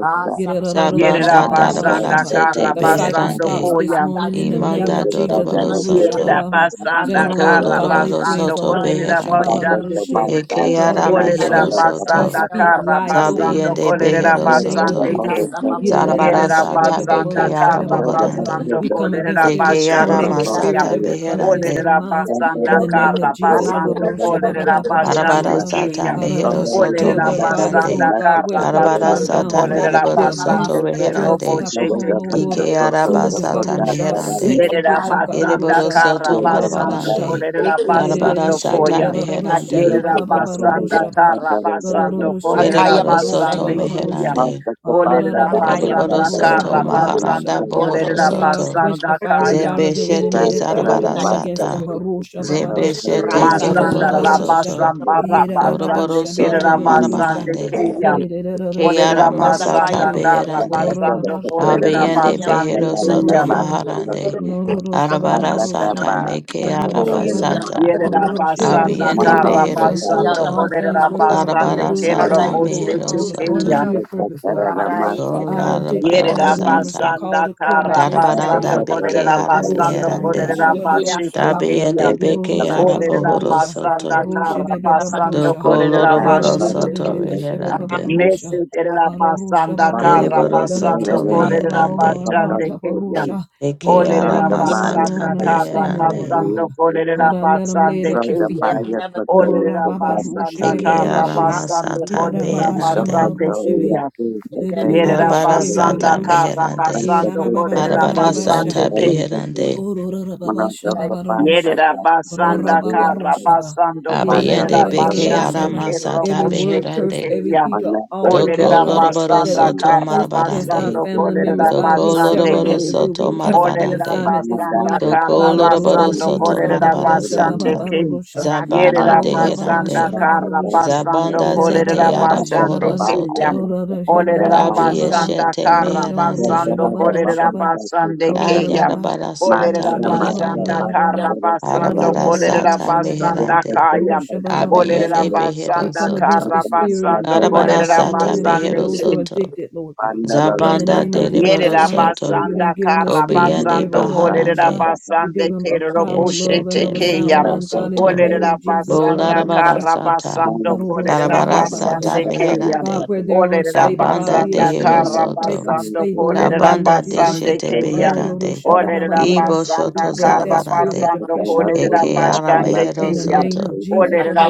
S4: Yerera
S1: Yirerarorosha,
S6: Zabanda darabara
S1: bababasha,
S4: basanda
S6: sete
S4: kara
S1: The cycle
S4: basando
S1: stops
S6: beherande.
S1: this
S4: koya.
S1: morning in the name
S6: Imanda
S1: of Jesus.
S6: doroboro
S1: Ororosha,
S4: Yerera
S6: soto.
S1: bababa. Send
S4: basanda
S6: Doko
S1: around
S4: kara
S1: godly
S6: loroboro
S1: friends.
S4: basando
S6: soto
S4: korera
S1: Ororosha,
S6: beherande.
S4: basande ke.
S1: babarosha.
S6: Eke ara
S4: Olerera
S6: mehero
S1: We
S6: soto.
S4: basanda
S1: speak
S4: kara
S1: life over them
S4: basando
S1: this
S6: Zabiyende
S1: morning
S4: korera
S1: in the
S6: behero
S1: name of
S4: basande
S2: Akaya
S6: soto.
S4: ke.
S1: Jesus.
S6: Zarabara
S4: Yerera
S6: sata
S7: you.
S4: basanda
S6: beke ara
S4: karra
S7: Thank
S6: bohorande.
S4: basando
S1: We come
S4: kolerera
S1: against every
S6: Deke ara
S4: basande
S1: tormenting spirit
S4: kiyam.
S6: masata
S1: that will come against
S6: beherande.
S1: their
S4: Olerera
S1: minds
S4: basanda
S1: in the name
S4: karra
S1: of Jesus.
S4: basando kolerera basande
S6: Arabara sata
S4: kiyam.
S1: God,
S6: mehero
S1: uh,
S6: soto
S1: heal
S4: Olerera
S1: their bodies,
S4: basanda
S6: meherande.
S1: Lord God, where
S4: karra
S1: it's been
S6: Arabara
S1: torn
S4: basando
S1: down
S6: sata
S1: from
S4: kolerera
S1: the
S6: mereboro
S4: basande
S6: soto
S1: abuse of drugs,
S6: reherande.
S1: alcohol,
S4: kero
S1: or
S6: Ike araba
S1: food,
S6: sata
S1: barosha,
S6: meherande.
S1: sex
S4: Yerera
S1: addiction,
S4: basanda
S6: Kereboro
S1: karorosha,
S4: kara
S6: soto
S4: basando
S1: warababasha.
S6: marabarande.
S4: kolerera
S6: Darabara
S4: basando
S6: sata
S4: koya.
S6: meherande.
S4: Yerera basanda kara basando
S1: Gorororoshe
S4: kolerera
S6: Kereboro
S2: bakunda
S1: beberorosha
S6: soto
S4: basande
S2: yesikare.
S4: keya.
S1: bababarosha.
S6: meherande.
S4: Olerera
S2: Akaya
S6: Kereboro
S4: basanda
S2: bakunda.
S1: Ararabababarosha
S6: soto
S4: kara
S1: bababasha.
S6: maharanda
S4: basando
S2: Yanda
S6: bohoro
S4: kolerera
S1: That
S7: you.
S1: uh,
S2: yesikare
S6: soto.
S2: yonda.
S1: quench the
S4: basanda
S1: fiery
S4: kaya.
S1: dart of the enemy
S6: Zebeshete
S2: Yanda
S1: that
S7: Thank
S1: tries to
S6: zarabara
S2: bakunda
S1: come against them.
S2: yesikare
S6: sata.
S2: yonda.
S1: Barosha bababasha.
S6: Zebeshete
S2: Racha she.
S4: Masanda
S6: zoroboro
S4: la
S1: Irarababasha.
S6: soto.
S2: Yanda
S4: basamba
S2: bakunda
S6: Goroboro
S4: rabasande
S1: Irarababasha
S2: yesikare.
S6: soto
S4: kerera
S1: beberorosha.
S4: basande
S6: marabarande.
S4: keya.
S1: Irararosha
S6: Keara
S4: Olerera
S2: Yanda
S1: bababarosha
S2: kaya
S6: masata
S4: basanda
S1: be.
S2: bakunda.
S4: kara
S6: beherande.
S4: basando
S1: Gororobabasha
S4: kolerera
S2: Yanda
S1: babarosha
S6: Abiyende
S2: kiyanda
S4: basande
S6: behero
S2: bakunda
S6: soto
S4: keya.
S2: yesikare
S1: ba.
S2: yonda.
S6: maharande.
S1: Ororosha baba
S6: Arabara
S2: Racha
S1: barosha,
S6: sata meke
S1: ororosha
S6: araba
S1: bara,
S6: sata.
S2: Yanamakona
S1: ororosha baby
S2: Matayamko,
S4: Yerabasanda
S1: baby
S6: Abiende Behero
S1: ororosha.
S4: Karabasando
S6: Soto.
S1: All
S2: Yukiyatamakio
S1: things work out
S2: Namakon,
S1: for the
S4: Korabasande
S6: Arabara
S1: good for
S2: Randa
S6: Sata
S1: those who are
S4: Keraboste
S6: Mehero
S1: called
S2: Yesikarion,
S1: according
S4: Chikeya.
S1: to
S6: Soto.
S1: your purpose, Lord God.
S2: Rara
S1: So
S2: Yesikar,
S1: our addicted
S6: Kolarabara
S1: family members are
S6: Sata.
S4: Yerabasanda
S1: called
S2: Ronda
S1: according to your purpose,
S4: Karabasando
S6: Darabaranda
S2: Yesikarion,
S1: Lord God.
S6: Beke
S2: Namakio,
S1: Ororosha
S4: Korabasando
S1: baba
S6: Arabeherande.
S1: barosha baba
S4: Korabashi
S1: barosha baba,
S2: Yukiyatabakunda,
S4: Chikeya.
S6: Dabiende Beke
S1: ororosha baba
S6: Arabohoro
S1: barosha,
S2: Randa
S4: Oderabasanda
S6: Soto.
S1: ororosha
S7: you.
S1: baby baba
S2: Yesikaramakio,
S4: Karabasando
S1: barosha,
S7: Thank
S6: Doko
S2: Rara
S6: Loroboro
S4: Korabashi
S6: Soto
S1: ororosha baba
S6: Reherande.
S4: Mese
S1: barosha,
S2: Yesikar,
S4: terera
S1: ororosha
S4: basanda
S1: baba baba.
S4: kara
S6: Deriboro
S1: Let them
S4: basando
S6: Soto
S1: trust in you with
S2: Rata
S4: korera
S1: all our
S6: Meherande.
S1: heart,
S4: basande
S1: O
S4: keyan.
S1: Arusha and
S6: Deke
S1: let them
S4: Olerera
S1: lean not
S2: Yesikaramakio, Rara
S1: on their
S6: Aramasata
S4: basanda
S1: own
S4: kara
S1: understanding, Lord
S6: Beherande.
S1: God.
S4: basando korera
S1: God, I let them lay it
S4: basande
S1: at your feet,
S4: keyan.
S1: God.
S2: Yesikar,
S1: Urara
S4: Olerera
S1: baba rushe
S4: basanda
S1: bebe
S6: Deke
S1: bere
S4: kara
S2: Rata
S4: basando
S2: Yesikaramakio,
S6: Aramasata
S1: Irara
S4: korera
S1: baba shama
S6: Beherande.
S4: basande
S1: rushe be.
S4: keyan. Yerera
S1: Irererere she
S6: Arabara
S1: be bere ro
S4: basanda
S6: Sata
S1: rushe.
S4: kara
S6: Meherande.
S4: basando
S1: Irara baba baba
S4: korera
S1: baba
S6: Arabara
S1: basha.
S6: Sata
S4: basande
S6: Beherande.
S1: Orora baba Orororababashababarosha.
S4: Yerera basanda kara
S1: Rarababaroshaba.
S4: basando kolerera
S6: Abiende beke
S4: basande
S1: Yererebebeberoshaba.
S4: kero
S6: aramasata
S1: Every
S4: boşte
S1: word curse,
S6: beherande.
S1: every
S4: tekeya.
S1: evil altar,
S6: Doko
S1: Lord
S4: Olerera
S1: God,
S6: loroboro
S1: that
S4: basanda
S1: is
S7: you.
S6: soto
S4: kara
S1: placed against our
S6: marabarande.
S7: Yes,
S4: basando
S1: family members,
S4: kolerera
S1: God, we
S6: Doko
S1: sever
S4: basande
S1: it
S4: ke.
S6: loroboro
S1: at the root. We
S6: soto
S1: cancel the
S4: Olerera
S6: marabarande.
S1: assignment this
S4: basanda
S1: morning
S6: Doko
S4: kara
S1: by the blood
S6: loroboro
S1: of
S4: basando
S1: Jesus.
S6: soto
S4: kolerera basande
S6: marabarasata.
S4: ke.
S1: Rababaroshababarosha.
S2: Rata
S6: Zabanda
S4: Yerera
S2: is the
S4: basanda
S6: deherande.
S4: kara
S1: Rororababashababaroshi.
S4: basando
S6: Zabanda zete
S4: kolerera
S2: Karion
S1: Yererabababashababa-
S4: basande
S6: arabohoro
S1: baba
S4: keya.
S6: soto.
S4: Olerera
S1: Rororoshabaroshababa.
S4: basanda
S6: Kabiyeshete
S4: kara
S6: meherande.
S4: basando kolerera basande keya.
S1: Rororoshababa. We
S6: Ayarabarasata
S4: Olerera
S1: come
S2: Makio.
S4: basanda
S6: beherande.
S4: kara
S2: Ratash,
S4: basando kolerera
S6: Arabarasata
S4: basanda
S6: meherande.
S4: kaya. Olerera
S6: Abiende behero
S4: basanda
S6: soto.
S1: against
S4: kara
S1: the spirit of
S4: basando
S1: fear in
S6: Arabara
S1: our
S4: kolerera
S1: family
S6: sata
S1: members
S4: basande
S1: and
S6: behero
S4: ke.
S1: those who are
S6: soto.
S1: addicted, Lord God. In the
S6: Zabanda
S1: name of Jesus,
S6: delibero
S4: Yerera
S1: God, uh,
S6: soto.
S1: you
S4: basanda
S1: didn't give him a
S4: kara
S1: spirit of
S7: Moving
S6: Kobiende
S1: fear.
S4: basando
S7: third by
S4: kolerera
S7: the
S6: baharande.
S7: top
S1: You
S7: one,
S1: gave
S4: basande
S7: the
S1: him
S7: third by
S1: a
S7: the
S4: kerero
S1: power, love, and
S4: boshete
S6: Yeshete
S1: of a sound
S4: keya.
S6: mehero
S7: back,
S1: mind,
S7: the
S1: God, in
S7: third
S1: the
S6: soto.
S1: name
S7: third,
S4: Olerera
S1: of
S7: the third
S1: Jesus.
S7: third
S4: basanda
S7: one,
S6: Bolarabara
S4: kara
S6: sata.
S7: nine
S4: basando
S7: one, the third third
S4: kolerera
S6: Arabara
S7: one, the
S6: sata
S7: third
S4: basande
S7: third one,
S4: keya.
S1: God,
S7: the
S6: meherande.
S7: third
S1: where
S7: one,
S1: they're
S4: Olerera
S1: unstable, God,
S7: the
S6: Kabanda
S1: we
S7: third
S4: basanda
S1: ask you
S7: third
S6: dehero
S1: to
S7: one,
S4: kara
S7: the third
S1: make
S6: soto.
S1: them
S7: nine, the
S4: basando
S7: third
S1: stable in
S7: third,
S1: the
S7: the
S4: kolerera
S1: name of
S6: Kabanda
S1: Jesus. uh,
S4: basande
S6: deshete
S7: third
S4: keya.
S7: third, the
S6: beherande.
S7: third off the
S4: Olerera
S7: one,
S6: Ibo
S7: the third
S1: we
S4: basanda
S6: shoto
S7: third
S1: break
S7: one,
S1: that
S4: kara
S1: spirit of
S6: zarabarande.
S7: the
S4: basando
S7: third
S1: depression
S7: not
S1: off
S7: third,
S1: of
S4: kolerera
S7: the
S1: them,
S6: Eke
S1: Lord
S7: top
S6: ara
S1: God.
S7: third up,
S4: basande
S7: the
S1: In
S6: mehero
S1: the
S7: third
S4: keya.
S7: right,
S1: name of
S6: soto.
S7: the third,
S1: Jesus,
S4: Olerera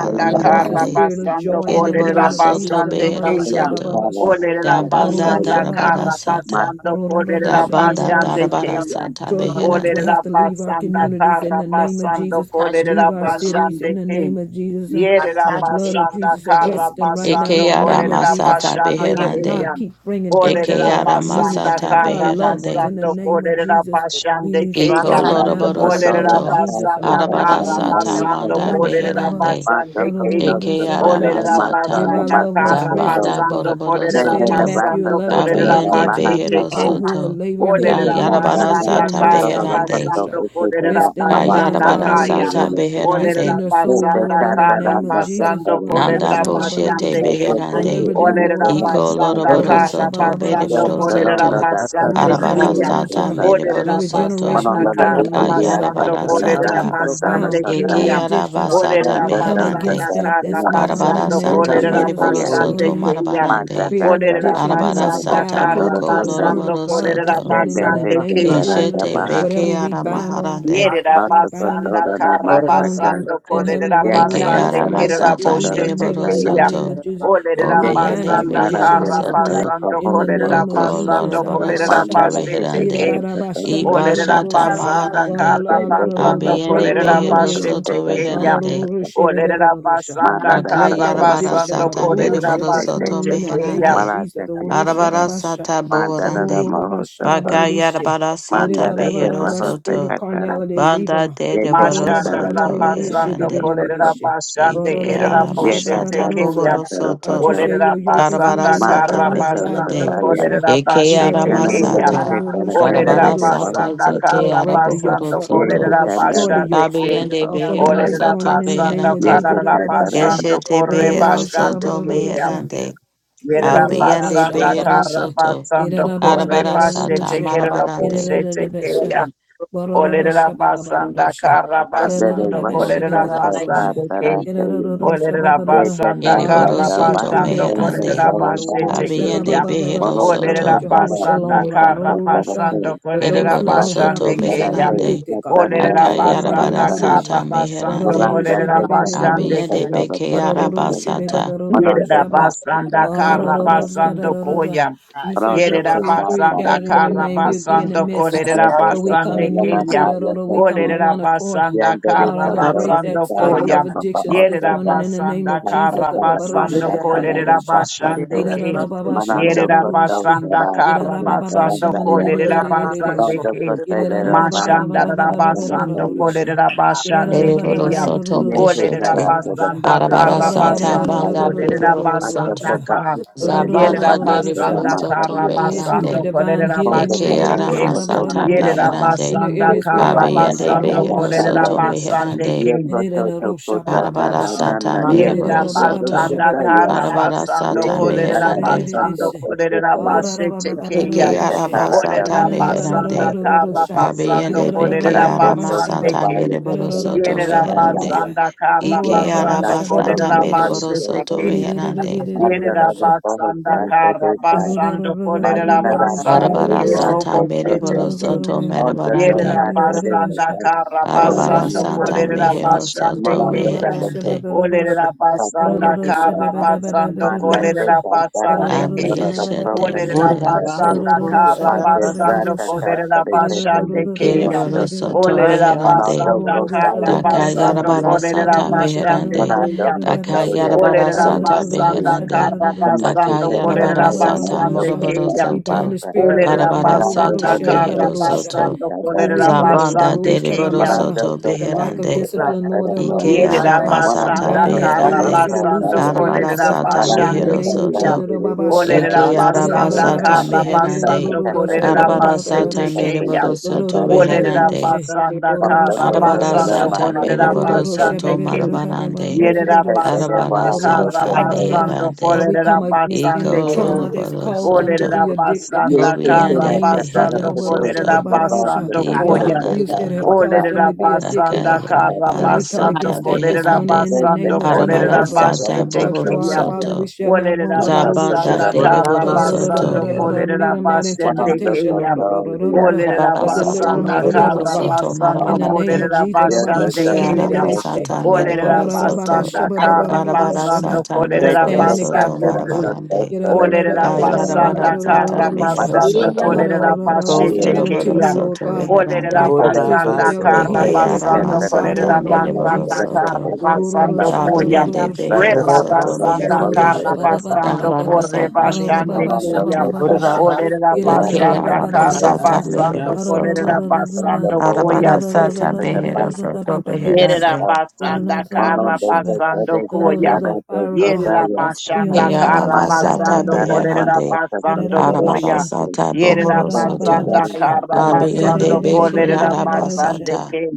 S7: third not
S1: and
S7: that
S1: loose a
S4: kara
S7: one, the
S1: spirit of
S7: third
S4: basando
S1: joy in the
S4: kolerera
S6: Keriboro
S1: name of
S7: the
S6: soto
S1: Jesus.
S4: basande
S6: behero
S7: back, the third
S4: keya.
S7: the third the third
S6: soto.
S4: Olerera
S7: one, the top
S6: Dabanda
S1: Gororo
S7: third
S4: basanda
S7: one,
S1: shaba ba
S6: darabara
S4: kara
S7: my
S6: sata.
S4: basando
S1: Gororo ra ba
S6: da
S4: kolerera
S6: banda
S4: basande
S1: shaba.
S6: darabara
S4: keya.
S6: sata
S1: Drug lords will
S6: beherande
S4: Olerera
S1: have to leave our
S4: basanda
S8: Mm.
S1: communities in
S4: kara
S1: the name of
S4: basando
S1: Jesus.
S4: kolerera
S1: Leave our cities
S4: basande
S1: in the
S4: ke.
S1: name of Jesus. Uh,
S4: Yerera
S1: the blood of
S4: basanda
S1: Jesus
S4: kara
S1: arrest them right now in
S4: basando
S1: the
S6: eke ara
S1: name of
S4: kolerera
S1: Jesus.
S6: masata
S1: They
S4: basande
S1: will
S6: beherande
S1: not
S4: keya.
S1: keep bringing drugs
S6: eke
S1: into
S4: Olerera
S1: our
S6: ara
S4: basanda
S1: communities,
S6: masata
S1: into our
S4: kara
S1: loved ones
S6: beherande
S1: in the
S4: basando
S1: name of
S4: kolerera
S1: Jesus.
S4: basande
S1: We
S6: iko
S4: keya.
S1: stop
S7: my
S1: it now
S7: the
S6: loroboro
S1: by
S7: third
S1: the
S7: third,
S1: blood
S4: Olerera
S1: of
S7: the
S6: soto
S7: third
S1: Jesus.
S7: the
S4: basanda
S7: third
S1: Gororo
S6: arabara
S4: kara
S7: one,
S1: shaba.
S6: sata
S7: the
S4: basando
S7: third
S6: manda
S1: Gororo shaba
S4: kolerera
S6: beherande
S7: Basta
S4: basande keya.
S7: koto
S1: Gororo
S6: eke
S1: shaba
S6: ara
S7: kotora
S4: Olerera
S7: masa
S1: Give
S6: masata
S7: no
S1: our
S4: basanda
S1: loved
S7: basta
S1: ones
S4: kara
S1: rest,
S7: koto.
S6: zabanda
S1: Lord God.
S4: basando
S6: boroboro
S1: You
S4: kolerera
S7: Tende
S1: said in
S7: de
S6: soto
S1: Matthew
S7: basta
S4: basando
S1: 11:20,
S7: kotora
S4: kolerera
S7: de
S6: kabiende
S1: Come
S7: baja
S1: to you
S6: behero
S7: kata.
S1: all
S4: basiteke.
S1: who are
S6: soto
S1: laboring heavy
S7: Tete
S4: Olerera
S1: burden, and
S7: kata
S1: you
S6: kayarabara
S1: will give
S7: tara
S4: basanda
S1: them
S6: sata
S1: rest,
S7: kotora
S4: kara
S1: God.
S7: de
S6: beherande
S7: koto
S1: Ororosha.
S4: basando
S7: ete
S4: kolerera
S7: tara
S1: Rest in their
S7: awa
S1: minds,
S4: basanda
S7: mira
S1: God.
S6: kayarabara
S7: koto
S4: kaya.
S7: de
S6: sata
S1: Ororosha.
S7: lete.
S1: Rest
S6: beherande
S4: Olerera
S1: in their souls,
S7: Tete
S1: Lord,
S4: basanda
S1: in the
S7: kata ra
S4: kara
S1: name of
S7: no
S1: Jesus.
S7: koto
S4: basando
S7: de
S6: nanda
S7: kata.
S4: kolerera
S1: Ororosha,
S6: boshete
S1: Babarosha.
S4: basandeke.
S7: Tete tete
S6: beherande
S1: Deliver them,
S7: ina
S1: Lord
S4: Olerera
S7: koto
S1: God.
S7: de
S6: Iko
S4: basanda
S7: kata.
S6: loroboro
S9: Ora
S1: Orusha
S4: kara
S1: ba
S6: soto
S1: ba ba ba
S4: basando
S1: sha
S6: beriboro
S1: ba
S7: Tete
S1: da
S4: kolerera
S7: rondo
S1: da.
S6: soto.
S7: da kata
S9: akatarra
S1: Orusha
S6: Arabara
S1: ba da
S4: basandekeya.
S1: da
S7: tara
S6: sata
S1: sha.
S7: kata.
S6: meriboro
S4: Olerera
S1: Every
S6: soto.
S4: basanda
S7: Monondo
S1: generational
S7: da
S4: kara
S1: demon,
S9: itarapa
S7: diti
S1: Lord
S7: dia
S1: God,
S4: basando
S6: Kayarabara
S1: that
S7: kata
S1: tries to
S9: akatarra
S7: tara
S4: kolerera
S6: sata.
S1: keep them
S9: soko
S7: kotora
S1: bound in
S7: kata.
S1: their
S6: Eke
S4: basandekeya.
S6: araba
S1: addictions,
S6: sata
S7: Tete
S4: Bolera
S1: we come
S7: koto
S4: basanda
S6: meherande.
S1: against
S7: kata
S1: that.
S4: kara
S1: That's
S7: tara
S1: now
S7: mira
S1: in the
S6: Barabara
S7: koto
S4: basando
S7: de
S1: name of
S9: ora
S7: koto. Tete
S6: sata
S9: pa
S4: kolera
S7: tete
S1: Jesus.
S6: meriboro
S7: ya.
S2: oh
S9: koli
S2: yes,
S4: basande
S1: Father,
S6: soto
S1: you-
S4: keyan.
S6: marabarande.
S1: Spirit of
S4: Bolera
S1: addiction, you
S6: Arabara
S1: must
S4: basanda
S1: die
S6: sata
S4: kara
S1: according
S6: moko
S1: to the word
S4: basando
S1: of
S6: loroboro
S1: God
S4: kolera
S1: this
S6: soto.
S1: morning in the
S4: basande
S9: itarapa
S4: ke.
S1: name of Jesus.
S6: Keshete
S9: akatarra
S1: Whatever
S6: beke
S1: we
S2: Ratash,
S1: bind on the earth,
S6: aramaharande.
S1: this
S4: Yerera
S1: should be bound
S4: basanda
S9: ora
S1: bound
S9: pa
S1: on
S4: karabasando
S9: soko
S1: in
S9: li
S1: heaven, and
S4: kolerera
S1: whatever
S6: Eke
S1: we loosed
S4: basande
S1: on earth shall
S4: kerera
S1: be
S6: aramasata
S1: loosed in
S4: boshete
S6: meriboro
S1: heaven in the
S4: keya.
S1: name
S6: soto.
S1: of
S9: itarapa
S1: Jesus. So
S4: Olerera
S1: we bind
S6: Obiyande
S1: you
S4: basanda
S6: behero
S1: addiction this
S6: soto.
S1: morning
S4: karabasando
S1: in the
S4: kolerera
S1: name of
S6: Oko
S7: Mandara
S1: Jesus.
S4: basando
S6: Lorabara
S4: kolerera
S1: Ababasha,
S6: Soto
S4: basete
S6: Reherande.
S4: ke.
S1: irarabasha,
S4: Olerera
S6: Ibashata
S1: narurururusha,
S4: basanda
S6: Maharande.
S4: karabasando
S1: waralalarara,
S6: Abiende
S1: Breaker
S4: kolerera
S6: Behero
S1: anointings. and-
S4: basete
S6: Soto
S4: keya.
S6: Reherande.
S1: arurururusha,
S4: Olerera basanda
S1: We break that
S6: Akayarabara
S1: addiction
S4: karabasando
S6: Sata
S4: kolerera
S1: arururusha,
S6: Meriboro
S1: this
S6: Soto
S1: morning
S4: basete
S1: in the name
S4: keya.
S1: of
S6: Meherande.
S1: Jesus. Urusha,
S6: Arabara
S1: babasha,
S6: Sata Bohorande.
S1: ururubabasha, babarurisha.
S6: Bakayarabara Sata
S7: mandara de
S6: Behero
S1: Irarababa,
S7: bajo se
S1: Spirit of
S6: Soto.
S7: catara
S1: carnality, leave leave
S6: Banda
S1: 'em.
S7: y
S6: de
S7: que
S6: Reboro
S1: Ororo
S7: catara
S1: baba
S7: y
S4: Mashandara
S1: roro
S6: Soto
S1: roro
S7: catara
S1: she
S4: basando
S1: bebe
S6: Reherande.
S1: de de de
S7: foto,
S4: kolera
S1: she.
S4: basande
S6: Ike
S1: Ororo roro
S4: kerera
S1: roro
S7: y
S1: she baba
S4: boshete
S7: catara
S6: Aramasata
S1: roro
S7: se
S4: keya.
S1: sa.
S6: Bohoro
S7: catara
S1: God,
S6: Soto.
S1: you
S7: foto
S1: say
S4: Olera
S1: your yoke is
S6: Arabara
S1: easy
S4: basanda
S1: and your
S7: mata
S6: Sata
S4: kara
S1: burden is
S7: foto
S1: light.
S4: basando
S1: God,
S6: Meherande.
S1: roro
S7: pataya
S1: sha.
S4: kolera
S6: Eke
S1: Ida
S4: bashete
S1: roro
S6: arama
S1: baba
S4: keya.
S1: baba
S7: nanandare
S6: sata.
S1: roro
S7: se
S2: Arama
S1: roro
S7: para
S1: she baba
S4: Olera
S7: candere
S6: Darabara
S1: roro
S7: de bajo
S6: sata
S4: basanda
S7: se
S6: zete
S1: Oh,
S4: kara
S1: break the
S6: araboro
S1: yokes
S4: basando
S1: up,
S7: y
S1: baba
S7: que
S6: soto.
S1: baba,
S4: kolera
S1: destroy
S7: candara
S1: the
S4: bashande
S1: yokes
S7: de
S4: ke.
S6: Kabiende
S7: bajo
S1: off of them
S6: behero
S7: se,
S1: this
S4: Olera
S6: soto
S1: morning in the name
S4: basanda
S7: y
S1: of
S6: beherande.
S1: Jesus.
S7: que
S4: kara
S1: Baba
S7: catara
S1: sha.
S4: basando
S6: Keshete
S4: korre
S1: Ororo
S6: behero
S1: roro she
S4: bashande
S1: baba
S6: soto
S1: roro roro
S4: keya.
S1: sha.
S6: meherande.
S4: Yerera
S1: Aurora Baba
S6: Abiende
S9: ora
S4: basanda
S9: pa
S6: behero
S4: kara
S1: Shababarusha,
S6: soto.
S4: basando
S1: Irena Baba
S4: korre
S6: Arabara sata
S4: bashete
S1: Beberusha,
S4: kerera
S6: marabarande.
S4: boshete
S1: Irena
S9: ora pa
S4: keya.
S1: Beshara, Barora
S4: Olerera basanda
S1: Shababarusha,
S4: kara
S7: mandare
S1: Gerana
S7: de
S4: basando
S7: bajo
S1: Bebesha
S7: se
S4: kolerera basando
S1: Beberusha,
S4: ke.
S7: catara se
S1: Gerana
S9: kali
S4: Olerera
S7: y
S1: Shababarada.
S7: que
S4: basanda
S1: God, we
S6: Ereboro
S4: kara
S1: thank you
S7: catara
S1: that
S7: bajo
S6: soto
S1: you're their
S4: basando
S7: se
S1: peace this
S6: meherande.
S4: kolerera
S7: catara
S1: morning,
S7: bajo
S1: Aurora
S4: basete
S7: se
S4: keya.
S6: Abiende
S1: Shababarada.
S6: behero
S7: moroto
S1: You are
S4: Olerera
S6: soto.
S7: catara
S1: Jehovah
S4: basanda
S7: bajo
S1: Shalom, God,
S7: se
S4: kara
S1: Aurora
S7: catara
S1: Shah.
S7: se,
S4: basando
S1: For
S4: kolerera
S1: those who
S6: Ereboro
S1: don't
S7: Manando
S1: have
S6: soto
S4: basande
S1: peace that
S4: keya.
S1: are
S6: meherande.
S1: addicted, God, Aurora
S4: Olerera
S6: Akayarabara
S4: basanda kara
S6: sata
S1: Shababarusha,
S4: basando
S6: meherande.
S1: Barora
S4: kolerera basande
S1: Shababarusha,
S6: Abiende
S4: ke.
S6: beke
S1: Gerana
S6: arabasata.
S4: Yerera
S1: Shababarusha,
S4: basanda
S1: Ah, da,
S4: kara
S1: da, da, da, da,
S4: basando
S1: da, da, da.
S4: koya.
S1: You say where
S4: Yerera
S1: two or three are
S4: basanda
S1: gathered in your
S4: kara
S1: name, you'd be in the
S4: basando
S1: midst. ah.
S4: korerera
S9: itarapa
S1: So we come
S4: basande
S1: in unity.
S4: keya.
S1: da, da, da. We come on
S4: Olerera
S1: one accord. huh?
S4: basanda
S1: Ah, da,
S4: kara
S1: da.
S9: kali ora pa soko ora pa
S1: Break
S9: soko ora
S1: that
S4: basando
S9: pa
S1: cycle
S4: koya.
S1: of addictions this
S4: Yerera
S1: morning in the name of
S4: basanda
S1: Jesus.
S4: kara
S1: Ah, ba, ba, ru,
S4: basando
S1: she, da, da, da,
S4: korerera
S1: da, sha. Ee,
S4: basande
S1: da, da,
S4: ke.
S1: da, ba, ba, sha, ba, ba,
S4: Yerera
S1: ru, ru, ru,
S7: Koto
S1: she.
S4: basanda
S7: Sara,
S1: Ee, da,
S4: kara
S1: da, ba, ba, ba,
S7: Sara
S1: sha,
S4: basando
S1: ma, da,
S7: Daya,
S1: da, da, da,
S4: korerera
S1: da, da, da, da,
S4: basande
S1: sha.
S7: Manando
S4: ke.
S1: Ee,
S7: Koto
S1: da, da, da, ba, ba, ba, ba,
S7: Bahasa
S4: Mashanda
S1: ba, ba, ba, ba, ba,
S7: Sakya
S1: ba, ba,
S4: rabasando
S1: ru, ru,
S7: Daya,
S1: she.
S4: korerera
S1: Ee, da, da,
S4: basande
S1: da, ba, ba,
S6: Ereboro
S1: ba, ru,
S4: keya.
S1: ru,
S6: soto
S7: Yes,
S1: ru, ru,
S7: we
S1: she, ba, ba,
S4: Olerera
S7: got
S1: da,
S6: beshete.
S7: out
S1: da, da,
S7: to the
S1: sha.
S4: basanda
S7: country,
S1: We
S6: Arabara
S7: the
S1: ask
S4: kara
S6: sata
S7: family,
S4: basando
S7: by
S6: banda
S7: the
S4: kolerera
S6: bereboro
S4: basanda
S6: soto.
S7: Asatoba,
S4: ka. Yerera
S7: Instagram,
S6: Zabanda
S7: Nata, the
S6: dereboro
S4: basanda
S9: ora
S6: soto
S4: kara
S7: Maharia,
S1: you
S7: the
S1: for
S4: basando
S6: meherande.
S1: divine
S4: kolerera
S1: healing
S7: Foto,
S1: in
S6: Eke
S7: the
S4: basete
S9: pa
S7: Pasta,
S6: arama
S4: ke.
S7: Foto,
S9: soko
S6: sata
S4: Yerera
S7: Nanama,
S6: beherande.
S1: the
S4: basanda
S7: the
S1: areas where they're
S4: kara
S7: Tabata,
S1: broke.
S6: Abiyende
S7: Tada,
S4: basando
S7: the
S6: behero
S4: kolerera
S7: Sando,
S6: soto
S4: basande
S6: meherande.
S4: ke.
S7: Yokoto, the Foto,
S6: Arabara
S7: Tada,
S6: sata
S7: Nana,
S9: Ora
S7: yes,
S4: Yere
S7: the
S4: da
S6: mereboro soto.
S4: basanda
S7: Sotaya,
S4: kara
S2: Area
S6: Arabara
S4: basando
S7: yes,
S6: sata
S7: the
S4: kolere
S7: Tana,
S4: da
S7: the
S6: meherande.
S4: basando
S7: Santo,
S4: kolerera
S7: Estetaya,
S4: bashe
S6: Eke
S4: tekeya.
S7: the
S6: araba
S7: Tatara, the
S4: Olere
S6: sata
S4: da
S7: Foto, the
S4: basanda
S7: Foto,
S6: meherande.
S4: kara basando
S6: Abiyende
S4: kolere
S6: beke
S4: da
S7: Ananto,
S6: arama
S7: the
S4: basande
S6: sata
S4: ke.
S7: Bayo, the
S6: mereboro
S7: Foto,
S6: soto
S4: Yere da
S1: God,
S6: meherande.
S4: basanda kara
S7: Yeah,
S6: Ike
S7: that's not
S4: basando
S6: araba
S7: the love
S6: sata
S4: kolerera
S7: for so
S6: meriboro
S4: bashe
S7: so
S6: soto
S7: so. yeah.
S4: teke.
S6: reherande.
S4: Yere
S7: Under
S4: da
S7: the promise
S4: basanda
S7: that they
S4: kara
S7: desire,
S4: basando kolere da
S7: Marina Landa,
S4: basande
S6: Arabara
S7: they
S4: ke
S7: are
S6: sata
S4: robo
S7: so
S4: te
S7: so so.
S6: meriboro
S4: teke.
S6: soto
S7: Under the
S6: meriborande.
S4: Yerera
S7: fact that they
S4: basanda
S7: desire,
S4: kara
S7: for the love
S6: Arabara
S4: basando
S7: of so
S6: sata
S7: so.
S4: kolerera
S6: mehero
S4: basande
S6: soto
S7: Malanda
S4: keyan.
S7: the
S6: reherande.
S7: person,
S4: Olerera
S7: a pastor the
S4: basanda
S7: person.
S4: kara basando
S7: Man that they
S4: kolerera
S7: are that are
S4: basande keyan.
S7: catada the
S6: Abiyeshete
S4: Olerera
S7: prophecy
S6: mehero
S7: prese.
S4: basanda
S6: soto.
S4: kara
S7: Mate
S4: basando
S7: brata
S4: kolerera
S7: tata de tete
S4: basande
S7: de sino
S4: keyan.
S7: so
S6: Keriboro
S7: so.
S6: soto
S4: Olerera
S6: meherande.
S7: Malando
S4: basanda
S7: costa
S4: kara
S7: y
S6: Daka
S7: tata
S4: basando
S6: yarabara
S4: kolerera
S7: de
S1: Rororosha,
S4: basande
S6: meherande.
S7: Mara
S1: barororosha,
S4: keyan.
S7: doko
S6: Daka
S7: tau
S1: barorosha.
S7: ya
S6: yarabara
S7: kata
S4: Olerera
S7: ya
S4: basanda
S7: kanti.
S1: Gerororosha,
S6: meherande.
S4: karra
S1: barororo.
S7: Kuma
S4: basando
S6: Daka
S7: kisa
S4: kolerera
S6: yarabara
S7: kata ya
S6: sata
S4: basande
S1: Ororororororosha.
S6: moroboro
S4: keyan.
S1: We bind the
S6: soto.
S1: spirit of
S4: Olerera
S1: gluttony.
S6: Barabara
S7: Mara
S4: basanda
S7: doko
S1: Lorororosha,
S7: doko
S4: karra
S6: behero
S7: kata
S1: babarorosha.
S6: soto.
S7: ya
S4: basando
S7: kata
S4: kolerera
S1: Overeating.
S6: Zabanda
S4: basande
S1: Lorororosha,
S6: deriboro
S4: keyan.
S7: Mara
S1: babarara.
S6: soto
S7: doko
S1: The
S7: tau
S1: lack of
S6: beherande.
S7: ya
S1: discipline.
S7: kata
S1: Lord.
S6: Ike
S1: Orororosha,
S4: Yerida
S1: God.
S6: arama
S7: Mara
S1: We
S6: sata
S4: basanda
S1: bind
S7: doko
S1: that
S7: tau
S1: spirit and
S7: ya
S1: ask
S6: beherande.
S1: you to loose
S7: kata
S1: the
S4: basanda
S1: spirit of
S6: Arabara
S4: kolerida
S1: self
S6: sata
S7: Mara
S1: control in the
S4: basande
S6: mehero
S7: kata
S1: name of
S7: tau
S4: keya.
S1: Jesus.
S6: soto.
S7: ya
S9: Ora
S7: kata
S1: Orororosha.
S4: Olerida
S6: Ike
S7: ya
S6: araba
S4: basanda
S6: sata
S4: kara
S1: Irerarababasha, baby.
S7: Santa
S6: meherande.
S4: basando
S7: kata
S1: Orororosha,
S7: ya
S4: kolerida
S7: ni
S6: Arabara
S7: moto ya
S6: sata
S4: basete
S1: orororororosha.
S4: keya.
S6: meriboro soto
S4: Olerida
S6: beherande.
S1: Orororororosha.
S4: basanda
S7: Mara
S1: Orororosha,
S7: doko tau
S6: Arabara
S7: ya
S4: Karabasanda
S1: babarorosha.
S6: sata
S7: mata kata
S6: meriboro
S7: ya
S1: Orororosha,
S4: Kolerabashande
S6: soto
S1: baby.
S7: kata.
S6: marabarande.
S7: Yes, I
S4: kolerida
S7: can get
S6: Arabara
S4: basande
S7: a
S6: sata
S7: house
S1: Orororororosha.
S4: Karabasanda
S1: God,
S6: meherande.
S1: we
S4: yerida
S1: come against any
S4: basanda
S6: Iko
S1: trauma that's
S6: loroboro
S1: caused them to
S6: soto.
S1: be addicted
S7: Yes,
S4: Olerabasanda
S7: yes,
S1: in the
S7: yes,
S6: Obiande
S7: yes,
S1: name
S7: yes,
S1: of Jesus.
S4: Karabasanda kolerida basande Yerabasanda Karabasanda basanda
S6: behero
S4: Kaya. Olerabasanda
S7: yes, yes,
S1: Barosha,
S7: yes,
S4: kolerida
S1: ba,
S6: soto.
S1: ba,
S7: yes, yes,
S1: barosha.
S7: yes,
S4: Kolerabasanda
S1: Any
S4: Koya.
S7: yes,
S1: abuse
S7: yes,
S1: that
S6: Dibanda
S7: yes,
S1: have caused them
S4: Olerera
S1: to
S7: yes,
S1: be
S7: yes, yes,
S1: addicted,
S4: basanda
S1: God.
S7: yes,
S6: Akaya
S4: kara
S1: Father,
S7: yes,
S6: bara
S1: we come
S4: basando
S6: sata
S1: against that this
S4: kolerera
S1: morning
S7: yes,
S6: beherande.
S1: in the
S7: yes, yes, yes, yes. Yes,
S1: name
S4: basando
S1: of
S7: yes, yes, yes,
S1: Jesus.
S4: kolerera
S6: Arabara
S1: Arora.
S4: bashe
S6: sata
S1: God, you
S6: bohoro
S1: are our
S4: tekeya.
S1: Father.
S7: yes,
S1: We
S6: soto.
S1: shall not want.
S4: Olerera
S7: yes, yes, yes, yes,
S6: Zabanda
S4: basanda
S1: Arororosha.
S4: kara
S6: deliboro
S7: yes, yes. Yes, yes, yes, yes, yes, yes, yes, yes, yes,
S6: soto.
S4: basando
S7: yes, yes.
S1: Garororororororo.
S4: kolerera
S1: Lead them not into
S7: One of
S4: basende
S7: the
S1: temptation,
S4: keya.
S7: authority I
S1: Arororororororo.
S7: cast
S4: Olerera
S6: Arabara
S1: but
S7: out
S6: sata
S1: deliver
S7: in
S1: them
S7: the
S4: basanda
S1: from
S6: meriboro
S1: evil,
S4: kara
S7: system.
S1: God.
S6: soto
S1: In
S4: basando
S7: And,
S1: the
S7: uh,
S1: name of
S6: marabarande.
S4: kolerera
S1: Jesus.
S7: yes,
S1: Ababa,
S7: yes,
S4: basande
S6: Ike
S7: yes, yes,
S4: keya.
S6: arama
S7: yes, yes,
S1: shananedereshe.
S6: sata
S7: yes, yes, yes, yes,
S4: Olerera
S6: meriboro
S7: yes,
S6: soto.
S7: yes,
S4: basanda
S7: yes,
S4: kara
S7: yes, yes.
S6: Karabara
S4: basando
S6: sata
S1: We
S7: Yes,
S4: kolerera
S7: yes,
S1: stand
S6: meriboro
S7: yes, yes,
S1: in the
S7: yes,
S1: gap
S6: soto
S4: basande
S1: for them.
S4: keya.
S7: yes, yes,
S6: marabarande.
S7: yes,
S4: Olerera
S6: Kayarabara
S4: basanda
S6: sata
S4: kara
S6: mehero
S7: yes,
S4: basando
S6: soto.
S7: yes,
S4: kolerera
S7: yes, yes,
S1: We
S6: Ko
S4: bashe
S7: yes.
S1: submit them to
S6: yoroboro
S1: you,
S4: tekeya.
S1: Lord
S6: soto
S1: God, so
S4: Olerera
S1: they
S6: reherande.
S1: can
S7: Monon
S1: resist the
S4: basanda
S1: devil and he
S4: karra
S1: will
S6: Eke
S1: flee from
S6: arama
S4: basando
S1: them, God, in
S6: sata
S1: the
S4: kolerera
S1: name of
S6: meriboro
S4: basanda
S1: Jesus.
S4: karra
S6: soto.
S4: basando koyam.
S6: Dabiende Behero
S4: Rebarra
S6: Soto
S4: sanda
S6: Meherande,
S1: Gororosha
S4: karra
S1: baba baba baba
S4: basando
S6: Darabara
S1: baba
S4: korre
S6: Sata
S1: gororo
S4: basande
S1: baba
S6: Mereboro
S1: shaba
S4: koyam.
S6: Soto,
S1: baba rosha
S4: Olerera
S6: De
S1: irera baba
S4: basanda
S6: Keara
S1: baba
S4: karra
S6: Masata
S1: rorosa
S4: basando
S6: Mehero
S4: kolerera
S6: Soto,
S1: arorororororora
S4: basando koyam.
S6: Arabara Sata Behero
S1: arororororororora baba
S6: Soto
S1: baba rosha
S4: Yerera
S6: Beherande,
S1: gorona
S4: basanda kara
S1: rosha ba
S4: basando koya.
S1: gororo the fire of God
S4: Yerera
S1: be on
S4: basanda
S1: their
S6: Keara
S1: lives
S4: kara
S1: God in the
S6: Masata
S1: name
S4: basando
S1: of Jesus
S4: korera
S6: Beherande,
S1: irera
S4: basando
S1: baba
S6: Arabara
S4: koya.
S6: Sata
S4: Yerera
S6: Bohoro Soto,
S4: basanda kara basando
S6: Abiende
S4: korera
S6: Bekeara
S4: basande
S6: Basata,
S4: ke.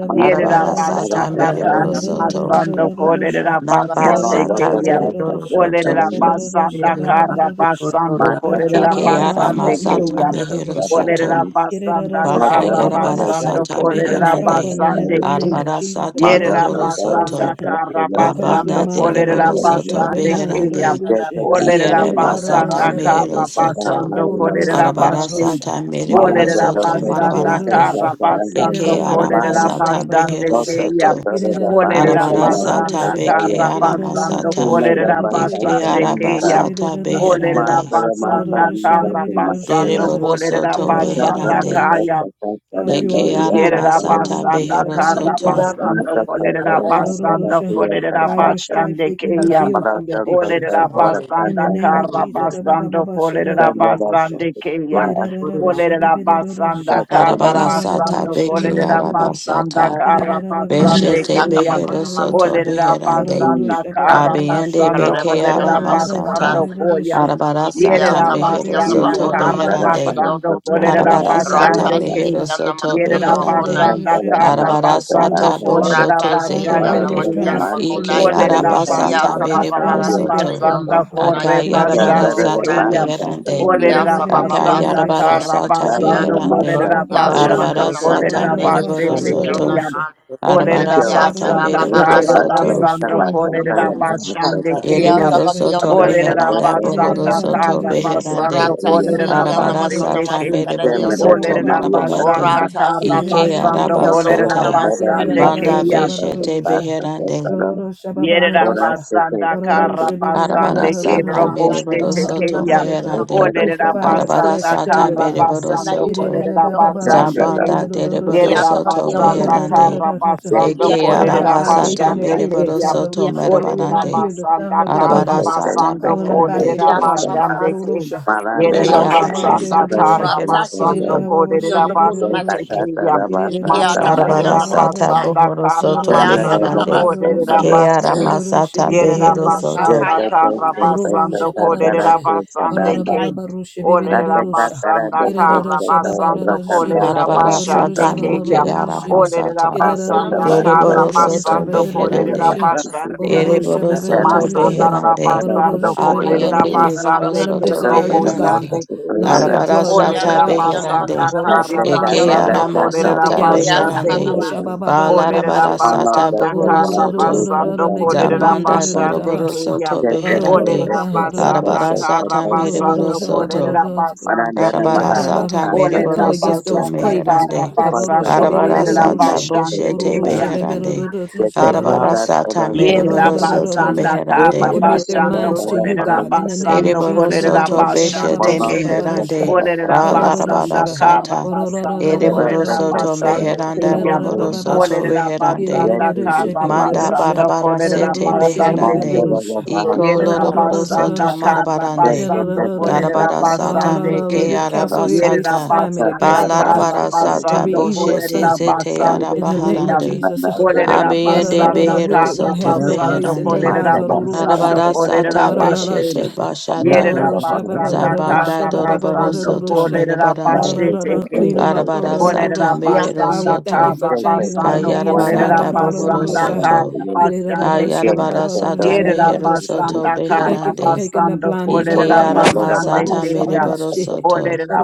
S7: Mana
S4: Yerera
S6: Arabara Sata
S9: Thank
S4: basanda kara
S6: Mereboro Soto,
S4: basando korera
S6: Namba
S4: basete
S6: Sata
S4: keya.
S6: Zereboro Soto,
S4: Olerera basanda kara basando
S1: our
S4: korera
S1: children will not
S6: Ekeara
S1: smoke
S4: basande
S6: Masata
S4: keya.
S1: marijuana.
S6: Behero
S1: barosha.
S4: Olerera
S6: Soto,
S4: basanda
S1: Irerararosha
S6: Baka
S4: kara
S6: yarabara
S1: babarorosha.
S4: basando
S6: sata
S1: We put a
S4: korera
S1: stop
S6: beherande.
S1: button on that in
S4: basande
S1: the name of
S6: Arabara
S1: Jesus. The
S6: sata
S1: blood of
S4: Yerera
S6: bohoro
S1: Jesus covers it.
S4: basanda
S6: soto.
S4: kara
S1: What covers their
S4: basando
S6: Abanda
S1: mouths?
S4: kolerera
S6: deriboro soto
S1: Rorororosha. Their
S4: basande
S1: minds.
S4: kriya.
S6: beherande.
S1: Rorororosha.
S4: Olerera
S6: Iereba sata
S4: basanda
S6: mehero
S4: kara
S6: soto.
S4: basando kolerera
S1: Orororosha
S6: Arabara
S4: bashi.
S1: babarosha.
S6: sata meriboro
S4: Olerera
S6: soto
S1: Girerarosha
S4: basanda
S6: marabarande.
S4: kara
S1: bebebererorosha.
S4: basando
S6: Eke arama
S4: kolerera
S1: Irerarababarosha
S6: sata
S4: basande
S6: behero
S1: babarosha.
S4: kriya.
S6: soto.
S4: Olerera
S1: Girerarorosha
S6: Arabara sata
S4: basanda
S1: babarosha.
S6: beke
S4: kara
S6: arama
S4: basando
S6: sata.
S1: Irerarababarosha
S7: Mother
S4: kolerera
S7: by Sasa
S6: Eke
S1: bebebererosha.
S4: basande
S6: araba
S7: Lamasa,
S2: Randa,
S4: kriya.
S6: sata
S1: Girerarosha ba.
S4: Olerera
S6: beherande.
S7: Masala
S4: basanda
S7: Masa
S1: Girerarosha
S7: Mother
S4: kara
S7: to
S1: bebebererosha
S7: Masala,
S4: basando
S1: barar.
S6: Deriboro
S4: kolerera
S6: soto
S7: Sata
S4: basanda
S6: beherande.
S7: Sata
S4: kaya.
S1: Girerababarosha.
S7: Sata
S1: God, you
S7: Saranda
S6: Eke
S1: are the healer.
S6: arama
S4: Yerera
S7: Yakatara
S6: sata
S1: Orororosha
S4: basanda
S6: behero
S7: Nisalita,
S4: karra
S6: soto.
S1: babarosha da da
S4: basanda
S1: da
S7: Mata
S1: da.
S4: kolerera
S7: Satara Satara
S4: basanda
S1: Orororosha.
S7: Tia
S4: kolerera
S1: By your
S7: Sarfasa,
S1: stripes,
S4: basande
S1: they can be
S4: keyam.
S1: healed from the
S7: Parata
S1: addictions,
S7: Kata
S4: Olerera
S1: God.
S7: Ora
S1: In the
S4: basanda
S7: Sata
S1: name of
S4: karra
S1: Jesus.
S4: basanda kolerera
S7: Sanada
S4: basande keyam.
S7: Vasa
S4: Olerera basanda
S7: Satara
S4: karra
S6: Darabara
S1: Ah
S6: sata
S4: basanda
S6: beke
S4: kolerera
S6: araba
S4: basanda
S6: sata
S4: karra basande
S6: beshete
S4: keyam.
S6: behero soto
S4: Olerera
S6: beherande
S7: Ni
S4: basanda karra
S6: abiende
S4: basanda
S6: beke
S4: kolerera
S6: arama sata
S4: basanda koyam.
S6: arabara
S2: Ilia
S6: sata
S4: Yerera
S6: mehero
S2: tabakiana
S4: basanda
S7: Ni
S6: soto
S2: makona
S4: karra
S7: Satara
S6: beherande
S2: masikeri
S4: basanda
S7: Bahasa
S2: otoku.
S4: kolerera
S6: arabara
S7: Satara
S6: sata
S2: Rata
S4: basande
S7: Ayasa,
S4: keyam
S6: mehero
S2: shiriana
S6: soto
S2: makiana
S4: basanda
S2: makona
S6: beherande
S4: basanda,
S7: Satara
S2: isikeri
S4: kara
S7: Bahasa
S6: arabara
S2: otoku.
S4: basando
S6: sata
S7: Satara
S4: kolerera
S2: Rata
S6: boshoto
S1: God, the
S4: basande
S2: shiriana
S1: enemy
S6: zeherande
S1: is
S7: Satara
S1: trying to
S2: makiana
S4: keyan.
S1: sift
S7: Masa
S1: them
S2: makona
S6: ike
S1: this week, da
S7: Satara
S4: Olerera
S1: da
S6: araba
S2: ikia
S6: sata
S1: But
S4: basanda
S1: we
S7: Pamisa
S2: sababa
S4: kara
S1: stand
S6: mereboro
S2: baba
S1: in the gap
S2: sikeri
S6: soto
S1: for
S7: Ayasa
S4: basanda
S1: them.
S2: otoku na
S4: kore
S1: In the
S2: isikeri
S1: name
S7: Thank
S1: of
S6: akayarabara
S4: basande
S1: Jesus.
S6: sata
S2: ora.
S4: keyan.
S1: Ababasha.
S6: meherande
S2: Shikia
S4: Olerera
S2: sababa baba
S4: basanda
S2: sikeri
S6: Akayarabara
S1: Ididibibibibididisha.
S4: kara
S6: sata
S2: makiana.
S4: basando
S6: beherande.
S1: Idididorosha
S4: kolerera
S2: Ikia
S1: babadorosha.
S4: basando
S6: Arabara
S2: tabakana
S6: sata
S4: kolerera
S2: makana
S6: mereboro
S1: Gororobabasha
S2: isikeri
S4: basete
S6: soto.
S4: keyan.
S2: otoku.
S1: babadorosha.
S6: Arabara
S4: Olerera
S2: Ikia
S6: sata
S2: sababa
S4: basanda
S1: Idididibabadorosha.
S2: baba
S6: mereboro
S4: kara
S1: Every
S6: soto.
S4: basando
S2: sikeri
S1: stronghold,
S4: kolerera
S1: deliver 'em,
S2: otoku.
S1: God.
S4: basande kore
S2: Ikiata
S6: Ereboro
S1: Ororosha
S6: soto
S2: bakiona
S1: babarosha.
S2: makona
S6: meheranda
S2: masakari
S1: Irera
S6: bohoro
S4: Yerabasanda
S6: soto
S2: yondoko.
S1: babarosha.
S6: beherande.
S4: Karabasando Kolerabasande Kayan. Kolerabasanda Karabasanda Korebasande Kayan. Kolerabasanda Karabasando Kolerabasando
S2: Orata
S4: Kolerabasete Kayan.
S2: shiri
S4: Kolerabasanda Karabasando Kolerabasande Kayan. Kolerabasanda Karabasando
S1: Rororororo
S2: yana
S6: Arabara
S2: makona
S4: basete
S6: sata
S1: babarosha.
S4: Kayan.
S2: masakari
S6: mereboro
S1: Irera
S6: soto
S2: yondoko.
S4: Olerera
S1: babababasha.
S6: marabarande.
S4: basanda
S2: Orata
S4: kara
S2: shi
S1: Irera
S6: Ike
S4: basando
S6: araba
S1: babarosha.
S4: kolerera
S2: yondokona
S6: sata.
S2: masakari
S1: Irera
S4: basande
S6: Banda
S2: yondoko.
S4: keya.
S1: bababasha
S6: beshete
S1: babarosha.
S6: beherande.
S1: Rororosha
S4: Yerera
S2: Bakaya
S1: babarosha.
S2: bakuna.
S4: basanda kara
S1: Barorosha
S4: basande
S6: Arabara sata
S4: kero
S1: babarosha.
S2: Orana Bakiana
S4: poste
S6: mereboro
S1: Ah,
S2: yanda
S6: soto
S4: tekeya.
S2: bakiona
S1: rororororo.
S6: meherande.
S2: makona.
S4: Olerera
S1: Crucify that
S6: Arabara
S4: basanda
S1: flesh
S6: sata
S1: daily,
S4: kara
S1: God.
S6: mereboro
S2: Yonda
S4: basando
S6: soto.
S2: isekata
S1: Irera
S4: kolerera
S2: yondoko.
S1: babarosha
S4: basande
S7: you.
S4: ke.
S6: Zabanda
S7: Yes,
S6: Dereboro
S4: Yerera
S2: Ikiata
S6: Soto
S2: bakiona
S4: basanda
S6: Beherande,
S2: makona.
S4: kara
S1: babarosha.
S4: basando
S6: Eke
S2: Ikiata
S1: Cover
S2: baba
S4: kolerera
S1: their eye
S2: baba.
S1: gates
S6: Arabasata
S1: and their
S4: basande
S1: ear
S6: Mereboro
S1: gates.
S4: keya.
S6: Soto
S2: Ikiata
S1: Harorosha, they will
S2: makona
S4: Olerera
S1: not
S6: Merabarande,
S1: hear the
S2: isekata
S1: sound
S4: basanda
S1: of
S2: yondoko.
S1: the
S4: kara
S6: Arabara
S1: enemy
S6: Sata
S4: basando
S1: calling them back
S6: Beherande,
S4: kolerera
S1: into
S2: Ikiata
S1: darkness.
S2: baba baba.
S4: basande ke.
S1: Harorosha,
S6: Eke
S2: Ikiata
S4: Yerera
S2: baba
S1: warorosha,
S2: baba.
S4: basanda
S6: Arabasata
S1: beberorosha,
S4: kara
S6: Mehero
S2: Ratashi
S4: basando
S6: Soto,
S1: irerorosha,
S4: kolerera
S2: beyond the corner
S4: basande
S1: beberorosha,
S2: masaki.
S4: tekeya.
S2: Yeke
S1: irerorosha,
S2: atabaki on
S6: Arabara
S2: the
S4: Mashandera
S6: Sata
S2: makuna.
S1: babababasha,
S4: basanda
S6: Bohoro
S4: kara
S2: Yeke
S6: Soto
S2: asa
S1: irerorosha,
S4: basando
S2: baba
S6: Meherande,
S2: basukuna.
S4: korera
S1: babababasha,
S6: Ke
S4: basi.
S6: Aramasata
S1: ororosha,
S4: Yerera
S6: Behero
S1: beberorosha.
S6: Soto,
S4: basanda
S2: Bakaya
S4: kara
S2: makuna.
S1: Ororosha
S4: basando
S9: you.
S4: korera
S1: babarosha,
S4: basande
S1: orora
S2: Yakaya
S4: ke.
S1: babarosha
S4: Olerera
S1: bibirirosha,
S4: basanda kara
S1: irerosha
S4: basando
S1: babarosha be,
S4: korera
S6: Arabara
S4: basande
S1: gororosha
S6: Sata
S4: ke ya.
S6: Meke
S1: babarosha
S6: arama
S1: be,
S4: Olerera
S6: sata
S2: beyond the
S4: basanda
S1: kirerosha
S4: kara
S6: Dereboro
S2: corner.
S6: Soto
S1: bibirosha
S4: basando korera
S6: Beherande,
S1: babarosha,
S4: basande ke.
S1: ororosha
S6: Yereboro soto
S7: Thank
S1: babarosha,
S4: Masandara
S6: beherande.
S4: basando
S1: ororosha
S4: korera
S6: Abiende
S2: Ratashi
S1: babarosha.
S2: baba
S6: bebero
S1: Let
S4: basande
S2: baba.
S1: them
S4: ke
S6: soto
S1: desire
S4: robo
S1: you, God,
S6: beherande.
S4: sande ke
S1: not their
S6: Arabara
S1: drug,
S2: Yeke
S1: not
S6: sata
S1: their
S4: Olerera
S2: atabaki on the
S1: alcohol, God,
S6: beherande.
S4: basanda
S2: makuna
S1: ororosha
S4: kara
S2: masaki de
S6: Eke
S1: babarosha,
S4: basando
S2: yotoku.
S6: arama
S1: not
S4: kolerera
S1: the
S6: sata
S2: Yeke
S1: gambling,
S2: asa
S1: God,
S4: basande
S2: baba
S6: beherande.
S4: ke.
S1: ororosha
S2: basukuna.
S4: Olerera
S6: Balarabara
S1: babarosha.
S6: sata
S4: basanda
S6: bohoro
S4: kara
S6: soto.
S4: basando kolerera
S6: Zabanda
S4: basande
S6: boroboro
S4: ke ya.
S6: soto
S1: We
S6: beherande.
S4: Olerera basanda
S6: Arabara
S4: kara
S6: sata mereboro
S4: basando
S6: soto.
S4: kolerera basande ke
S6: Arabara
S4: ya.
S6: sata
S4: Olerera
S1: come
S6: mereboro
S1: against
S6: soto
S1: those
S4: basanda
S1: cravings,
S6: meherande.
S4: kara
S2: Ratashi
S1: God.
S4: basando
S6: Arabara
S4: kolerera
S6: sata
S4: basande ke
S6: boshete
S4: ya.
S6: beherande. Arabara sata mereboro soto
S4: Yerabasanda
S1: We
S6: meherande.
S1: commit their
S4: Karabashando
S1: minds to you, God, in the
S7: you.
S1: name of
S4: Korerabasando
S6: Ereboro
S1: Jesus.
S6: soto
S7: Yes,
S6: beshete
S4: Korerabashande King.
S6: meherande. Balarabara
S4: Korerabasanda
S6: sata.
S4: Karabasando
S6: Ereboro soto
S4: Korerabasande
S6: meheranda
S4: Kingam.
S6: bohoro soto reherande.
S4: Korerabasanda
S6: Manda
S4: Karabasando
S6: barabara sete
S9: Rabasa
S4: Korerabasande
S6: beherande.
S4: King.
S1: We
S6: Iko loroboro
S4: Yerabasanda
S6: soto marabarande.
S4: Karabasando
S6: Garabara sata
S4: Korerabasande
S6: meke
S4: King.
S1: cancel every
S6: arabasata.
S1: assignment
S4: Yerabasanda
S1: against them, God,
S6: Balarabara sata
S1: every
S4: Karabasando
S1: evil
S6: boshete
S1: assignment
S6: zete
S4: Korerabasande
S1: in the name of
S4: Kingam.
S6: arabaharande.
S1: Jesus.
S2: beyond
S4: Olerera
S6: Abeyende
S4: basanda
S1: The
S6: behero
S1: wicked
S4: karra
S1: one
S6: soto
S1: has no
S4: basando
S1: place in their
S6: beherande.
S4: kolerera
S1: lives.
S4: basando
S6: Arabara
S4: kolerera
S6: sata
S4: başte.
S6: beshete bashata.
S4: Yerera basanda
S6: Zabanda
S4: karra
S6: doroboro
S4: basando
S6: soto
S4: kolerera başte
S6: merebarande.
S4: teke.
S1: Clean them up,
S6: Arabara
S1: Lord.
S6: sata
S4: Olerera
S2: the
S6: mehero
S1: God, we
S4: basanda
S1: thank you
S6: soto.
S1: for
S4: karra
S1: changing them from
S4: basando
S1: the inside
S4: kolerera
S6: Ayarabaranda
S1: out.
S6: bohoro
S4: basanda
S6: soto.
S4: karra basande ke.
S7: Yes, that's
S6: Kayarabara
S7: what
S6: sata
S7: that's what
S4: Yerera
S7: that's
S6: mehero
S7: what it
S6: soto
S4: basanda
S1: We thank
S4: karra
S1: you
S7: is.
S1: for
S6: beherande.
S1: taking the
S4: basando
S1: blinders off
S7: Well,
S1: of
S6: Ike
S4: kolerera
S7: I
S1: their
S7: know
S6: ara
S1: eyes.
S7: that
S1: Ah,
S7: a bad
S4: basande
S6: masata
S4: ke
S7: stuff
S4: ya.
S6: mereboro
S7: happened, but
S6: soto.
S4: Olerera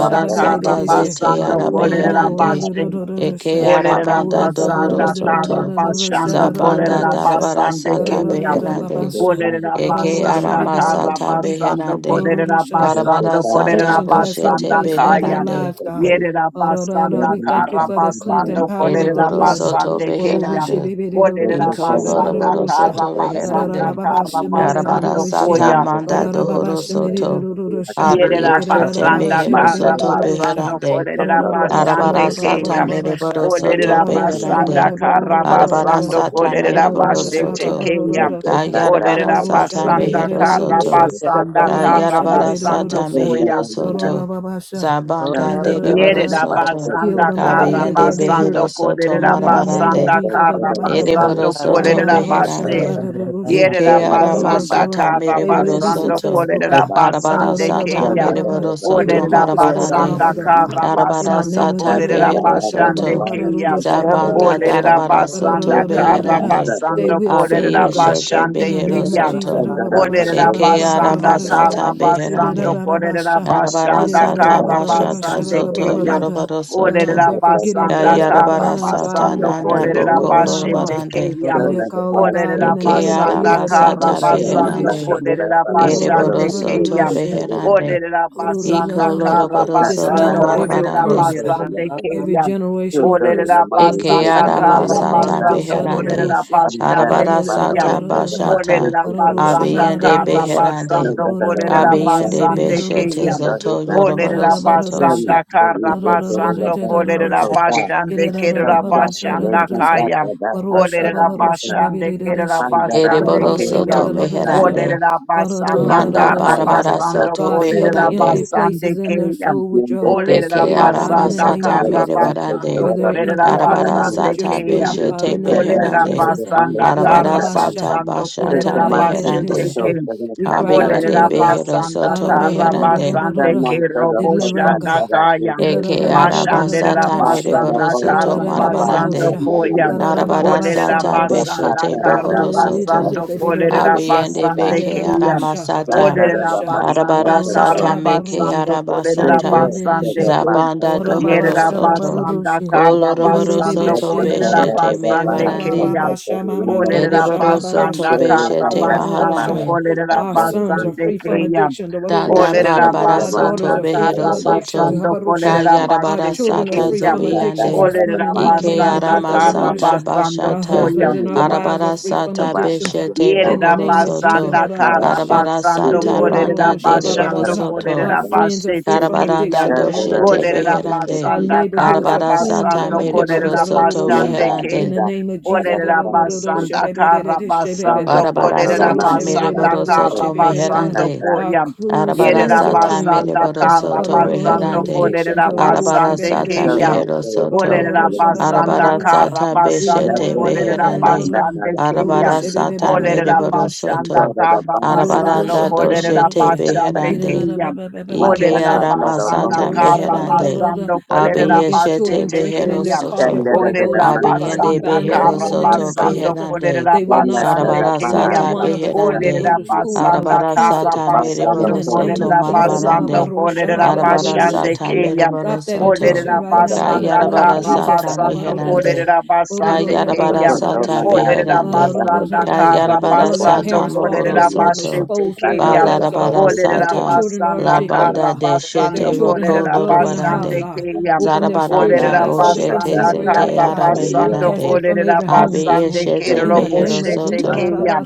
S7: God that
S4: karra
S7: a
S6: sata
S7: person to
S6: zete
S7: say,
S4: basando
S7: and that
S4: kolerera
S7: is a
S6: arabeherande.
S7: person.
S4: başte.
S6: Eke
S7: But
S4: Olerera
S7: I'm
S1: Oh,
S6: arabanda
S7: just a
S6: dohoro
S7: fellow
S4: basanda
S7: for
S4: kara
S6: soto.
S7: something that
S4: basanda
S7: doesn't say,
S6: Zabanda
S4: korerera
S7: yeah,
S6: darabara
S4: basande
S7: just
S6: sata
S7: to say,
S4: keyam.
S7: you know, they
S6: beherande.
S7: go down with
S4: Olerera
S6: Eke
S7: something, but
S4: basanda
S6: arama
S7: sometimes
S4: kara
S7: they
S6: sata
S7: say,
S4: basanda
S6: beherande.
S4: korerera
S7: just to
S6: Arabara
S4: basanda
S7: say, but I
S6: sata
S4: korerera
S1: Addiction
S7: thought
S1: has
S7: they
S1: no
S6: boshete
S7: knew
S4: basanda
S7: they
S1: place in
S7: knew how to
S1: their
S4: kayam.
S6: beherande.
S1: lives,
S7: say,
S1: God.
S7: so
S4: Yerera
S1: Ah,
S7: then
S4: basanda
S1: We
S7: they
S1: thank
S7: don't
S1: you
S4: kara
S7: come
S1: for the
S7: to that
S1: cleansing
S4: basanda
S7: end,
S1: power of the
S4: korerera
S6: Ereboro
S7: but
S1: blood.
S7: they
S6: soto
S7: don't
S4: basande
S7: see them.
S4: keyam.
S6: beherande.
S7: Just to
S4: Olerera
S7: say,
S6: Iko
S7: no, they
S4: basanda
S7: said,
S6: loroboro
S7: oh, they
S4: kara
S6: soto
S7: don't know
S4: basanda
S6: beherande.
S4: kara
S7: something,
S6: Darabara
S4: basanda
S1: Yararababashemerirerororoshe.
S6: sata
S7: Thank
S4: koyam.
S6: manda dohoro soto.
S1: Gararababashemerirerororosha.
S4: Yerera
S6: Abiyeshete
S4: basanda
S6: mehero
S4: kara
S6: soto
S1: Gerarababashebebererororosha.
S4: basando
S6: beherande.
S4: kolerera basande
S6: Arabara sata
S4: keya.
S6: mere
S1: Yararororoshemabababababasha.
S6: boro soto
S4: Olerera basanda
S6: beherande.
S4: kara
S6: Arabara
S4: basando
S1: Babaroroshebebeberororororororora.
S6: sata mere
S4: kolerera
S6: boro
S4: basete
S6: soto.
S4: keya.
S1: Rorororoshababarorororora.
S6: Kayarabara
S4: Olerera
S6: sata
S4: basanda
S6: mehero
S4: kara
S1: Gororoshebebeberorororosha.
S6: soto.
S9: Ora
S4: basanda kara
S6: Kayarabara
S4: basando
S6: sata
S1: Gorororoshebeberororosha.
S4: koya.
S6: mehero soto.
S1: Gororababasha.
S6: Zabanda dere boro
S4: Yerera
S1: Gerarororororora.
S6: soto.
S1: Heal
S4: basanda
S1: them, God,
S4: kara
S6: Kabiyende
S1: everywhere they
S4: basando
S1: hurt.
S6: behero soto
S4: kolerera
S1: Ororo, in the name of
S6: marabarande.
S4: basanda
S1: Jesus.
S4: kara
S6: Ere boro
S4: basando
S6: soto
S4: kolerera basse.
S6: beherande.
S1: Ararabashababararusha,
S4: Yerera
S6: Ike arama
S4: basanda
S1: dororoshara.
S6: sata
S4: kara
S6: mere
S1: They will
S6: boro
S1: be
S4: basando
S6: soto.
S1: successful,
S4: kolerera
S1: God.
S7: you.
S6: Arabara
S4: basande
S6: sata
S7: Thank
S4: keya.
S6: mere
S1: Arararababababara.
S6: boro soto
S1: Every
S4: Olerera
S1: yoke is broken
S6: marabarande.
S1: off
S4: basanda
S1: of them, God.
S4: kara
S1: In the
S6: Darabara
S4: basando
S1: name of
S6: sata
S1: Jesus,
S4: kolerera
S6: behero
S4: basande
S6: soto.
S4: keya.
S1: dororoshabababararusha,
S6: Zabanda
S1: dororosha,
S4: Olerera
S6: darabara soto
S4: basanda kara
S6: beherande.
S1: they
S4: basando
S1: will
S6: Abi
S1: serve you,
S4: kolerera
S1: God.
S6: Abiyeshete
S1: In
S4: basande
S1: the
S6: behero
S1: name of
S4: keya.
S1: Jesus,
S6: soto.
S4: Olerera
S6: Eke arama
S4: basanda
S1: dororoshabababararusha,
S4: kara
S6: sata
S4: basando
S6: beherande.
S4: kolerera
S1: dorororororora.
S6: Darabara
S4: basanda
S6: sata
S4: kara
S6: bashata
S4: basande
S6: zoto
S4: keyam.
S6: yorobaro
S1: God,
S4: Olerera
S6: soto.
S1: they're forgetting
S4: basanda
S1: things that are
S4: karra
S6: Yarabara
S1: behind God
S6: sata
S1: and
S4: basando
S1: they're
S6: nanda
S1: pressing
S4: kolerera
S1: towards
S6: boko
S1: the high mark.
S7: you.
S4: basete
S6: lorobarande.
S1: Uh,
S4: keyam.
S1: They're calling God in
S4: Olerera
S1: the
S6: Eke
S1: name of
S4: basanda
S6: arama
S1: Jesus.
S4: kara
S6: sata
S4: basando
S6: beherande.
S4: kolerera
S6: Ereboro
S4: basande
S6: soto
S4: keyam.
S6: beherande.
S4: Olerera
S6: Iko
S4: basanda
S1: Dismantle
S4: kara
S6: lorobaro soto
S4: basando
S9: basso,
S1: every
S4: kolerera
S6: marabarande.
S1: curse, God.
S4: basande
S1: Every
S4: keyam.
S7: Two
S1: generational
S7: thirds of
S1: curse
S7: the
S4: Olerera
S1: from
S7: money is
S6: Eke
S7: still
S4: basanda
S1: addiction,
S6: ara
S7: coming
S1: God,
S7: to
S1: in the
S4: kara
S7: the
S1: name
S6: masata
S1: of
S7: first
S1: this.
S4: basando
S7: time.
S6: beherande.
S4: kolerera
S7: I'm not that
S4: basande
S7: other
S6: Arabara
S7: buyer, the
S4: keyam.
S6: sata
S7: it's just about eight
S6: bashata.
S4: Olerera
S7: to ten of the
S4: basanda
S7: month. Two
S6: Abiyende
S4: kara
S6: beherande.
S4: basando
S7: thirds of the buyer
S4: kolerera
S7: is
S6: Abiyende
S7: talking
S4: basande
S7: about
S6: beshete
S4: keya.
S7: the dirty
S6: zoto
S7: side.
S6: yoroboro
S4: Olerera
S7: Two
S6: soto.
S4: basanda
S7: thirds of the
S4: kara
S7: two thirds of the
S4: basando
S7: bank so
S9: or
S4: kolerera
S7: so far.
S4: basande
S7: So
S4: kerera
S7: structure they
S4: basanda
S7: sent that
S4: kaya.
S7: to that for the
S4: Olerera
S7: first time.
S4: basande kerera
S7: I'm that other
S4: basande
S6: Ereboro
S7: buyer
S4: keya.
S7: so so
S6: soto
S7: far. Yeah,
S6: meherande.
S4: Olerera
S1: Get
S7: Yeah,
S4: basanda
S7: they
S6: Manda
S7: sent
S4: kara
S7: that
S1: it
S7: that I
S6: barabara
S7: trust
S4: basando
S6: soto
S7: the
S1: God,
S7: two
S1: fill
S7: of
S4: kolerera
S1: the
S7: the
S1: empty
S6: beherande.
S7: first time.
S4: basande
S1: places in their
S4: keya.
S1: soul with
S7: Then
S1: Your
S7: they
S1: Holy
S7: sent
S4: Olerera
S6: Deke
S7: that
S1: Spirit,
S7: I
S6: ara
S1: God. In
S7: so
S1: the
S4: basanda
S7: so
S1: name
S7: far
S1: of
S6: masata
S4: kara
S7: the
S1: Jesus,
S7: first time. So
S4: basando
S6: merebarande.
S1: where
S7: the
S1: they're
S4: kolerera
S1: empty,
S7: month
S1: fill them
S6: Arabara
S7: that's
S1: up
S4: basande
S1: with Your
S6: sata
S4: keya.
S1: Spirit,
S7: they
S1: God.
S7: said
S6: beshete
S1: In the name
S7: that
S1: of
S4: Olerera
S7: they're
S6: beherande.
S1: Jesus,
S7: the bundles
S4: basanda
S7: that made
S6: Arabara
S4: kara
S7: that money.
S6: sata
S4: basando
S7: Here's
S6: bashata
S7: the
S4: kolerera
S7: master so
S6: beherande.
S4: basheteke.
S7: so they're gonna
S1: we
S7: catch
S1: cry
S7: that
S1: out
S7: and
S1: to
S6: Abiyende
S4: Olerera
S1: Your
S7: figure
S1: God,
S7: out
S6: behero
S7: the
S4: basanda
S6: soto
S7: extension.
S4: kara
S6: meherande.
S7: Their
S4: basande ke
S7: money so they'll
S4: robo
S7: come
S1: deliver them,
S7: back
S4: shanda
S7: that
S1: God.
S7: actually
S4: kaya.
S1: It
S7: they
S6: Eke
S7: say.
S4: Mashanderera
S6: arabasata
S7: Master the
S4: basanda
S7: boss
S6: mereborosoto
S7: and
S4: kara
S7: cap out that
S4: basando
S6: marabarande.
S7: and then I'm
S4: koya.
S7: ready for you.
S4: Olerera
S6: Arabarasata
S7: So pass
S4: basanda
S6: beshete
S7: that out
S4: kara
S7: that money
S1: is
S7: that
S6: bohorosoto.
S1: a
S4: basando
S7: she
S1: baby,
S7: can
S1: the
S7: get
S4: kolerera
S7: it on
S1: Russia.
S7: that
S6: Abiende
S1: It
S7: side.
S4: basande
S1: is
S6: beke
S1: a
S4: keya.
S1: Russia,
S7: That
S1: Baba
S6: aramasata.
S7: that are
S4: Olerera
S7: the
S1: Russia.
S7: master
S4: basanda
S7: so
S1: Ororo
S4: kara
S7: so.
S6: Arabarasata
S1: shababa
S6: meke
S1: roshe.
S4: basando kolerera
S7: They'll
S6: arabasata.
S1: Irere
S7: do it
S1: bebe
S7: so
S4: basande
S1: she.
S7: the
S4: ke.
S7: master
S6: Zabanda
S7: that
S1: Ora
S7: that
S1: baba
S7: that that that that
S1: shababa
S6: dohorosoto.
S4: Yerabasanda
S1: roshe. Kirere bebe
S4: Karabasando
S7: that
S6: Koloroborosoto
S1: she
S7: that that that that
S1: dora.
S7: that
S6: beshete
S4: Kolerabasande
S1: Ora
S7: that
S6: merebarande.
S1: baba
S4: Kayam.
S7: that
S1: shamama
S7: that
S1: roro
S7: that
S1: shababa
S6: Ereborosoto
S4: Olerabasanda
S1: basha.
S7: Glory to
S6: beshete
S7: God, the
S1: Ororo
S4: Karabasando
S1: sha.
S7: Father,
S6: maharande.
S7: the Son,
S1: Our
S7: the Holy
S1: sons
S7: Spirit.
S1: are
S4: Kolerabasande
S1: free from
S4: Kayam.
S1: addiction. Ororo
S7: Thank
S6: Danda
S1: sha.
S7: you, Lord,
S6: barabara
S7: the
S1: Our
S4: Olerabasanda
S6: soto
S1: daughters
S7: Master,
S1: are
S7: the
S1: free
S7: Son, the
S6: behero
S1: from
S7: Holy
S1: addiction.
S7: Spirit,
S6: soto
S7: the
S4: Karabasando
S7: Holy
S1: Ororo sha.
S7: Spirit.
S6: kayara
S1: Our
S6: bara
S4: Kolerabaste
S1: children are
S6: sata
S7: Thank
S1: free
S7: you,
S4: Kayam.
S1: from
S7: God, the
S1: addictions
S6: zobiyande
S1: this
S7: Father, the
S1: morning in the
S7: Master, the
S6: ike
S1: name of
S7: Son, the
S4: Olerabasanda
S6: arama
S1: Jesus.
S7: Holy
S1: Ororo
S7: One.
S6: sata
S1: sha.
S4: Karabasando
S1: Our
S7: Thank
S6: bashata
S1: husbands
S4: Koyam.
S1: and
S7: you,
S1: our
S7: the
S1: wives are
S7: Master,
S6: arabara
S1: free
S7: the
S1: from
S7: Son,
S6: sata
S1: addictions
S7: the
S1: uh,
S7: Holy
S6: beshete
S1: in
S7: Spirit.
S1: the
S4: Yerera
S6: bohoro
S1: name of
S6: soto
S4: basanda kara
S1: Jesus.
S7: Hallelujah.
S6: arabara
S7: We will
S1: Our
S4: basando
S7: be
S6: sata
S7: with
S4: korerera
S7: you,
S6: banda
S7: the Son,
S6: dereboro
S4: basando
S7: the Son,
S6: soto
S7: the
S4: korerera
S7: Son.
S1: friends are free
S4: basete
S1: from
S4: kilian.
S6: karabaranda
S1: addictions.
S7: Thank you, Lord,
S6: doshete
S7: the
S4: Olerera
S7: Master, the Son,
S6: beherande
S1: Our
S7: the
S4: basanda
S1: neighborhoods
S7: Holy
S4: kara
S1: are
S6: arabara
S1: clean
S6: sata
S1: from
S4: basando
S7: Spirit.
S1: addictions.
S6: mereboro
S4: korerera
S6: soto
S4: basande
S7: Number, the
S1: In
S4: kin.
S6: beherande
S1: the
S7: Son,
S1: name of
S7: the
S1: Jesus.
S4: Olerera
S7: Holy Spirit. Thank you, Lord, the
S4: basanda
S7: Master,
S4: kara basando
S6: arabara
S4: korerera
S6: sata
S4: basanda
S6: mereboro
S7: the Son,
S4: kara
S6: soto
S7: the
S4: basando
S7: Holy
S6: meherande
S7: Spirit.
S1: Our
S4: koyan.
S1: clu-
S7: Thank
S6: Arabara
S4: Yerera
S1: schools are
S6: sata
S1: clean.
S4: basanda
S6: mereboro
S1: Uh,
S4: kara
S6: soto
S1: from
S4: basando
S6: reherande.
S1: addictions.
S4: korerera
S6: Arabara
S4: basande
S6: sata
S4: kilian.
S6: mehero soto.
S4: Olerera basanda
S6: Arabara
S4: kara
S6: sata
S4: basando
S6: beshete
S4: korerera
S6: beherande.
S4: basande kilian.
S6: Arabara sata
S4: Olerera
S6: mereboro
S4: basanda
S6: soto.
S4: kara basando
S6: Arabaranda
S1: Orororosha
S4: kolerera
S6: doshete
S1: babarosha.
S4: basande
S6: beherande.
S4: kiyam.
S6: Ike
S4: Olerera
S1: Irerarababarosha.
S6: ara
S4: basanda
S6: masata
S4: kara
S1: Orororosha
S6: meherande.
S1: babarorora.
S4: basando
S1: We come
S4: kolerera
S1: against
S6: Abiyeshete
S1: children
S4: basete
S1: drinking in
S6: behero
S1: their
S4: kiyam.
S1: car
S6: soto.
S1: before they go to
S4: Olerera
S1: school. God, we
S6: Abiyende
S4: basanda
S1: bind that
S6: behero
S1: in
S4: kara
S1: the name
S6: soto
S1: of
S4: basando
S1: Jesus. Uh,
S6: beherande.
S4: kolerera
S1: They will not
S4: basande
S1: smoke
S6: Arabara
S4: kiyam.
S6: sata
S1: marijuana before they
S6: beherande.
S1: go
S4: Olerera
S1: to school. God, we
S4: basanda
S6: Arabara
S1: cancel
S4: kara
S6: sata
S1: it in
S4: basando
S1: the
S6: mereboro
S1: name
S6: soto
S1: of
S4: kolerera
S1: Jesus. Uh,
S4: basando
S6: marabarande.
S1: babarosha
S4: kolerera
S6: Arabara
S4: basande
S1: babarorosha.
S6: sata
S7: you.
S4: kiyam.
S6: mereboro
S1: Stop that
S6: soto.
S1: addiction
S7: Thank
S4: Olerera
S1: right now by the
S4: basanda
S1: blood of
S6: Kayarabara
S4: kara
S1: Jesus.
S6: sata
S4: basando
S6: meherande.
S4: kolerera basande
S6: Kayarabara
S4: kiyam.
S6: sata
S4: Olerera
S6: beherande.
S4: basanda kara
S6: Kayarabara
S1: Lord, let
S4: basando
S6: sata
S1: parents walk in
S6: mohoro
S4: kolerera
S1: the room,
S6: soto.
S4: basete
S1: expose where the
S4: keya.
S1: drugs are.
S6: Balarabara
S1: If
S4: Olerera
S1: their
S6: sata.
S1: children are
S4: basanda
S6: La
S1: addicted,
S4: kara
S6: banda
S1: God,
S6: de
S1: if their
S6: shete
S4: basando
S1: children
S6: roko
S1: have
S4: kolerera
S1: drug in the house,
S4: basande
S6: lorobarande.
S1: God,
S4: keya.
S1: open their spiritual
S6: Zarabaranda
S4: Olerera
S1: eyes so they can
S6: boshete
S4: basanda
S1: see where it
S6: zete
S1: is,
S4: kara
S1: God.
S6: yara
S1: We
S4: basando
S1: cast it
S6: meherande.
S1: from
S4: kolerera
S1: every home this
S6: Abiye
S4: basande
S1: morning.
S6: shete
S1: In
S4: kerero
S1: the name
S6: mehero
S1: of
S4: boshete
S1: Jesus.
S6: soto.
S4: keya.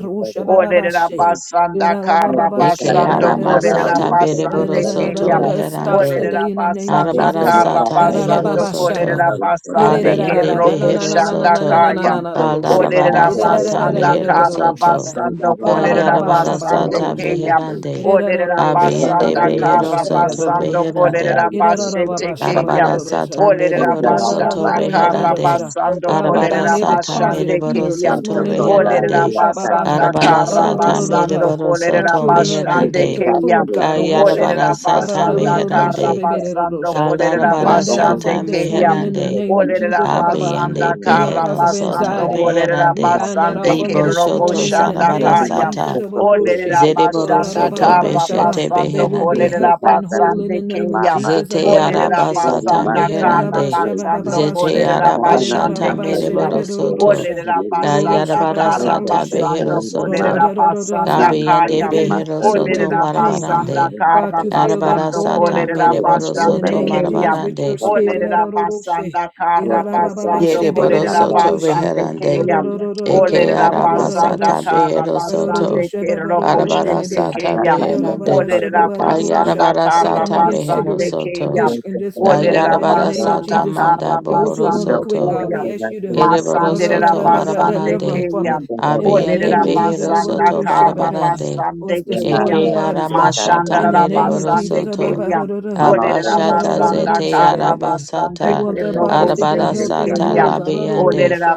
S4: Olerera basanda kara
S6: Eke
S4: basando
S6: yara
S4: kolerera
S6: masata bereboro
S4: basande
S6: soto
S4: keya.
S1: It stops
S6: reherande.
S4: Olerera
S1: today in the name of
S4: basanda
S6: Arabara
S1: Jesus.
S4: kara
S6: sata mehero
S4: basando
S6: soto.
S4: kolerera basande ke
S6: Abiende
S7: you.
S4: robo
S6: Behero
S4: shanda
S7: Thank
S6: Soto.
S7: you.
S4: kaya.
S6: Balarabara
S4: Olerera
S6: Sata
S4: basanda
S6: Mehero
S4: kara
S6: Soto.
S4: basando kolerera
S6: Kayarabara
S4: basande
S6: Sata
S4: keya.
S6: Beherande.
S4: Olerera
S6: Abiende
S4: basanda
S6: Behero
S4: kara
S6: Soto
S4: basando
S6: Beherande.
S4: kolerera basete keya.
S6: Arabara Sata
S4: Olerera
S6: Mereboro Soto
S4: basanda kara
S6: Beherande.
S4: basando
S1: God, we
S6: Arabara
S4: kolerera
S1: bind every
S6: Sata
S1: closet
S4: basande
S6: Mereboro
S1: eater
S4: keya.
S1: this
S6: Soto
S1: morning, Lord.
S4: Olerera
S6: Beherande.
S4: basanda
S6: Arabara
S4: kara
S6: Sata
S4: basando
S6: Mereboro
S1: Our
S4: kolerera
S6: Soto
S1: children are
S4: basande
S1: addicted
S6: Meherande.
S1: to
S4: keya.
S1: food, God. Orusha.
S6: Kayarabara
S4: Olerera
S1: God,
S6: Sata
S4: basanda kara
S1: ororororusha,
S6: Meherande.
S1: baby,
S4: basando
S1: orororosha. We
S4: kolerera
S6: Kalarabara
S1: bind that off
S6: Sata
S4: basande
S1: them this
S4: keya.
S1: morning in the
S6: Meherande.
S1: name of
S4: Olerera
S1: Jesus. ah, Baba.
S6: Abiyande
S4: basanda
S1: Eating
S4: kara
S1: cause
S6: Behero
S1: of
S6: Soto
S4: basando
S1: anxiety, Lord
S4: kolerera
S1: God. We
S6: Beherande
S1: bind that off
S4: basande ke
S1: them
S6: Ibo
S1: this
S4: robo
S6: Shoto
S1: morning in the
S7: still
S6: Zarabara
S1: name
S7: do
S1: of
S7: my
S4: kaya.
S1: Jesus.
S6: Sata
S1: ah,
S7: special things
S1: orororosha.
S4: Olerera
S7: and shit
S6: Zereboro
S7: and
S4: basanda
S7: put
S6: Soto
S7: them to
S4: kara
S7: school.
S1: Orororobababashaba.
S6: Beshete
S1: They
S4: basando
S1: will
S7: They
S1: be
S6: Beherande
S4: kolerera
S7: take
S1: healthy
S7: that
S1: and
S7: better
S1: whole in
S4: basande
S7: than
S1: the
S7: the
S4: ke
S1: name of
S7: papa.
S1: Jesus.
S6: Zete
S1: ah,
S4: Olerera
S6: Araba
S1: babarosha.
S7: Well, they
S6: Sata
S7: might
S4: basanda
S7: use
S4: kara
S6: Meherande
S1: Irerorabasha,
S7: speculation.
S4: basando
S6: Zete
S1: babababasha.
S4: kolerera
S7: I
S6: Araba
S7: don't know
S6: Sata
S4: basande
S7: much
S4: ke
S7: like
S1: Irerorabasha,
S7: the
S1: baby,
S6: Mereboro
S7: bunch of
S6: Soto
S1: orororosha.
S4: Olerera
S7: speculation.
S4: basanda
S1: Orororosha,
S6: Gayarabara
S7: They
S4: kara
S7: take
S6: Sata
S7: that better
S6: Behero
S4: basando
S7: than
S6: Soto
S4: kolerera
S7: mine.
S1: bababarosha.
S4: basanda
S7: Now I'm not
S6: Gabiyande
S7: going
S1: They
S4: kaya.
S7: to my
S1: can
S6: Behero
S1: eat away
S6: Soto
S1: their
S4: Olerera
S7: studying.
S1: pain,
S7: My
S1: God.
S7: study,
S4: basanda
S6: Marabarande
S7: my
S1: God,
S4: kara
S1: you
S7: study.
S1: feel that
S6: Arabara
S4: basando
S1: void in
S6: Sata
S1: them,
S4: kolerera
S1: God.
S7: Yeah, I'm
S6: Mereboro
S1: In
S7: very
S1: the
S4: basande
S6: Soto
S7: better at
S1: name of
S4: ke
S7: this.
S1: Jesus, with
S7: It's
S1: your
S6: Marabarande
S7: one of
S1: Spirit,
S4: Olerera
S7: them.
S4: basanda
S7: You're
S4: kara
S7: so safe. I
S4: basando
S7: can't
S6: Yereboro
S7: not
S4: kolerera
S7: that.
S6: Soto
S4: basande
S7: It's to
S6: Beherande
S4: keya.
S7: say that.
S6: Eke
S4: Olerera
S7: That's
S6: arama
S7: what they
S4: basanda
S6: sata
S4: kara
S6: behero
S4: basande
S6: soto.
S4: kerro
S6: Arabara
S4: boşete
S7: I
S6: sata
S7: can't
S4: keya.
S7: stand there. That's
S6: beherande.
S7: what they
S4: Olerera basanda
S6: Kayarabara
S1: we
S4: kara
S7: always
S1: come
S6: sata
S7: do.
S1: against
S6: mehero
S4: basande
S1: cigarette
S4: keya.
S6: soto.
S7: Thank
S1: addiction this morning,
S4: Olerera
S1: God. In the
S6: Kayarabara
S1: name of
S4: basanda
S6: sata
S1: Jesus,
S6: manda
S4: kara
S1: those who
S6: bohoro
S1: want to
S4: basando
S1: quit,
S6: soto.
S1: God,
S4: koya.
S1: we ask you to
S6: Ereboro
S4: Masanderera
S6: soto
S4: basande
S1: deliver them
S6: marabarande.
S1: from
S4: keya.
S1: it. In the
S6: Abiyende
S1: name
S4: Olerera
S1: of Jesus,
S6: behero
S4: basanda
S6: soto
S4: kara
S1: the
S6: barabarande.
S1: or
S4: basande
S1: it's
S4: keya.
S1: destroying the
S6: Eke
S1: bodies,
S6: arama
S1: God.
S6: sata
S1: In the
S4: Maşandarara
S1: name of
S6: mereboro
S4: basande
S1: Jesus. ah,
S6: soto.
S4: keya. Olerera
S1: Oh,
S6: Abashata
S4: basanda
S6: zete
S4: karra basanda
S1: You
S6: arabasata
S1: want their
S4: kero
S1: bodies to
S4: boste
S1: be healthy and
S6: arabarasata
S4: tekeyam.
S1: whole. ah,
S6: labiande
S4: Olerera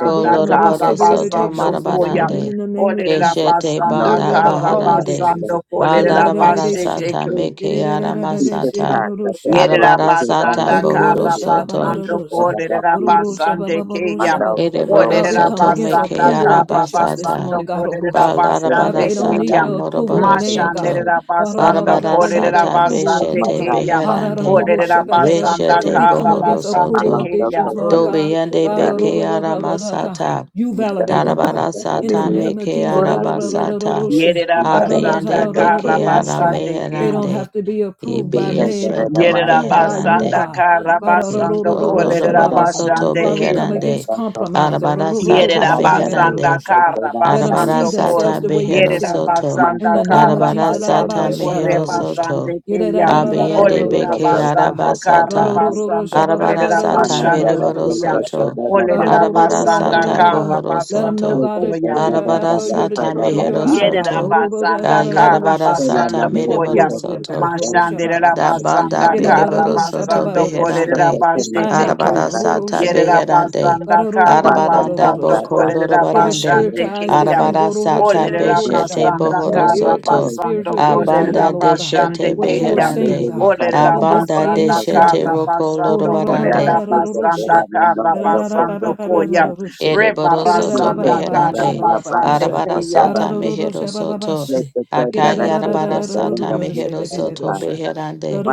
S1: So we come against
S4: karra
S6: lorobaro
S1: cigarette
S6: soto
S4: basando
S1: addictions this
S4: koyam.
S1: morning
S6: marabarande
S1: in the name of
S4: Olerera
S1: Jesus.
S6: keshete
S4: basanda
S1: Oh,
S6: banda
S4: karra
S1: All
S6: baharande
S1: addictions.
S4: basando
S1: ah.
S4: kolerera basete
S6: balarabarasata meke aramasata
S4: Yerera
S6: arabarasata
S4: basanda
S6: bohoro
S4: kara
S6: soto
S4: basando
S1: Orororoshababarosha.
S4: kolerera
S7: you.
S4: basande keya.
S7: Pandau
S1: Orororoshababaroshababa.
S7: Koto
S6: ereboro
S1: God, we
S4: Olerera
S1: come
S7: Parisham
S6: soto
S1: against
S6: meke
S4: basanda
S1: approval
S4: kara
S1: addictions this
S6: arabasata
S1: morning, God.
S4: Yerabasanda
S1: Ororosha.
S4: Karabasando
S1: God,
S4: Koderabasande
S1: they
S4: Kayam. Oderabasanda Karabasando Koderabasande
S1: don't
S6: balarabarasata
S1: need the
S4: Kayam.
S1: approval of
S6: moroboro
S1: man, God.
S6: soto
S4: Mashanderabasando
S1: Ororororosha, They need the
S6: barabarasata
S1: approval of
S4: Koderabasande
S1: you.
S6: beshete
S1: huh?
S4: Kayam.
S6: beherande
S1: Ororororoshababarosha.
S4: Oderabasanda
S1: So
S6: Reshete
S1: we come
S6: bohoro
S1: against
S4: Karabasande
S1: approval
S6: soto.
S4: Kayam.
S1: addictions, Lord
S6: Dobi
S1: God.
S6: yende
S1: God,
S6: beke ara
S1: ororororosha.
S6: masata.
S1: you validate them, God.
S6: Darabara
S1: In the
S6: sata
S1: name of
S6: meke
S1: Jesus.
S6: ara basata.
S1: Ororororosha.
S4: Yerabasanda
S6: Abiyende beke ara
S4: Karabasande
S1: They
S4: Kayam.
S1: don't
S6: meherande.
S1: have to be approved
S6: Ibi
S1: by man, but
S6: yeshete
S1: approved by you,
S4: Yerabasanda
S6: meherande.
S1: God. God, oh, ro- ro-
S4: Karabasando
S1: ro- ro- ro-
S6: Ikolo
S7: Thank
S1: shabba,
S6: rabara
S1: ba- da.
S6: soto
S4: Koderabasande
S1: while we
S4: Kayam.
S1: come
S6: beherande.
S1: against compromise, oh, ro-
S6: Arabara
S1: ro- ro- ro-
S4: Yere
S1: ro-
S6: sata
S4: da
S1: shabba, ba- da- ro- ro-
S4: basanda
S6: meherande.
S1: shabba.
S4: kara
S1: let them
S6: Arabara
S1: see
S4: basando kor.
S1: themselves
S6: sata
S1: the way
S7: you.
S1: you
S4: Yere
S6: behero
S1: see
S4: da
S1: them, God.
S6: soto.
S1: In
S7: Mata
S4: basanda
S1: the name of
S4: kara
S6: Arabara
S1: Jesus, da- da- ba-
S4: basando
S6: sata
S1: ba- sha- da-
S4: kore
S1: da-
S6: mehero
S1: ro- sha.
S4: basande
S6: soto.
S1: Yeah, da- da-
S4: keya.
S1: da- da- da- da- da-
S6: Abiyende
S1: ro-
S4: Olere
S1: ro-
S4: da
S1: ro- ro-
S6: beke ara
S1: shabba.
S4: basanda
S1: Ro-
S4: kara
S6: basata.
S1: ro- ro- ro- ro-
S4: basando
S1: shabba, ba-
S4: kolere
S6: Arabara
S1: ba-
S4: da
S1: ro- ro-
S6: sata
S1: shabba,
S4: basando
S1: ba- ba-
S6: mereboro
S1: ba- ba-
S4: keya.
S1: ro- sha.
S6: soto.
S1: God,
S4: Olere
S1: oh,
S4: da
S1: ro- ro- ro-
S6: Arabara
S1: ro- ro-
S4: basanda
S1: ro-
S6: sata
S1: ro- ro.
S4: kara
S6: bohoro
S1: let them know,
S4: basando
S6: soto.
S1: God, that
S4: koya.
S1: you're the
S6: Arabara
S1: apple, you're the
S6: sata
S1: of your
S6: mehero
S1: eye, God.
S4: Yerera
S1: Oh,
S6: soto.
S1: ro- ro- ro-
S4: basanda
S1: ro- ro- ro- ro-
S4: kara
S6: Kayarabara
S1: sha.
S6: sata
S4: basando
S1: You
S4: koya.
S6: mereboro
S1: approve of them,
S6: soto.
S1: God.
S4: Mashandera
S6: Da
S1: Oroshababarosha.
S6: banda
S4: basanda kara
S6: beriboro soto
S4: basando
S1: Gerarororoshababarosha.
S4: korera
S6: beherande.
S1: It's time
S4: basete
S1: out,
S4: ke.
S1: God.
S6: Arabara sata
S4: Yerera
S1: Ororoshababarada.
S6: beherande.
S4: basanda kara
S6: Arabaranda
S4: basando
S6: boko
S1: Garororororororoshaba.
S4: korera
S1: Give us
S6: lorobarande.
S1: spiritual
S4: basande
S1: eyes to
S4: keya.
S1: see
S6: Arabara sata
S4: Olera
S1: Gororosharororosha.
S6: beshete
S4: basanda
S1: and
S6: bohoro
S4: kara
S1: ears to,
S6: soto.
S4: basando
S1: spiritual ears to hear,
S4: korera
S6: Abanda
S1: Lord God,
S4: basande
S6: deshete
S1: what
S7: Thank
S1: you are
S4: keya.
S1: saying,
S6: beherande.
S1: God,
S4: Olera
S1: in this
S6: Abanda
S1: day and
S4: basanda
S1: this time,
S6: deshete
S4: kara
S1: God.
S6: roko
S4: basando
S6: lorobarande.
S4: korera basanda
S1: Orororobarororosha.
S4: kara basando koya.
S1: Gerararababarororosha.
S4: Reba
S6: Eriboro soto
S4: rasanda kara
S6: meherande.
S4: basande
S1: Gerararababarosha.
S6: Arabara
S4: keya.
S6: sata mehero soto.
S1: Barororosha. You come
S6: Akayarabara sata mehero soto beherande.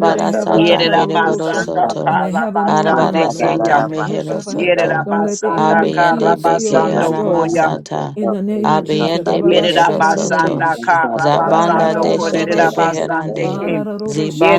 S1: that they have life,
S6: sata
S4: Yerera
S1: and
S6: mereboro
S4: basanda
S6: soto.
S1: they
S4: kara
S1: have it more
S4: basande
S6: Arabara
S1: abundantly, Lord.
S4: keya.
S6: sata
S1: Don't
S6: mehero
S4: Yerera
S6: soto.
S1: let the
S4: basanda
S1: enemy kill,
S4: kara
S6: Abiyende
S1: steal, or
S6: beke
S4: basando
S1: destroy them, God.
S4: koya.
S6: aramasata.
S1: In the name of Jesus.
S6: Abiyende
S4: Yerera
S6: behero soto.
S4: basanda kara
S6: Zabanda
S4: basando
S6: deshete
S4: kolerera basande
S6: beherande.
S7: you.
S4: ke.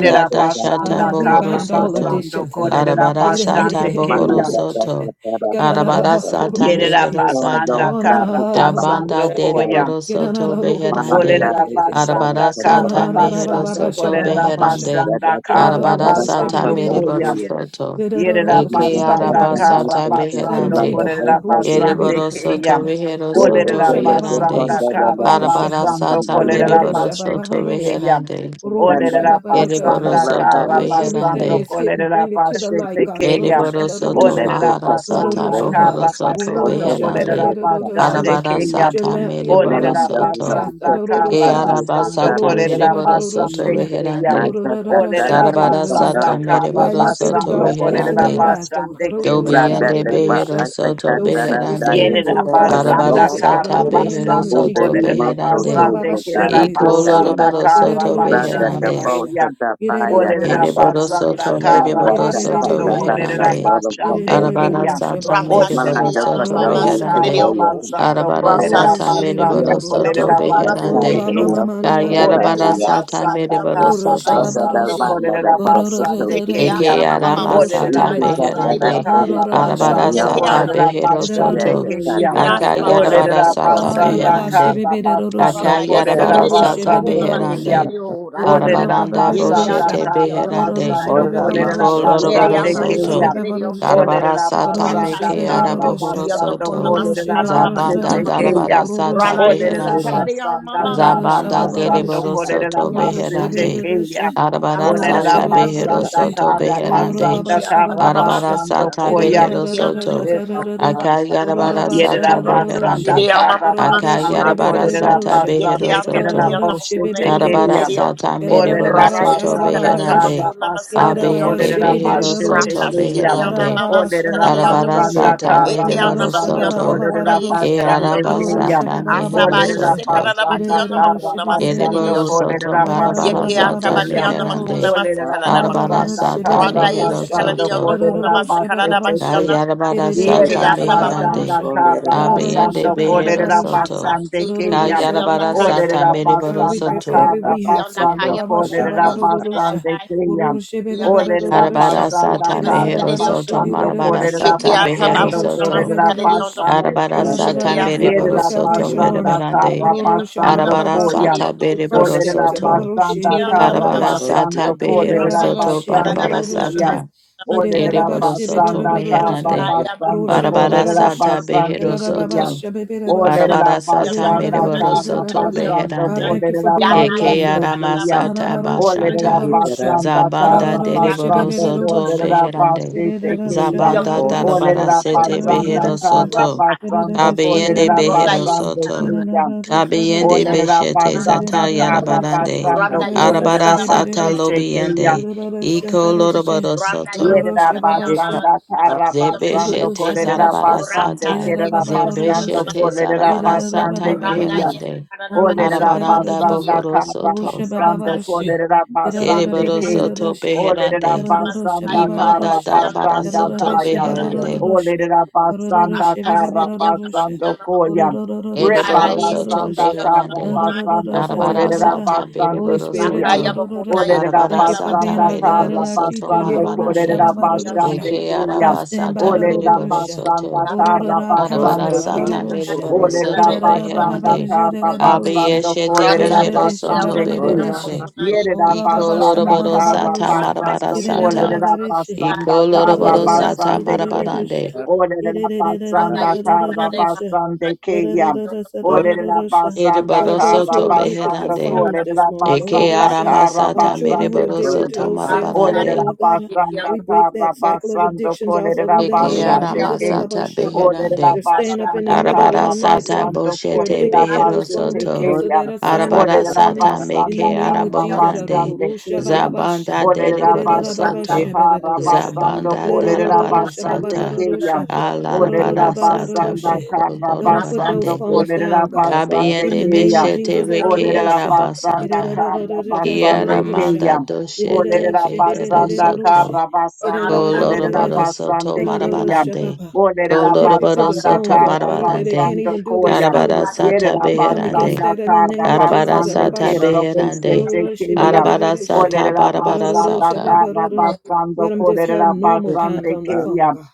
S7: Yes, and that
S6: dashata
S4: basanda
S7: they
S1: We
S6: bohoro
S4: kara
S1: bind all
S6: soto.
S4: basando
S1: addictions.
S4: kolerera
S6: Arabara sata
S4: basande
S6: bohoro
S4: keya.
S6: soto. Arabara sata
S4: Yerera
S6: mehero sata.
S4: basanda kara
S6: Da banda
S4: basando koya.
S6: deriboro
S1: Set them
S6: soto beherande.
S4: Olerera
S6: Arabara
S4: basanda
S6: sata
S4: kara
S6: mehero
S4: basando
S6: soto
S4: kolerera
S6: beherande.
S4: basanda kara
S6: Arabara sata
S4: basando koya.
S6: meriboro soto.
S4: Yerera
S6: Eke
S4: basanda
S6: araba
S4: kara
S6: sata
S4: basando
S1: free,
S6: beherande.
S1: God.
S4: korera basande
S6: Eriboro soto
S4: keya.
S6: rehero soto
S4: Olerera
S6: reherande.
S4: basanda kara
S6: Arabara
S4: basando
S6: sata
S4: korera
S6: meriboro soto
S4: basete keya.
S6: reherande.
S4: Olerera
S6: Eriboro
S4: basanda
S6: soto
S4: kara
S1: God, everything
S4: basando
S6: beherande.
S1: that's hidden,
S4: korera
S1: bring it to the light,
S4: basete
S1: God. God, everything
S4: keya.
S1: that's
S6: Eriboro
S1: hidden,
S6: soto
S4: Olerera
S7: cut
S6: mahara
S7: that
S6: sata
S4: basanda
S7: out
S6: bohoro
S4: kara
S6: soto
S4: basando
S7: otros
S1: bring it to
S6: beherande.
S4: korera
S7: sectores
S1: the light, God.
S4: basande
S6: Arabara
S7: capitales
S4: keya.
S1: Let your
S6: sata
S1: lamp be a light
S6: meriboro
S4: Olerera
S1: into
S7: Yolanda
S1: their
S6: soto.
S1: path.
S4: basanda
S7: Velasco
S1: Adororo
S6: Ke
S4: kara
S1: shaba,
S7: Santario
S6: araba
S4: basando
S6: sata
S7: Secretario
S1: adororo
S6: mere
S4: korera
S1: shaba,
S6: boro
S1: adororo
S6: soto
S4: basande
S1: shaba,
S4: keya.
S6: reherande.
S7: Macha
S1: adororo
S7: Catara
S4: Olerera
S1: shaba,
S6: Darabara
S4: basanda
S1: adororo.
S7: Santoro
S6: sata mere
S4: kara
S7: Cota
S1: Lighten
S6: boro
S1: up every
S6: soto
S4: basando
S7: Bacaria
S1: dark place in
S4: kolerera
S1: their
S6: reherande.
S7: Costa
S1: lives, Lord.
S4: basande
S1: Adororo
S4: keya.
S1: shaba,
S7: Randa
S6: Dobiende
S7: de
S1: adororo
S7: Ba
S6: behero
S1: shaba.
S6: soto
S1: Those
S7: Catara
S1: secret
S6: beherande.
S7: Daya
S1: sins,
S4: Yerera
S1: Lord God,
S7: Catara de
S6: Arabara
S4: basanda
S1: expose it.
S7: López
S4: kara
S6: sata
S1: Adororo In the
S6: behero
S1: name of
S4: basando
S7: Ude
S6: soto
S1: Jesus.
S7: de
S4: kolerera
S1: Ba
S7: Mosto
S1: ba
S6: beherande.
S1: ba
S7: Tu
S1: ba
S4: basande
S1: ba sha,
S4: kerera
S1: de
S7: Catara
S1: de de
S6: Iko
S7: de
S1: de sha.
S7: Taina
S4: basanda
S6: loroboro
S1: De de
S4: kara
S1: de
S6: soto
S1: de de sha,
S7: Randa
S1: ba
S7: de
S1: ba
S4: basande
S1: ba
S6: beherande.
S1: sha.
S4: kriya.
S7: Bosa
S1: Ye de de de
S7: Tapaya
S1: ba ba
S4: Olerera
S1: sha,
S7: Canda
S1: de
S6: Ereboro
S1: de de
S4: basanda
S1: sha.
S6: soto mere
S4: kara
S1: Ye
S7: Canda
S6: boro
S1: de de de de
S6: soto
S4: basando
S1: de de
S7: Catara
S1: de sha.
S4: kolerera
S6: reherande.
S7: Santoro
S1: Ye de
S2: corner.
S4: basande
S1: de de de
S7: Costa
S6: Arabara
S1: de
S4: kriya.
S1: sha, ba
S6: sata
S1: ba ba
S6: mere
S1: sha.
S2: Ratashi
S4: Olerera
S6: boro
S7: Malanda
S1: Ka ro
S6: soto
S2: Yamama
S1: ro ro
S4: basanda
S7: Cotoya
S1: sha, ba ba
S4: kara
S6: reherande.
S1: ba ro ro
S2: Masakaridioku.
S1: sha.
S4: basando
S6: Arabara
S7: Catara
S4: kolerera
S6: sata
S1: Uroroshe
S2: Ratashi
S6: mere
S4: basando
S6: boro soto
S1: bebererorosha.
S4: kolerera
S2: Yamdakuna
S7: yakagadzirwa
S4: basande
S6: beherande.
S1: Ora
S4: kriya.
S1: mama
S2: Masakaridioku.
S1: mana
S6: Yarabara
S4: Olerera
S1: rorosha.
S7: yakasakara
S2: Chikiata
S6: sata mere
S4: basanda
S2: Makiana
S4: kara
S2: Makuna
S1: Ororosha
S6: soto.
S4: basando
S1: babarosha.
S7: vakadabana
S4: kolerera
S2: Isidioku.
S4: basande
S1: Orororororora.
S7: rebhurokotosika
S4: kriya.
S6: Eke
S2: Chikiasa
S6: arama
S2: Baba
S1: Ororoshe
S4: Olerera
S6: sata
S2: Sukuna
S1: beberera.
S4: basanda
S6: beherande.
S2: Isidioku.
S4: karra
S1: Ororabasha
S6: Arabara
S4: basando
S7: isikadaraterikatariyoa
S6: sata
S2: Chikiana
S1: babaroshe.
S4: kolerera
S6: behero
S2: Makiana.
S4: basande
S6: soto.
S1: Ererororoshe
S4: keyam.
S6: Aka
S2: Chikiasa Baba
S1: bebererosha.
S6: yarabara
S4: Olerera
S2: Sukuna
S6: sata
S7: yakasakarakatotaya
S4: basanda
S2: Masakana.
S1: Kwarababashe
S6: beherande.
S4: karra basando
S1: bebereroroshe.
S6: Aka
S2: Randa
S4: kolerera
S6: yarabara
S1: Kororoshe
S6: sata
S2: Isidioku
S4: basando
S1: bebebarosha.
S4: keyam.
S6: beherande.
S2: Masakaridioku.
S4: Olerera
S6: Arabaranda
S4: basanda
S2: Yikiada
S1: Ererorobababererosha.
S6: boshete
S4: karra
S2: Makiana
S6: beherande.
S1: Korororoshe
S2: Makuna.
S4: basando kolerera
S6: Iko
S1: bebebarosha.
S6: loroboro
S4: basande
S2: Yeriamai
S1: Kororoshe
S4: keyam.
S6: soto.
S2: Saturday on the
S1: bebebaroshe.
S2: cool,
S6: Darabara
S4: Olerera
S6: sata
S1: Kororoshe
S4: basanda
S6: meke
S2: Ratashi,
S4: karra
S6: arabohoro
S1: bebereroshe.
S4: basando
S2: Yonoko
S6: soto.
S1: Kororoshe
S4: kolerera
S2: Namasakala
S6: Zabanda
S4: basande
S1: bebereroshe.
S2: Namakianamako,
S6: darabara
S4: keyam.
S6: sata
S1: Kororoshe
S2: Rara is
S4: Olerera
S6: beherande.
S1: bebereroshe.
S2: Saturday on
S4: basanda
S2: Mama
S4: karra
S1: Ererorosha
S2: Sukura,
S6: Zabanda
S4: basando
S1: babaroshe.
S6: deriboro
S4: kolerera
S6: soto
S1: Kororo
S4: basande
S1: shebe
S6: beherande.
S1: rereshe.
S4: keyam.
S6: Arabara
S2: Ratashi,
S1: Kororo
S4: Olerera
S6: sata
S1: sheba
S6: behero
S4: basanda
S1: babaroshe.
S6: soto
S2: yondoko
S4: kara
S9: Orga
S1: Kororo
S6: beherande.
S4: basanda
S1: baba sheba
S4: kara
S6: Arabara
S1: babasha.
S4: basando
S6: sata
S4: koya.
S6: behero soto.
S1: Kererararararararararar. Kororo
S6: Akayarabara
S1: basha
S6: sata
S4: Yerera basanda
S1: rarararoshe.
S6: beherande.
S4: kara
S1: Kororo
S4: basando
S1: shebe
S6: Akayarabara
S4: kolerera
S6: sata
S1: bebereroroshe.
S6: behero
S4: basande kerera
S6: soto.
S1: Kororo
S4: boshe
S1: shebe
S6: Arabara
S4: tekeya.
S1: bereroroshe.
S6: sata
S1: Kererara
S6: meriboro
S4: Olerera
S1: baba sheba
S6: soto
S4: basanda
S6: beherande.
S4: kara
S1: babaroshe.
S4: basando
S1: Kererara
S6: Abiyende
S4: kolerera
S1: shebe
S6: behero
S4: bashe
S6: soto
S1: bereroroshe.
S4: tekeya.
S1: Karara
S6: beherande.
S1: baba sheba
S4: Olerera
S6: Arabara
S1: babaroshe.
S4: basanda
S6: sata
S4: kara
S1: Kororo
S6: meriboro
S1: sheba
S4: basando
S6: soto.
S4: kolerera
S1: babaroshe.
S6: Ke
S4: basande
S1: Kororo
S4: keya.
S1: sheba
S6: arabasata mehero
S2: Asaba
S4: Olerera
S2: ise
S6: soto.
S2: karara
S4: basanda
S2: bakiyana
S1: Kororo
S4: kara
S2: makuna
S1: sheba
S2: masakarede
S4: basando
S6: Ereboro
S1: babaroshe.
S6: soto
S4: kolerera bashe
S6: marabara
S2: Yeke
S6: sata
S2: atabaki
S4: tekeya.
S2: anda makuna
S6: meherande.
S1: Garararabababashabababorosha.
S4: Olerera
S2: masakala la maku.
S6: Arabara
S4: basanda
S6: sata
S2: Randa
S4: kara
S6: mehero
S2: kalari
S1: Gararararashabeberorosha.
S2: kalali
S4: basando
S2: anda
S6: soto.
S2: kuna
S4: kolerera
S2: masakala
S4: bashe
S2: la baki
S1: Gararararashabababasha.
S4: tekeya.
S2: anda.
S6: Kayarabara
S2: Sheke
S6: sata
S4: Yerera
S2: asa baba ba.
S6: meherande.
S4: basanda
S1: Irerererererererosha.
S4: kara
S6: Abiyande
S4: basando
S6: behero
S4: kolerera
S1: Gararararashabababarosha.
S2: Rata
S6: soto.
S4: basande
S2: si.
S4: keyam.
S2: Yonda
S6: Kayarabara
S2: kaya
S1: Gararararashabarorosha.
S6: sata
S4: Olerera
S2: makum.
S1: God,
S6: mereboro
S1: we pray
S4: basanda
S1: for
S6: soto.
S4: kara
S1: every rehab
S2: Yonda
S1: center.
S4: basando
S2: kaya makum.
S4: kolerera
S2: Yese kalala
S1: Rababashababarorosha.
S4: basande
S2: kai.
S4: keyam.
S2: Yonda yese
S4: Olerera
S2: kalali
S1: Ororoshabebeberorosha.
S6: Arabara
S2: onku
S4: basanda
S6: sata
S4: kara
S6: mehero
S2: namasakali onda
S6: soto.
S2: ku.
S4: basando
S6: Marabara
S1: Irerarababashirererosha.
S4: kolerera
S2: Sheke
S6: sata
S2: asa
S6: behero
S2: baba
S4: basando
S2: kuna
S6: soto.
S4: kolerera
S2: masakali onda
S1: Gararararashabeberorosha.
S2: ku.
S4: basande
S6: Arabara
S4: keyam.
S2: Sheke
S1: Gararara,
S6: sata
S1: We
S2: asa
S1: pay for
S2: baba
S1: the
S6: mereboro
S2: ba.
S4: Yerera
S6: soto
S1: Salvation
S4: basanda
S1: Army.
S4: kara
S6: merebarande.
S2: Yeke anda makuna
S4: basando
S6: Arabara
S1: Ororoshababababa
S2: masakali
S4: koyam.
S6: sata
S2: onda ku.
S1: with first
S6: bereboro
S1: steps.
S4: Olerera
S6: soto.
S4: basanda
S2: Ikiata
S4: kara
S6: Arabara
S2: Babasa,
S6: sata
S4: basando
S6: behero
S2: Rabba
S4: kolerera
S6: soto.
S2: Yesi Karada
S4: basande
S6: Barabara
S2: Batiana
S4: keyam.
S6: sata.
S2: Masama,
S4: Olerera
S6: Ereboro soto
S4: basanda tarra
S6: meherande.
S2: Ayam
S4: basanda
S2: Kuma
S6: Barabara
S2: Yesi
S4: kolerera
S6: sata
S2: Kadion,
S4: basanda
S6: behero
S4: keyan.
S6: soto.
S2: Ikiata
S4: Olerera
S6: Barabara
S2: Piana
S6: sata
S4: basanda
S2: Makuna
S6: mereboro
S2: Yesi
S4: tarra
S6: soto
S2: Kadion,
S4: basanda
S1: God,
S6: beherande.
S1: thank you for
S4: kolerera
S1: being their
S2: Yana
S6: Eke
S2: Yesi
S4: basanda
S1: lifeline.
S6: arama
S2: Karada
S4: keyan.
S6: sata
S2: Batiana Makuna
S4: Olerera
S2: Yesi
S6: bashata.
S2: Kadion,
S4: basanda
S6: Zabanda
S4: tarra
S2: Rata
S6: dereboro
S4: basanda
S6: soto
S2: Shibiana
S4: kolerera
S2: Makuna
S6: beherande.
S4: basanda keyan.
S2: Yonda
S6: Zabanda darabara
S4: Olerera
S6: sete
S2: Makuna
S4: basanda
S6: behero
S4: tarra
S6: soto.
S2: Rata
S4: basanda
S6: Kabeyende
S4: kolerera
S2: Ronda
S6: behero
S4: basanda
S6: soto.
S2: Yesi
S4: keyan.
S6: Kabeyende
S4: Olerera
S6: beshete
S4: basanda
S6: zata
S4: tarra
S6: yarabarande.
S4: basanda
S2: Randa yesu
S4: kolerera
S6: Arabara
S2: kanana matiyo
S6: sata
S2: nama
S4: basanda
S2: kuna
S4: keyan.
S2: mesi
S6: lobiyende.
S2: kediyo.
S6: Iko loroboro
S2: Randa
S6: soto.
S2: yesu
S4: Yerera
S2: kanana yama
S1: Gororosha
S4: basanda
S2: kana
S4: kara
S2: matiyo nama
S4: basando
S2: kuna.
S6: Zebeshete
S1: Ururusha
S4: kolerera
S1: babasha,
S4: basande
S2: Urata
S6: Zarabarasata.
S1: irera
S2: yesu
S4: kerera
S1: bababa
S2: kanana kana
S4: basando
S1: rurusha,
S6: Zebeshete
S4: kolerera
S2: matiyo.
S1: irera
S6: Zarabarasata
S4: basande
S1: bababa
S2: Randa
S4: keyan.
S1: babarusha,
S2: yesu
S6: Meherande.
S2: kanana matiyo
S1: ururusha
S4: Olerera
S2: nama
S6: Arabaranda
S1: bererusha,
S4: basanda
S2: kediyo.
S4: kara
S1: rurusha
S6: Bohorosoto.
S1: bababa
S2: Urata
S4: basando
S2: yesu
S1: rushi,
S4: kolerera
S2: Randa,
S1: irera
S4: basande
S1: babere
S2: nama
S4: kem.
S6: Ereborosoto
S2: kediyo
S1: rurusha,
S4: Olerera
S6: Beherande.
S2: nama
S1: irerusha
S2: kai.
S4: basanda
S6: Imanda
S4: kara
S1: babarusha,
S2: Kediyo nama
S4: basanda
S2: nama
S6: Darabarasoto
S1: irerusha
S4: kayan.
S2: kana nama.
S6: Beherande.
S1: babarusha,
S4: Olerera basanda
S1: ururusha
S2: Rata
S4: kara
S2: yesu yondo nama
S1: babarusha,
S4: basando
S2: yondo.
S4: koyan.
S1: ururusha
S2: Randa yesu
S6: Ereborosoto
S4: Rebarasanda
S1: babarusha,
S2: kediyo nama
S4: kara
S6: Beherande.
S2: kuna.
S4: basando kolerera
S1: ururusha
S6: Arabarasata
S1: Holy
S4: basande
S1: Spirit,
S4: keyan.
S2: Bakaya
S6: Bereborosoto.
S2: bakuna
S1: ororosha.
S2: ye
S4: Olerera
S1: thank you
S2: karara
S1: for
S6: Arabarasata
S1: being
S4: basanda
S2: bakiyana
S1: our God
S4: karra
S1: and our
S6: Mereborosoto
S1: teacher.
S4: basando
S1: ororosha
S6: Marabarande.
S4: kolerera
S2: bakiyana
S1: babarorosha.
S2: ye
S4: basande
S6: Eke
S2: karara
S1: Uh,
S4: kiyam.
S1: stand
S2: bakiyana
S1: by
S6: Arabasata
S1: the
S4: Olerera
S1: Rorosha.
S6: Mereborosoto.
S4: basanda
S2: bakaya
S4: karra
S1: Ororora
S9: basso,
S6: Arabara
S1: counselor.
S9: orga
S4: basando kiyam.
S6: sata
S9: basso,
S2: bakuna
S6: mere
S1: Rorosha.
S6: boro
S2: ye karara
S4: Olerera
S6: soto
S2: ye bakuna
S4: basanda
S6: beherande.
S4: karra
S2: makiyana
S1: Irararabababarajidararosha.
S4: basando
S6: Abiyeshete
S2: rata
S4: kolerera
S6: behero
S1: Rororadesha
S6: soto
S2: kiriyana
S4: basande kiyam.
S2: makiyana
S9: orga
S1: babaradesha.
S6: beherande.
S2: bakuna ye
S9: basso,
S4: Yerera
S6: Iko
S2: kiriyana
S4: basanda
S6: loroboro
S4: karra
S6: sata
S1: Orababashamababarabarosha.
S2: rata
S6: marabara
S4: basando
S2: kiriyana
S6: sata.
S4: kolerera
S1: Irarararabarisha.
S2: makuna
S6: Iko
S4: basanda
S2: ye
S4: karra
S6: loroboro
S9: Orga pas,
S6: sata
S4: basande
S2: kiriyana
S4: kiyam.
S9: orga
S1: Rarararababasirararosha.
S6: marabarande.
S9: pas,
S2: makiyana
S4: Olerera
S2: rata
S4: basanda
S2: ye
S4: karra
S2: karara ye
S1: Irarararararosha.
S2: bakuna
S4: basande
S2: ye
S1: God,
S4: kiyam.
S2: kiriyana
S9: orga,
S2: makuna
S4: Olerera basanda
S2: ye
S6: Ereboro
S2: kiriyana
S1: those
S4: kara
S1: who
S6: soto
S1: are
S2: makuna
S1: addicted to
S4: basando
S2: karara rata kiriyana
S6: beherande.
S1: phones
S4: kolerera
S1: this morning,
S6: Eke
S4: basanda
S6: arama
S4: kara
S1: our
S6: sata
S1: children
S6: mere
S1: who
S4: basande
S1: are
S6: boro
S4: ke.
S1: addicted to
S9: orga
S6: soto
S1: those
S9: pas,
S1: cell
S2: makuna
S1: phones,
S4: Olerera
S6: marabarande.
S1: Lord God,
S2: ye
S4: basanda
S1: we
S2: kiriyana
S1: break
S4: kara
S1: that cycle of
S4: basando
S1: addictions off of them
S4: kolerera
S1: in the
S6: Eke
S1: name
S9: orga,
S1: of
S4: basande
S6: arama
S2: Yeke
S1: Jesus.
S4: ke.
S6: sata
S4: Olerera
S6: beherande.
S1: They're staying up in the
S4: basanda
S9: candida,
S1: middle of
S6: Arabara
S4: kara
S1: the night,
S6: sata
S1: Lord.
S4: basando
S1: They're
S6: boshete
S4: kolerera
S1: addicted to
S6: behero
S1: those phones.
S4: basete
S1: We
S6: soto.
S4: ke
S1: cancel
S4: ya.
S1: that
S9: orga pas,
S1: assignment
S6: Arabara
S1: this
S4: Olerera
S1: morning
S6: sata
S9: orga,
S1: in the
S4: basanda
S6: meke
S1: name of
S4: kara
S1: Jesus.
S6: arabohorande.
S4: basande ke ya.
S6: Zabanda
S4: Olerera
S6: deriboro
S4: basanda
S6: soto.
S4: kara
S9: etcetera,
S4: basando
S6: Zabanda
S4: kolerera
S6: darabara
S4: basande
S6: sata.
S4: ke ya. Olerera
S6: Alarabara sata
S4: basanda
S1: What
S6: boko
S4: kara
S1: let them put those
S4: basando
S6: dorobarande.
S1: phones
S9: etcetera,
S4: kolerera
S1: down, God.
S9: pas, pas,
S4: basande
S1: In
S6: Kabiende
S1: the
S4: ke
S1: name
S4: ya.
S1: of
S6: beshete
S1: Jesus.
S9: pas,
S6: reke
S4: Olerera basanda
S6: arabasata.
S4: kara basande
S6: Kiara
S9: orga,
S4: ke ya.
S6: manda doshete
S4: Olerera
S6: behero
S4: basanda
S6: soto.
S4: kara basando kolerera
S6: Colorado Soto
S4: basande keyam.
S6: Marabarande.
S4: Olerera
S1: Addicted to
S6: Colorado
S1: the
S4: basanda
S6: Soto
S1: phones, oh
S4: kara
S1: God, that they
S6: Marabarande.
S1: can't
S4: basando
S1: even do their
S4: koyam.
S6: Carabara
S1: schoolwork.
S6: Sata
S4: Yerera
S1: We come
S6: Beherande.
S1: against
S4: basanda
S1: that in the
S4: kara
S1: name of
S6: Carabara
S1: Jesus. Let
S4: basande
S6: Sata
S4: kerero bose
S6: Beherande.
S4: çekeyam.
S6: Barabara Sata
S4: Olerera
S6: Barabara
S4: basanda
S6: Sata.
S4: kara basando
S1: them just have
S4: kolerera
S1: normal times
S9: etcetera,
S4: basande
S1: on the
S9: pas,
S1: phone,
S4: keyam.
S1: God.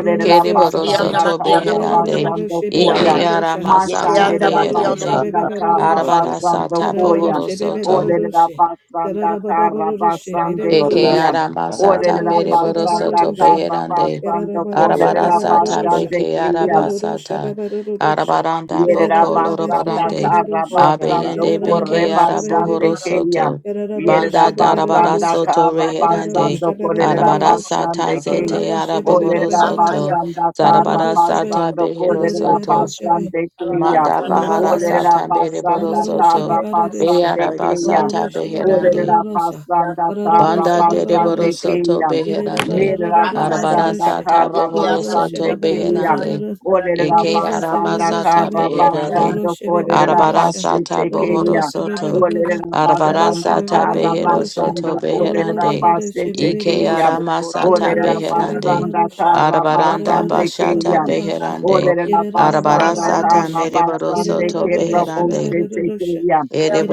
S1: You know, cell
S6: Keriboro
S1: phones, God.
S4: basanda
S6: Soto
S1: Get
S4: kara
S6: Beherande.
S4: basando
S6: Ike
S4: koyam. Maçan
S6: Masata
S4: derera
S9: orga
S6: Beherande.
S4: basanda
S9: pas, orga, orga, orga,
S4: kara
S9: orga, etcetera, pas, candida, orga pas, orga, etcetera, lirga, pas, orga, pas,
S6: Arabara
S4: basando
S6: Sata
S4: koyam.
S6: Bohoro Soto.
S4: Olele la basanda kara basande
S6: Eke
S4: kuya.
S6: arama
S4: Olele
S6: sata
S4: la
S6: mere boro
S4: basanda
S6: soto
S4: kara
S6: beherande.
S4: basando kolele
S6: Arabara sata beke
S4: kuya.
S6: araba sata. Arabaranda
S4: Yerera
S6: boko
S4: basanda
S6: lorobarande.
S4: kara Yerabasanda Karabasando
S6: Abeyende beke
S4: Korebashande
S6: arabohoro
S4: Keya.
S6: soto. Banda darabara
S4: Yerabasanda
S6: soto reherande.
S4: Karabasando
S6: Arabara sata
S4: Korebashande Key.
S6: zete arabohoro
S1: it,
S2: Bakaya
S6: soto.
S4: Olerabasanda
S2: Bakunai,
S6: Zarabara
S1: Shabbat.
S6: sata
S4: Karabasando
S6: behero soto.
S4: Korebashande Keya.
S6: Manda bahara
S1: Orororosha,
S6: sata mere boro
S4: Olerabasanda
S1: gororosha
S6: soto. Be
S1: babarorosha,
S4: Karabasande
S6: araba
S4: Keya.
S6: sata
S1: gororosha
S6: beherande.
S1: babarorosha,
S4: Olerabasanda
S6: Banda
S1: gororosha
S6: dereboro
S4: Karabasande
S1: babarorosha,
S6: soto
S4: Keya.
S1: irere
S6: beherande.
S4: Yerera
S2: Rakas,
S6: Arabara
S4: basanda
S1: babarorororosha,
S6: sata
S4: kara
S2: Ikia
S6: bohoro
S1: gororosha
S6: soto
S2: Namakia
S4: Karabasande Keya.
S1: babarorororosha,
S2: Bakunai,
S6: beherande.
S1: gororosha
S4: Olerera
S6: Eke
S1: babarorosha, gororosha
S2: Rakas,
S6: arama
S4: basanda
S1: babarorosha,
S6: sata
S4: kara
S2: Ikia Namakia,
S6: beherande.
S4: basando
S1: gororosha
S4: kolerera
S6: Arabara
S1: babarorosha,
S4: bashe
S6: sata bohoro
S4: tekeya.
S1: gororosha
S6: soto.
S1: babarorosha,
S4: Olerera
S6: Arabara
S1: gororosha
S4: basanda
S6: sata
S4: kara
S6: behero
S1: babarorosha,
S4: basando
S6: soto
S4: kolerera
S6: beherande.
S4: bashe
S6: Ike
S4: tekeya.
S6: arama sata
S9: orga, etcetera,
S4: Olerera
S1: gororosha
S6: beherande.
S4: basanda
S1: babarorosha,
S9: etcetera,
S4: kara
S9: pas,
S6: Arabaranda
S2: Rakas,
S4: basande
S1: gororosha
S6: bashata
S4: keya.
S1: bababasha,
S6: beherande.
S9: orga,
S4: Olerera
S1: irere
S6: Arabara
S4: basanda
S6: sata
S4: kara
S1: bababasha.
S6: mereboro
S2: Randa
S4: basande
S6: soto
S4: kera
S6: beherande.
S4: boshe tekeya.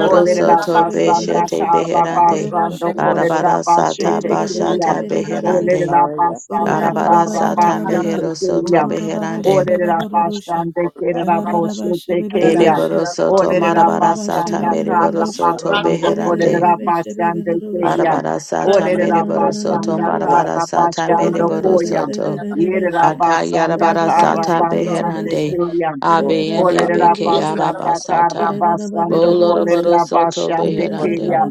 S4: Olerera
S6: to
S4: basanda
S6: beshete
S4: kara
S9: Thank
S6: beherande.
S4: basando kolerera
S6: Arabara
S4: bashe
S6: sata
S4: tekeya.
S6: bashata beherande.
S4: Olerera basanda
S6: Arabara
S4: kara
S6: sata
S4: bashe
S6: meheroso to
S4: tekeya.
S6: beherande.
S4: Olerera basanda kerera boshete keya.
S6: Ereboroso to
S4: Olerera
S6: marabara sata
S4: basanda kara
S6: mereboroso to
S4: basando
S6: beherande.
S4: kolerera basande keya.
S6: Arabara sata
S4: Olerera
S6: mereboroso to
S4: basanda kara
S6: marabara sata
S4: basando koya.
S6: mereboroso to.
S4: Yerera
S1: da
S4: basanda
S6: Akayarabara
S1: da
S4: kara
S6: sata
S4: basande
S6: beherande.
S4: keya.
S6: Abeyende
S4: Olerera
S6: beke
S4: basanda kara
S6: arabasata.
S4: basando kolerera
S6: Boloroboroso to
S4: basande
S6: beherande.
S4: keya.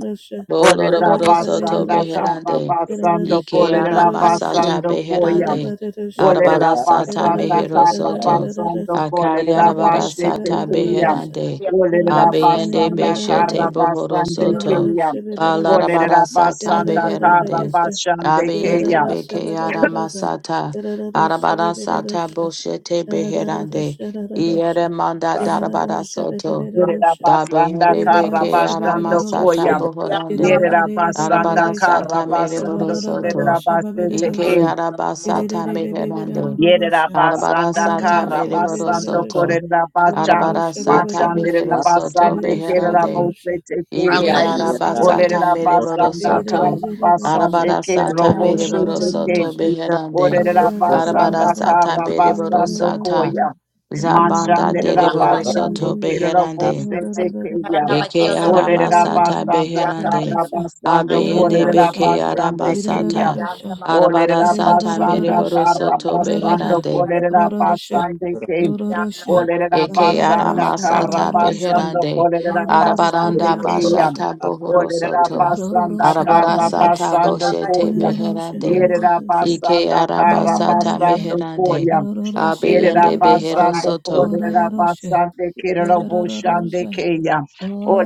S4: Olerera
S2: Randa
S6: Boloroboro soto
S4: basanda kara
S6: beherande.
S4: basando
S6: Ike
S1: da
S6: ara
S4: kolerera
S1: da da.
S6: masata
S4: basando
S1: Get it
S4: koya.
S6: beherande.
S1: out
S4: Olerera
S6: Arabara sata
S4: basanda
S6: mehero
S4: karra
S6: soto.
S4: basando kolerera
S6: Akayarabara
S4: başe
S6: sata
S4: tekeyam.
S6: beherande.
S4: Olerera
S6: Abeyende
S4: basanda
S6: beshete
S4: karra
S6: bohoro
S4: basande
S6: soto.
S4: keyam.
S6: Balarabara
S4: Olerera
S6: sata
S4: basanda karra
S6: beherande.
S4: basande
S6: Abeyende
S4: keyam.
S6: beke ara masata. Arabara sata boshete beherande. Iere manda darabara soto.
S4: Verera basanda
S6: Dabeyende
S4: karra
S6: beke ara
S4: basando
S6: masata
S4: koyam.
S6: bohorande.
S4: Yerera basanda
S6: Arabara
S4: karra
S6: sata mere
S4: basando kolerera
S6: borosoto.
S1: of
S6: Ike
S1: the
S4: başe
S6: araba sata meherande.
S4: Yerera
S1: Russia,
S6: Arabara
S4: basanda
S6: sata
S4: kara
S6: mere
S4: basando
S6: borosoto.
S4: korera bacham
S6: Arabara sata
S4: machandera
S6: beherosoto
S4: basande kerera
S6: beherande.
S4: bose tekeya.
S6: Ike araba
S2: Bakaya
S6: sata
S4: Olerera
S6: mere
S4: basanda
S6: borosoto.
S4: kara basande
S6: Arabara
S4: kerera
S6: sata mere
S4: bose teke.
S6: borosoto beherande.
S4: Orera
S6: Arabara
S4: basanda
S6: sata
S4: kara
S6: mere
S4: basando
S6: borosata.
S4: koya.
S6: Zabanda dere
S4: Mashandera basande
S6: borosoto
S4: kerera
S6: beherande.
S4: bose tekeya.
S6: Eke
S4: Orera
S6: aramasata
S4: basanda
S6: beherande.
S4: kara basando
S6: Abeyende
S4: korera
S6: beke
S4: basande keya.
S6: arabasata.
S1: Irerararasha,
S4: Orera
S6: Arabarasata
S4: basanda
S1: irerarararasha,
S6: mereboro
S4: kara
S6: soto
S4: basando
S1: rarara,
S6: beherande.
S4: korera
S1: rararasha,
S2: Thank
S4: basande ke.
S1: rararasha,
S4: Orera
S6: Eke
S4: basanda
S1: rarararabasha,
S4: kara
S6: aramasata
S1: babarararasha,
S4: basando
S6: beherande.
S4: korera
S1: rarararasha,
S4: basande
S6: Arabaranda
S4: keya.
S1: babarararasha,
S6: bashata bohoro
S4: Orera
S6: soto.
S4: basanda
S1: rarararasha,
S4: kara
S6: Arabarasata
S1: babarararasha,
S4: basando
S6: boshete
S4: koya.
S1: inanararasha,
S6: beherande.
S1: babarararasha,
S6: Ike
S4: Yerabasanda
S6: arabasata
S1: inanararasha,
S4: Karabasando
S6: meherande.
S4: Koya.
S1: rarararasha,
S6: Abeyende
S1: babarararasha,
S6: behero
S4: Yerabasando
S6: soto.
S1: rarararasha.
S4: Korabasande Kiraboshande
S1: Irarararosha,
S4: Kaya.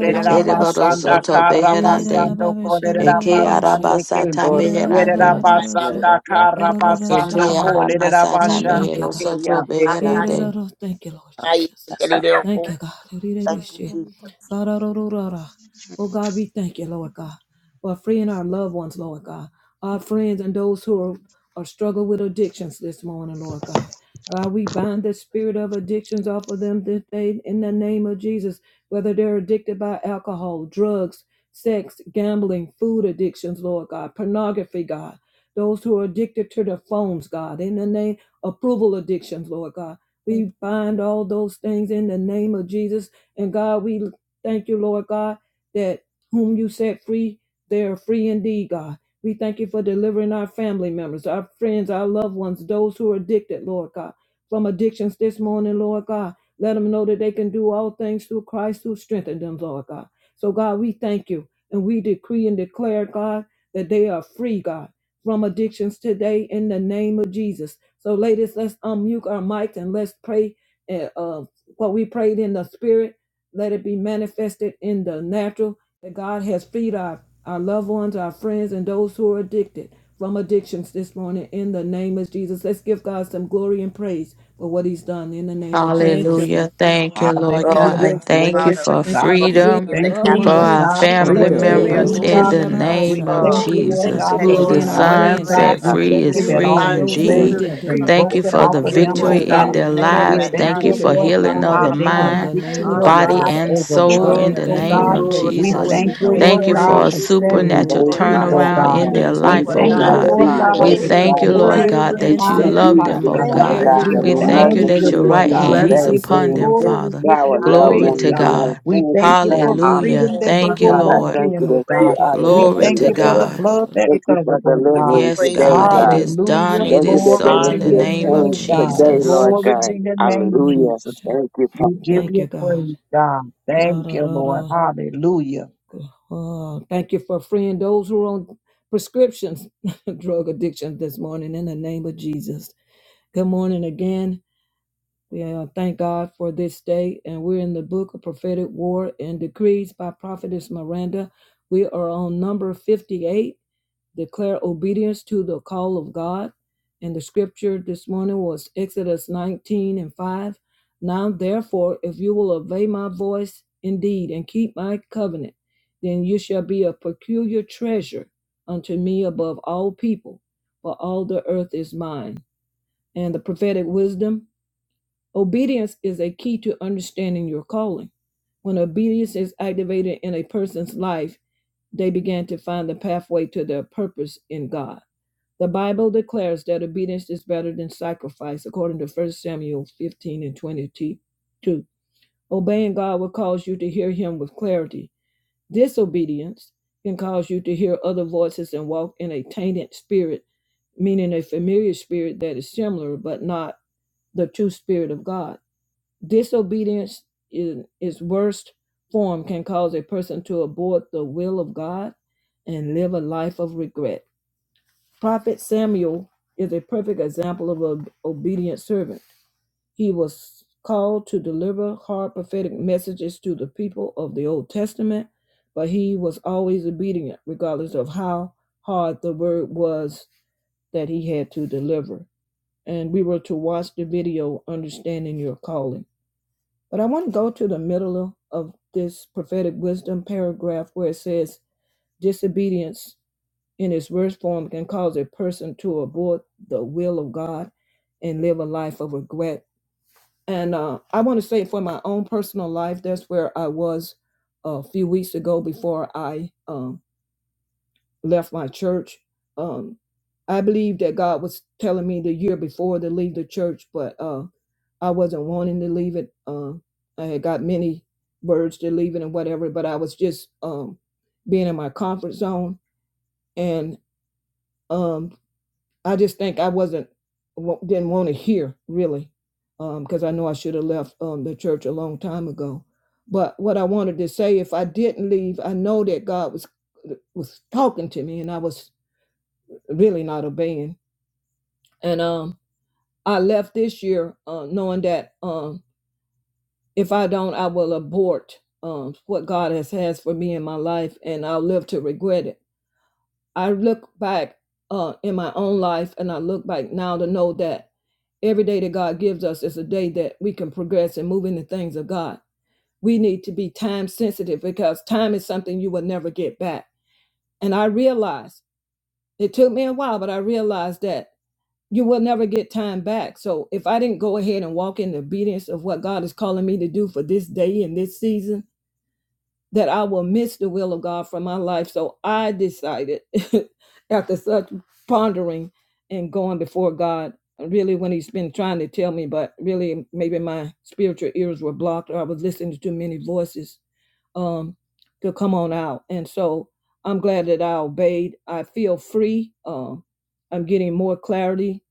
S9: you.
S6: Ereboro
S9: Freedom
S6: soto
S9: in
S6: beherande.
S4: Karabasando
S6: Eke
S1: irarababeshebeberarosha,
S4: Korabasande Kim.
S6: arabasata meherande.
S1: irarababederosha,
S4: Yerabasanda
S6: Ete
S4: Karabasando
S1: gorororoshaba.
S6: ara masata
S1: Oh, thank
S4: Kolerabashande
S1: you,
S6: mehero
S1: God.
S6: soto
S4: Kaya.
S6: beherande.
S1: Yereraro. Thank you, Lord Jesus. Thank you, God.
S8: Thank
S2: you,
S1: Rirerishi.
S2: Jesus.
S1: Gararororara. Oh, God, we thank you, Lord God, for freeing our loved ones, Lord God, our friends and those who are, are struggling with addictions this morning, Lord God. God, we bind the spirit of addictions off of them this day in the name of Jesus, whether they're addicted by alcohol, drugs, sex, gambling, food addictions, Lord God, pornography, God. Those who are addicted to their phones, God, in the name approval addictions, Lord God. We bind all those things in the name of Jesus. And God, we thank you, Lord God, that whom you set free, they are free indeed, God. We thank you for delivering our family members, our friends, our loved ones, those who are addicted, Lord God, from addictions this morning, Lord God. Let them know that they can do all things through Christ who strengthened them, Lord God. So, God, we thank you and we decree and declare, God, that they are free, God from addictions today in the name of Jesus. So, ladies, let's unmute our mics and let's pray uh, uh, what we prayed in the spirit. Let it be manifested in the natural that God has freed our, our loved ones, our friends, and those who are addicted from addictions this morning in the name of Jesus. Let's give God some glory and praise for what He's done in the name of Jesus.
S6: Hallelujah. Thank
S1: Lord,
S6: you,
S1: oh,
S4: Hallelujah.
S6: Lord
S1: thank
S2: Oh,
S1: you,
S2: thank
S1: God.
S6: God.
S2: you,
S6: Thank you
S4: Glory
S2: Father,
S4: to
S6: for
S1: Thank you
S4: God.
S1: for
S2: for
S4: We
S1: freeing
S6: freedom
S1: our
S2: freeing the
S4: thank
S1: loved
S4: you,
S6: for
S4: Lord
S1: ones.
S2: captives
S6: our
S4: God, for
S2: from
S6: family
S4: what
S9: the
S4: you're
S9: name
S1: Yeah,
S2: every
S1: the
S6: members
S3: Glory
S4: doing,
S3: to
S9: of
S1: Roro
S6: in
S2: addiction
S3: your
S4: God.
S6: the
S3: name,
S2: of
S3: Lord.
S4: We
S6: name
S1: Shababasha.
S3: God.
S6: of
S2: drug,
S4: thank you,
S3: Always
S9: Jesus,
S4: Lord
S3: thank
S6: Jesus,
S1: Thank
S3: you,
S1: you
S4: God,
S1: for
S4: for
S6: who
S3: Lord.
S9: Lord
S6: the
S3: God,
S1: freeing
S2: sexual,
S1: our
S3: for
S9: God,
S3: our food.
S6: Son
S4: delivering,
S2: whatever
S1: friends,
S4: God.
S6: set
S2: it
S1: Lord
S4: We
S9: our
S1: God.
S6: free
S4: thank
S6: is
S9: family
S4: you
S3: Thank
S4: that
S1: And I
S3: you
S9: members
S6: free
S1: know
S4: all
S2: find
S9: and
S2: the
S1: those who are
S3: for
S6: indeed.
S4: chains
S9: saved
S2: spirit
S4: have
S2: that
S1: addicted,
S4: been
S2: come
S3: freedom,
S2: to
S6: Thank
S9: and
S3: God.
S2: get
S6: you
S4: broken
S2: them
S6: for
S4: off
S6: the
S2: off
S4: of
S2: their
S4: them,
S6: victory
S9: delivered.
S2: course.
S4: oh
S2: God,
S6: in
S4: God.
S2: we
S6: their
S9: In the
S1: those
S9: name
S2: thank
S9: of
S2: you
S4: We
S1: whatever
S6: lives.
S2: right
S1: the
S3: We
S4: thank
S6: Thank
S2: now
S6: you
S4: you,
S3: thank
S1: addiction
S6: for
S3: you
S2: that
S1: may
S3: for
S4: Lord
S1: be,
S6: healing
S4: God,
S2: you
S1: God,
S6: of
S2: set
S6: the
S4: that
S2: them
S9: power,
S3: restoring,
S4: they
S3: God.
S4: have
S2: free.
S1: in
S6: mind,
S1: the
S3: We
S9: we
S1: name
S3: thank
S4: victory,
S1: of
S9: honor
S3: you.
S4: oh
S9: you,
S6: body,
S2: Rata,
S4: God,
S9: Lord
S1: Jesus.
S6: and
S2: thank
S9: God.
S2: you
S4: over
S3: We
S1: Oh
S3: thank
S6: soul
S2: for
S3: you
S1: God,
S6: in
S1: we
S4: drugs,
S2: them
S6: the
S3: for
S4: oh
S1: thank you.
S9: We
S6: name
S4: God.
S1: We
S6: of
S3: mending,
S1: praise you
S3: God.
S1: for
S4: We
S9: glorify
S1: what
S9: you,
S6: Jesus.
S3: In the
S4: thank
S1: we
S2: of
S4: you,
S9: God.
S3: name
S9: We
S3: of
S1: prayed
S6: Thank
S4: Lord
S6: you
S1: in
S2: every
S1: the
S4: God,
S6: for a
S9: praise
S4: for
S9: you this
S1: spirit,
S4: setting
S1: what
S4: them
S9: morning,
S1: we
S2: addiction.
S6: supernatural
S7: Thank
S3: Jesus,
S9: Lord
S4: free,
S7: you,
S9: God.
S4: oh
S1: manifested
S6: turnaround
S7: Father
S1: in
S4: God.
S1: the
S6: in
S2: Thank
S7: God.
S6: their
S2: you
S9: Victory
S1: natural,
S4: We
S7: Thank
S2: for
S6: life,
S1: that
S7: you,
S6: oh
S4: thank
S1: they
S9: in
S1: are
S4: you,
S3: we
S2: God,
S6: God.
S9: their
S3: thank
S4: Lord
S1: free,
S7: Hallelujah.
S3: you,
S9: lives.
S4: God,
S6: We
S7: Thank
S3: oh
S4: that
S7: you,
S1: delivered,
S3: God.
S4: your
S9: In
S6: thank
S9: the
S6: you,
S3: We
S7: Father.
S6: Lord
S4: glory
S9: name
S2: Father,
S3: magnify.
S2: oh
S4: be
S1: healed,
S9: of
S6: God,
S7: You
S1: and
S6: that you
S2: God.
S4: upon
S7: set
S1: set
S4: their
S7: me
S6: love
S1: free
S2: Thank
S4: life,
S6: them,
S7: free,
S6: oh
S2: you,
S1: from
S4: God.
S9: we
S3: Thank
S7: Father
S6: God
S2: Father
S3: you,
S9: thank
S7: God,
S1: every
S7: and
S9: you,
S4: We
S7: I
S6: we
S1: form
S9: Lord.
S1: of
S7: know
S6: thank
S2: God.
S6: you
S4: thank
S7: that
S9: We
S4: you,
S6: that
S7: you
S1: addiction
S2: Hallelujah.
S6: your
S7: can
S4: Lord
S6: right
S7: do
S9: decree
S1: in
S7: the
S4: God.
S6: hand
S4: We
S6: is
S9: blessings
S7: same
S4: give
S1: Jesus'
S4: you
S6: upon
S7: thing
S1: name.
S6: them,
S9: and
S4: glory.
S6: Father.
S7: to
S4: We
S9: peace
S4: give
S7: our
S4: you
S9: in the
S7: loved
S6: Glory
S2: Hallelujah.
S4: praise,
S9: name
S6: to
S7: ones
S9: of
S4: God.
S7: and
S8: you.
S1: Amen.
S7: our
S6: God.
S4: We
S7: friends and
S4: thank you for
S7: family.
S6: Hallelujah.
S4: freedom
S2: Oh,
S4: that they
S6: Thank you,
S4: will
S1: Oh,
S7: Father, I
S4: walk
S6: Lord.
S1: oh
S7: thank
S4: in,
S7: you
S2: hallelujah.
S4: oh
S1: God,
S7: that
S2: Glory
S7: you
S4: God.
S1: thank you,
S7: are
S2: in
S7: the
S2: the name.
S4: We
S1: thank you,
S6: Glory
S4: thank
S6: to
S4: you
S1: thank you,
S4: for
S7: deliverer.
S4: the
S1: God.
S6: God.
S4: blood that
S7: Thank you for
S4: covered
S2: We
S4: them,
S2: give you
S4: God.
S7: delivering
S6: Yes,
S2: praise in
S7: today,
S6: God,
S2: our
S6: it
S7: God.
S6: is
S4: Hallelujah.
S1: God.
S6: done.
S2: name.
S6: It
S7: Thank you
S6: is
S7: that they
S4: Glory
S6: so
S7: will
S4: to
S6: in the
S7: see
S4: your
S1: Thank
S7: a
S6: name of
S7: change
S4: name,
S2: Hallelujah.
S4: God.
S7: today,
S6: Jesus.
S7: Lord
S4: Glory to
S7: God.
S4: your name,
S7: Hallelujah.
S4: Jesus.
S7: Thank you,
S4: You
S7: Father.
S4: give your
S1: you, God.
S4: praise, God.
S1: Da,
S4: Thank
S1: da,
S4: you,
S1: da,
S4: Lord.
S1: da.
S4: Hallelujah.
S1: Oh, thank you for freeing those who are on prescriptions, drug addiction this morning in the name of Jesus. Good morning again. We uh, thank God for this day, and we're in the book of prophetic war and decrees by prophetess Miranda. We are on number 58 declare obedience to the call of God. And the scripture this morning was Exodus 19 and 5. Now, therefore, if you will obey my voice indeed and keep my covenant, then you shall be a peculiar treasure unto me above all people, for all the earth is mine. And the prophetic wisdom obedience is a key to understanding your calling. When obedience is activated in a person's life, they begin to find the pathway to their purpose in God. The Bible declares that obedience is better than sacrifice, according to 1 Samuel 15 and 22. Obeying God will cause you to hear Him with clarity. Disobedience can cause you to hear other voices and walk in a tainted spirit, meaning a familiar spirit that is similar but not the true spirit of God. Disobedience in its worst form can cause a person to abort the will of God and live a life of regret. Prophet Samuel is a perfect example of an obedient servant. He was called to deliver hard prophetic messages to the people of the Old Testament, but he was always obedient, regardless of how hard the word was that he had to deliver. And we were to watch the video, Understanding Your Calling. But I want to go to the middle of this prophetic wisdom paragraph where it says, Disobedience in its worst form can cause a person to abort the will of God and live a life of regret. And uh, I want to say for my own personal life, that's where I was a few weeks ago before I um, left my church. Um, I believe that God was telling me the year before to leave the church, but uh, I wasn't wanting to leave it. Uh, I had got many words to leave it and whatever, but I was just um, being in my comfort zone. And um, I just think I wasn't wa- didn't want to hear really, because I know I should have left um, the church a long time ago. But what I wanted to say, if I didn't leave, I know that God was was talking to me, and I was really not obeying. And um, I left this year uh, knowing that um, if I don't, I will abort um, what God has has for me in my life, and I'll live to regret it I look back uh, in my own life and I look back now to know that every day that God gives us is a day that we can progress and move in the things of God. We need to be time sensitive because time is something you will never get back. And I realized it took me a while, but I realized that you will never get time back. So if I didn't go ahead and walk in the obedience of what God is calling me to do for this day and this season, that I will miss the will of God for my life. So I decided, after such pondering and going before God, really when He's been trying to tell me, but really maybe my spiritual ears were blocked or I was listening to too many voices um, to come on out. And so I'm glad that I obeyed. I feel free. Um, I'm getting more clarity.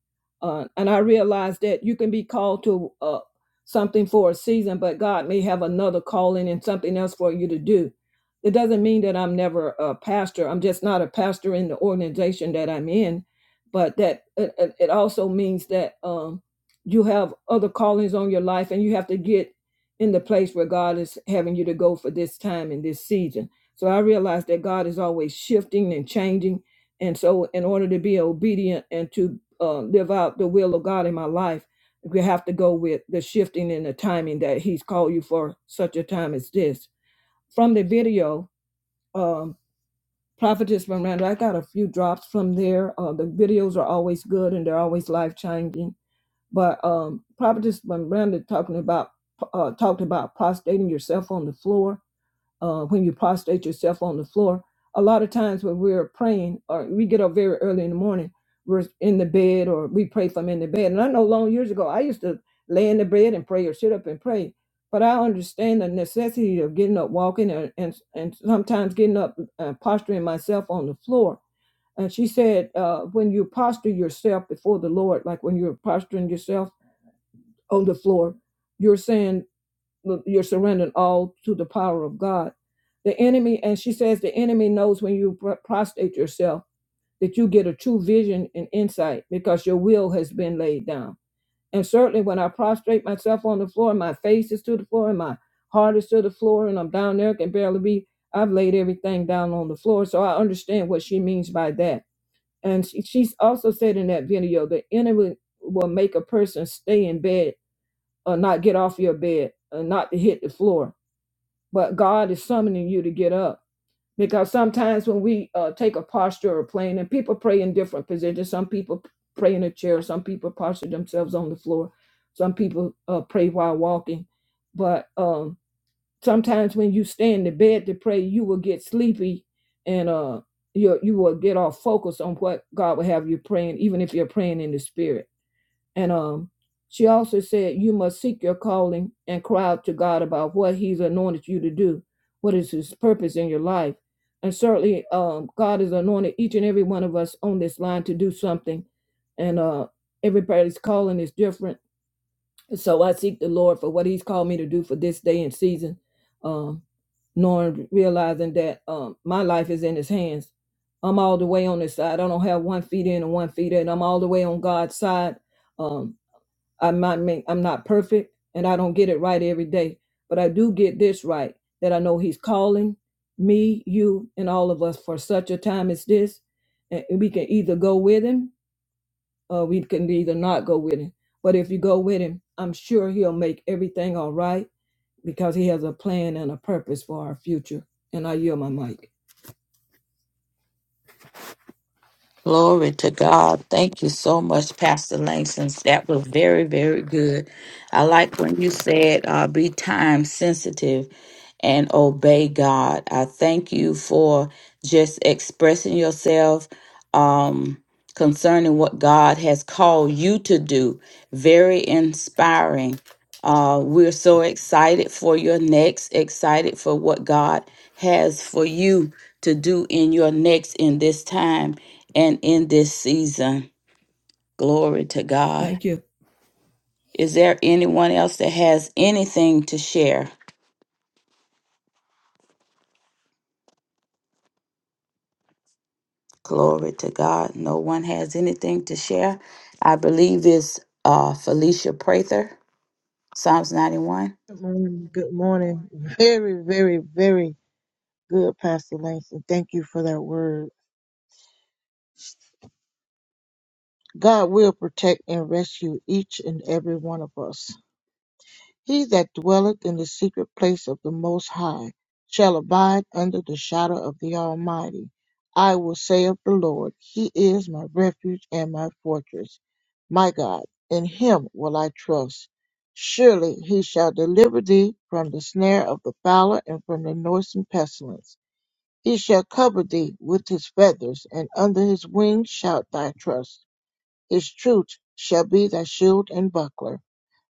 S1: Uh, and I realized that you can be called to uh, something for a season, but God may have another calling and something else for you to do. It doesn't mean that I'm never a pastor. I'm just not a pastor in the organization that I'm in, but that it, it also means that um, you have other callings on your life and you have to get in the place where God is having you to go for this time and this season. So I realize that God is always shifting and changing. And so, in order to be obedient and to uh, live out the will of God in my life, we have to go with the shifting and the timing that he's called you for such a time as this. From the video, um, Prophetess Miranda, I got a few drops from there. Uh, the videos are always good and they're always life changing. But um, Prophetess Miranda talking about uh, talked about prostrating yourself on the floor uh, when you prostrate yourself on the floor. A lot of times when we're praying, or we get up very early in the morning, we're in the bed or we pray from in the bed. And I know long years ago, I used to lay in the bed and pray or sit up and pray. But I understand the necessity of getting up, walking, and and, and sometimes getting up and posturing myself on the floor. And she said, uh, when you posture yourself before the Lord, like when you're posturing yourself on the floor, you're saying you're surrendering all to the power of God. The enemy, and she says, the enemy knows when you pr- prostrate yourself that you get a true vision and insight because your will has been laid down. And certainly, when I prostrate myself on the floor, my face is to the floor, and my heart is to the floor, and I'm down there, can barely be. I've laid everything down on the floor, so I understand what she means by that. And she, she's also said in that video, the enemy will make a person stay in bed or not get off your bed or not to hit the floor but God is summoning you to get up. Because sometimes when we uh, take a posture or plane, and people pray in different positions, some people pray in a chair, some people posture themselves on the floor, some people uh, pray while walking. But um, sometimes when you stay in the bed to pray, you will get sleepy and uh, you you will get off focus on what God will have you praying, even if you're praying in the spirit. And um, she also said, You must seek your calling and cry out to God about what He's anointed you to do. What is His purpose in your life? And certainly, um, God has anointed each and every one of us on this line to do something. And uh, everybody's calling is different. So I seek the Lord for what He's called me to do for this day and season, um, knowing, realizing that um, my life is in His hands. I'm all the way on this side. I don't have one feet in and one feet out. I'm all the way on God's side. Um, I'm not ma- I'm not perfect and I don't get it right every day, but I do get this right that I know he's calling me, you and all of us for such a time as this. And we can either go with him or we can either not go with him. But if you go with him, I'm sure he'll make everything all right because he has a plan and a purpose for our future. And I yield my mic.
S6: Glory to God. Thank you so much, Pastor Langston. That was very, very good. I like when you said, uh, be time sensitive and obey God. I thank you for just expressing yourself um, concerning what God has called you to do. Very inspiring. Uh, we're so excited for your next, excited for what God has for you to do in your next in this time and in this season. Glory to God.
S1: Thank you.
S6: Is there anyone else that has anything to share? Glory to God. No one has anything to share. I believe it's uh, Felicia Prather, Psalms 91.
S8: Good morning. Good morning. Very, very, very good, Pastor Langston. Thank you for that word. God will protect and rescue each and every one of us. He that dwelleth in the secret place of the Most High shall abide under the shadow of the Almighty. I will say of the Lord, He is my refuge and my fortress. My God, in Him will I trust. Surely He shall deliver thee from the snare of the fowler and from the noisome pestilence. He shall cover thee with his feathers, and under his wings shalt thou trust. His truth shall be thy shield and buckler.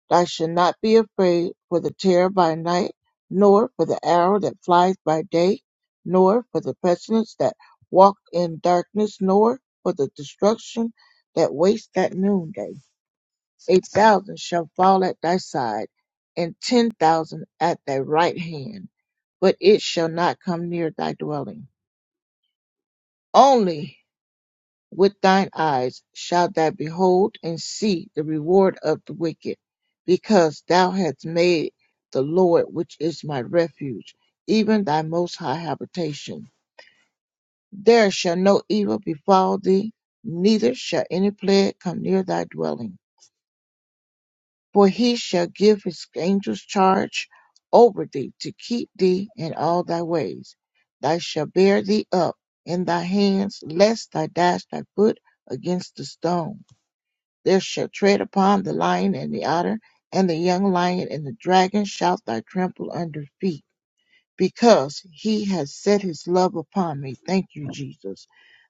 S8: Thou shalt not be afraid for the terror by night, nor for the arrow that flies by day, nor for the pestilence that walk in darkness, nor for the destruction that wastes at noonday. A thousand shall fall at thy side, and ten thousand at thy right hand, but it shall not come near thy dwelling. Only with thine eyes shalt thou behold and see the reward of the wicked, because thou hast made the Lord, which is my refuge, even thy most high habitation. There shall no evil befall thee, neither shall any plague come near thy dwelling. For he shall give his angels charge over thee to keep thee in all thy ways. Thou shalt bear thee up in thy hands, lest thou dash thy foot against the stone They shall tread upon the lion and the otter, and the young lion and the dragon shalt thou trample under feet, because he has set his love upon me. Thank you, Jesus.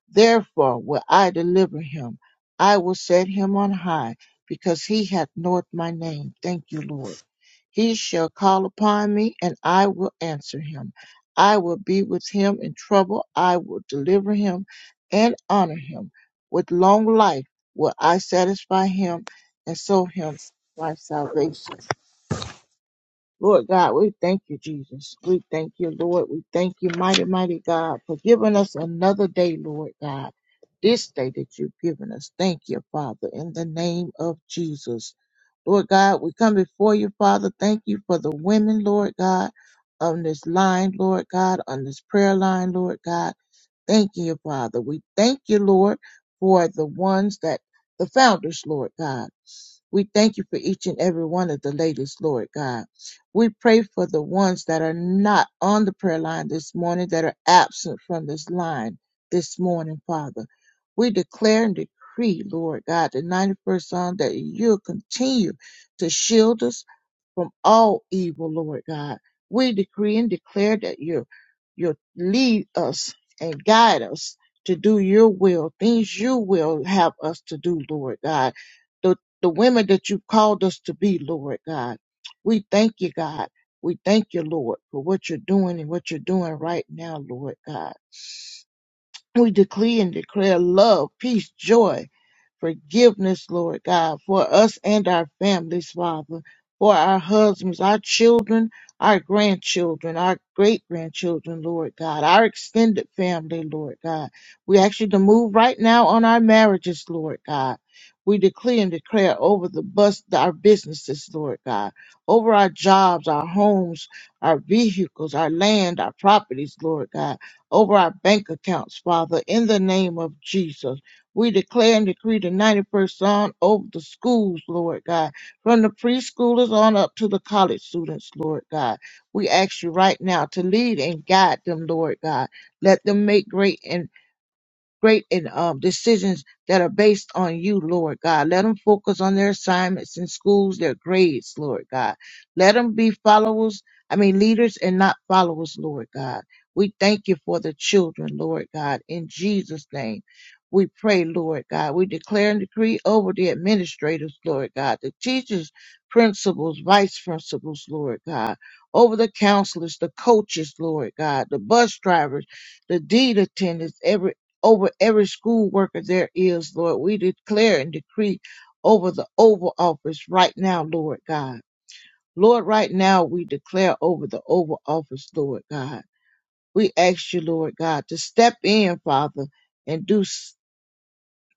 S8: Therefore will I deliver him. I will set him on high because he hath known my name. Thank you, Lord. He shall call upon me and I will answer him. I will be with him in trouble. I will deliver him and honor him. With long life will I satisfy him and show him my salvation. Lord God, we thank you, Jesus. We thank you, Lord. We thank you, mighty, mighty God, for giving us another day, Lord God. This day that you've given us. Thank you, Father, in the name of Jesus. Lord God, we come before you, Father. Thank you for the women, Lord God, on this line, Lord God, on this prayer line, Lord God. Thank you, Father. We thank you, Lord, for the ones that the founders, Lord God. We thank you for each and every one of the ladies, Lord God. We pray for the ones that are not on the prayer line this morning, that are absent from this line this morning, Father. We declare and decree, Lord God, the 91st Psalm that you'll continue to shield us, from all evil, Lord God. We decree and declare that you you lead us and guide us to do your will, things you will have us to do, Lord God. The the women that you called us to be, Lord God. We thank you, God. We thank you, Lord, for what you're doing and what you're doing right now, Lord God. We decree and declare love, peace, joy, forgiveness, Lord God, for us and our families, Father, for our husbands, our children, our grandchildren, our great grandchildren, Lord God, our extended family, Lord God. We ask you to move right now on our marriages, Lord God. We decree and declare over the bus, our businesses, Lord God, over our jobs, our homes, our vehicles, our land, our properties, Lord God over our bank accounts, Father, in the name of Jesus. We declare and decree the 91st Psalm over the schools, Lord God, from the preschoolers on up to the college students, Lord God. We ask you right now to lead and guide them, Lord God. Let them make great investments great and um, decisions that are based on you, Lord God. Let them focus on their assignments in schools, their grades, Lord God. Let them be followers, I mean, leaders and not followers, Lord God. We thank you for the children, Lord God. In Jesus' name, we pray, Lord God. We declare and decree over the administrators, Lord God, the teachers, principals, vice principals, Lord God, over the counselors, the coaches, Lord God, the bus drivers, the deed attendants, every over every school worker there is, Lord. We declare and decree over the Oval Office right now, Lord God. Lord, right now we declare over the Oval Office, Lord God. We ask you, Lord God, to step in, Father, and do s-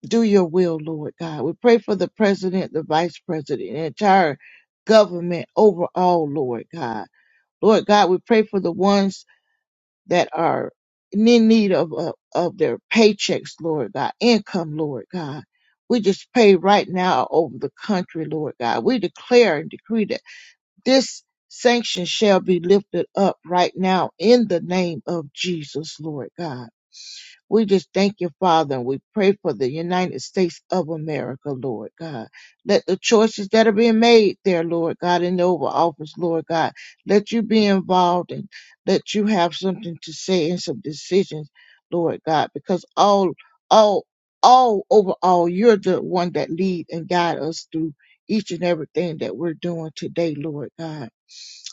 S8: do your will, Lord God. We pray for the president, the vice president, and entire government overall, Lord God. Lord God, we pray for the ones that are in need of, of, of their paychecks, Lord God, income, Lord God. We just pray right now over the country, Lord God. We declare and decree that this sanction shall be lifted up right now in the name of Jesus, Lord God. We just thank you, Father, and we pray for the United States of America, Lord God. Let the choices that are being made there, Lord God, in the Oval Office, Lord God, let you be involved and let you have something to say and some decisions, Lord God, because all, all, all overall, you're the one that lead and guide us through each and everything that we're doing today, Lord God.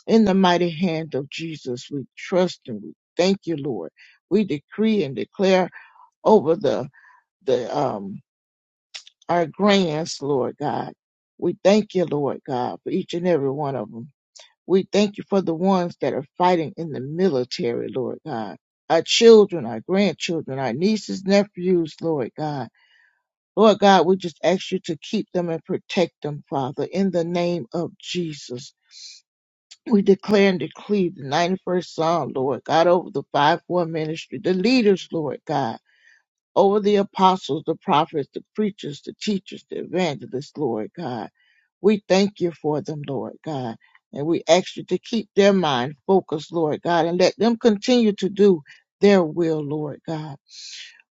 S8: In the mighty hand of Jesus, we trust and we thank you, Lord. We decree and declare over the the um our grands, Lord God. We thank you, Lord God, for each and every one of them. We thank you for the ones that are fighting in the military, Lord God. Our children, our grandchildren, our nieces, nephews, Lord God. Lord God, we just ask you to keep them and protect them, Father, in the name of Jesus. We declare and decree the 91st Psalm, Lord God, over the 5-4 ministry, the leaders, Lord God. over the apostles, the prophets, the preachers, the teachers, the evangelists, Lord God. We thank you for them, Lord God. And we ask you to keep their mind focused, Lord God, and let them continue to do their will, Lord God.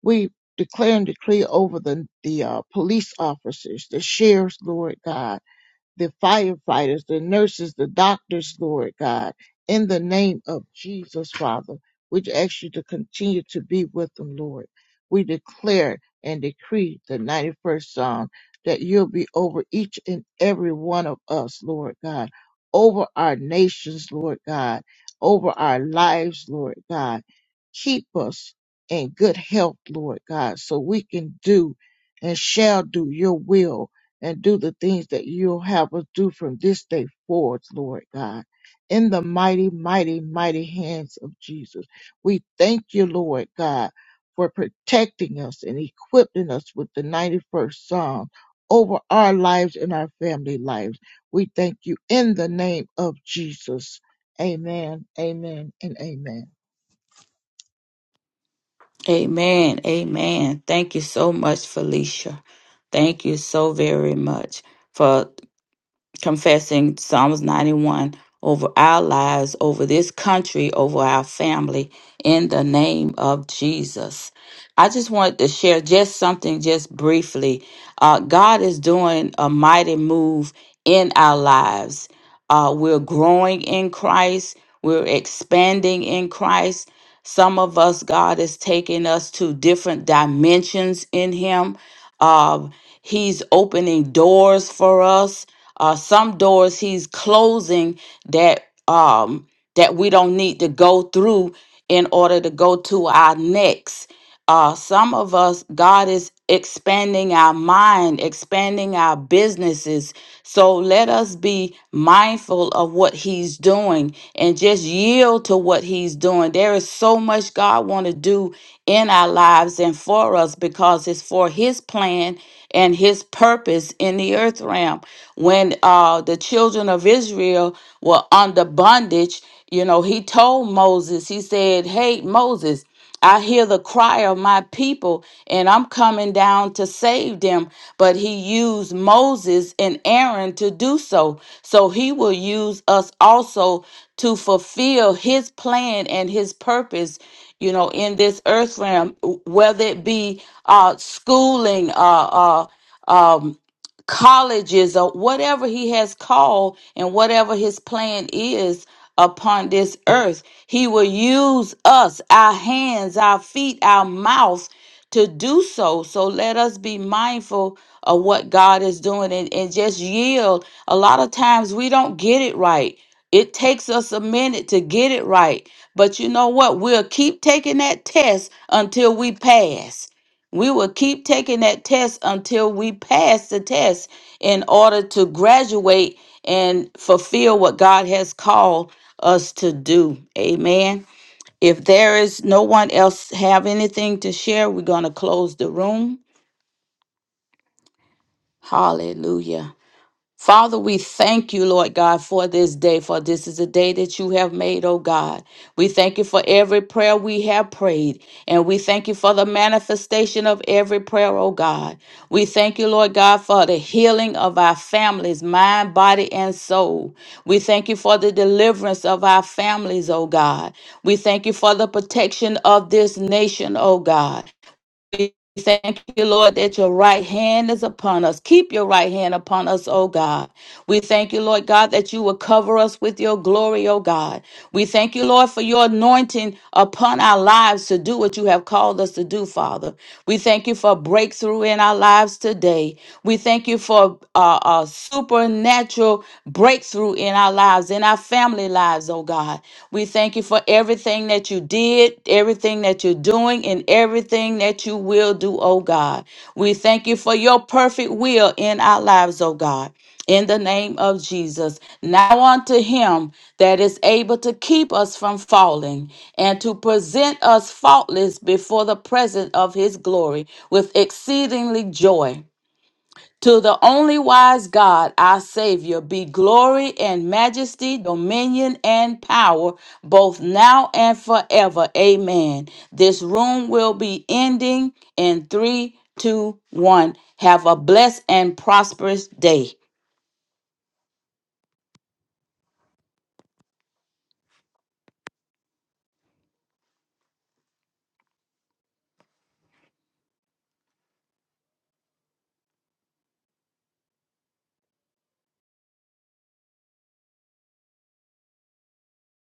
S8: We declare and decree over the, the uh, police officers, the sheriffs, Lord God the firefighters, the nurses, the doctors, Lord God, in the name of Jesus, Father. We ask you to continue to be with them, Lord. We declare and decree the 91st Psalm that you'll be over each and every one of us, Lord God, over our nations, Lord God, over our lives, Lord God. Keep us in good health, Lord God, so we can do and shall do your will, and do the things that you'll have us do from this day forward, Lord God. In the mighty, mighty, mighty hands of Jesus, we thank you, Lord God, for protecting us and equipping us with the 91st Psalm over our lives and our family lives. We thank you in the name of Jesus. Amen, amen, and amen.
S6: Amen. Amen. Thank you so much, Felicia. Thank you so very much for. confessing Psalms 91 over our lives, over this country, over our family, in the name of Jesus. I just wanted to share just something, just briefly. Uh, God is doing a mighty move in our lives. Uh, we're growing in Christ, we're expanding in Christ. Some of us, God is taking us to different dimensions in Him. Uh, he's opening doors for us uh, some doors he's closing that um, that we don't need to go through in order to go to our next. Uh, some of us, God is expanding our mind, expanding our businesses. So let us be mindful of what He's doing and just yield to what He's doing. There is so much God want to do in our lives and for us because it's for His plan and His purpose in the earth realm when uh, the children of Israel were under bondage, you know, he told Moses, he said, Hey, Moses, I hear the cry of my people, and I'm coming down to save them. But he used Moses and Aaron to do so. So he will use us also to fulfill his plan and his purpose, you know, in this earth realm, whether it be uh, schooling, uh, uh, um, colleges or whatever he has called and whatever his plan is upon this earth. He will use us, our hands, our feet, our mouth to do so. So let us be mindful of what God is doing and, and just yield. A lot of times we don't get it right. It takes us a minute to get it right. But you know what? We'll keep taking that test until we pass. We will keep taking that test until we pass the test in order to graduate and fulfill what God has called us to do. Amen. If there is no one else have anything to share, we're going to close the room. Hallelujah. Father, we thank you, Lord God, for this day, for this is a day that you have made, oh God. We thank you for every prayer we have prayed, and we thank you for the manifestation of every prayer, oh God. We thank you, Lord God, for the healing of our families, mind, body, and soul. We thank you for the deliverance of our families, oh God. We thank you for the protection of this nation, oh God. We thank you, Lord, that your right hand is upon us. Keep your right hand upon us, O God. We thank you, Lord God, that you will cover us with your glory, O God. We thank you, Lord, for your anointing upon our lives to do what you have called us to do, Father. We thank you for breakthrough in our lives today. We thank you for uh, a supernatural breakthrough in our lives, in our family lives, oh God. We thank you for everything that you did, everything that you're doing, and everything that you will do, oh God. We thank you for your perfect will in our lives, oh God in the name of Jesus. Now unto him that is able to keep us from falling and to present us faultless before the presence of his glory with exceedingly joy. To the only wise God, our Savior, be glory and majesty, dominion and power, both now and forever. Amen. This room will be ending in three, two, one. Have a blessed and prosperous day.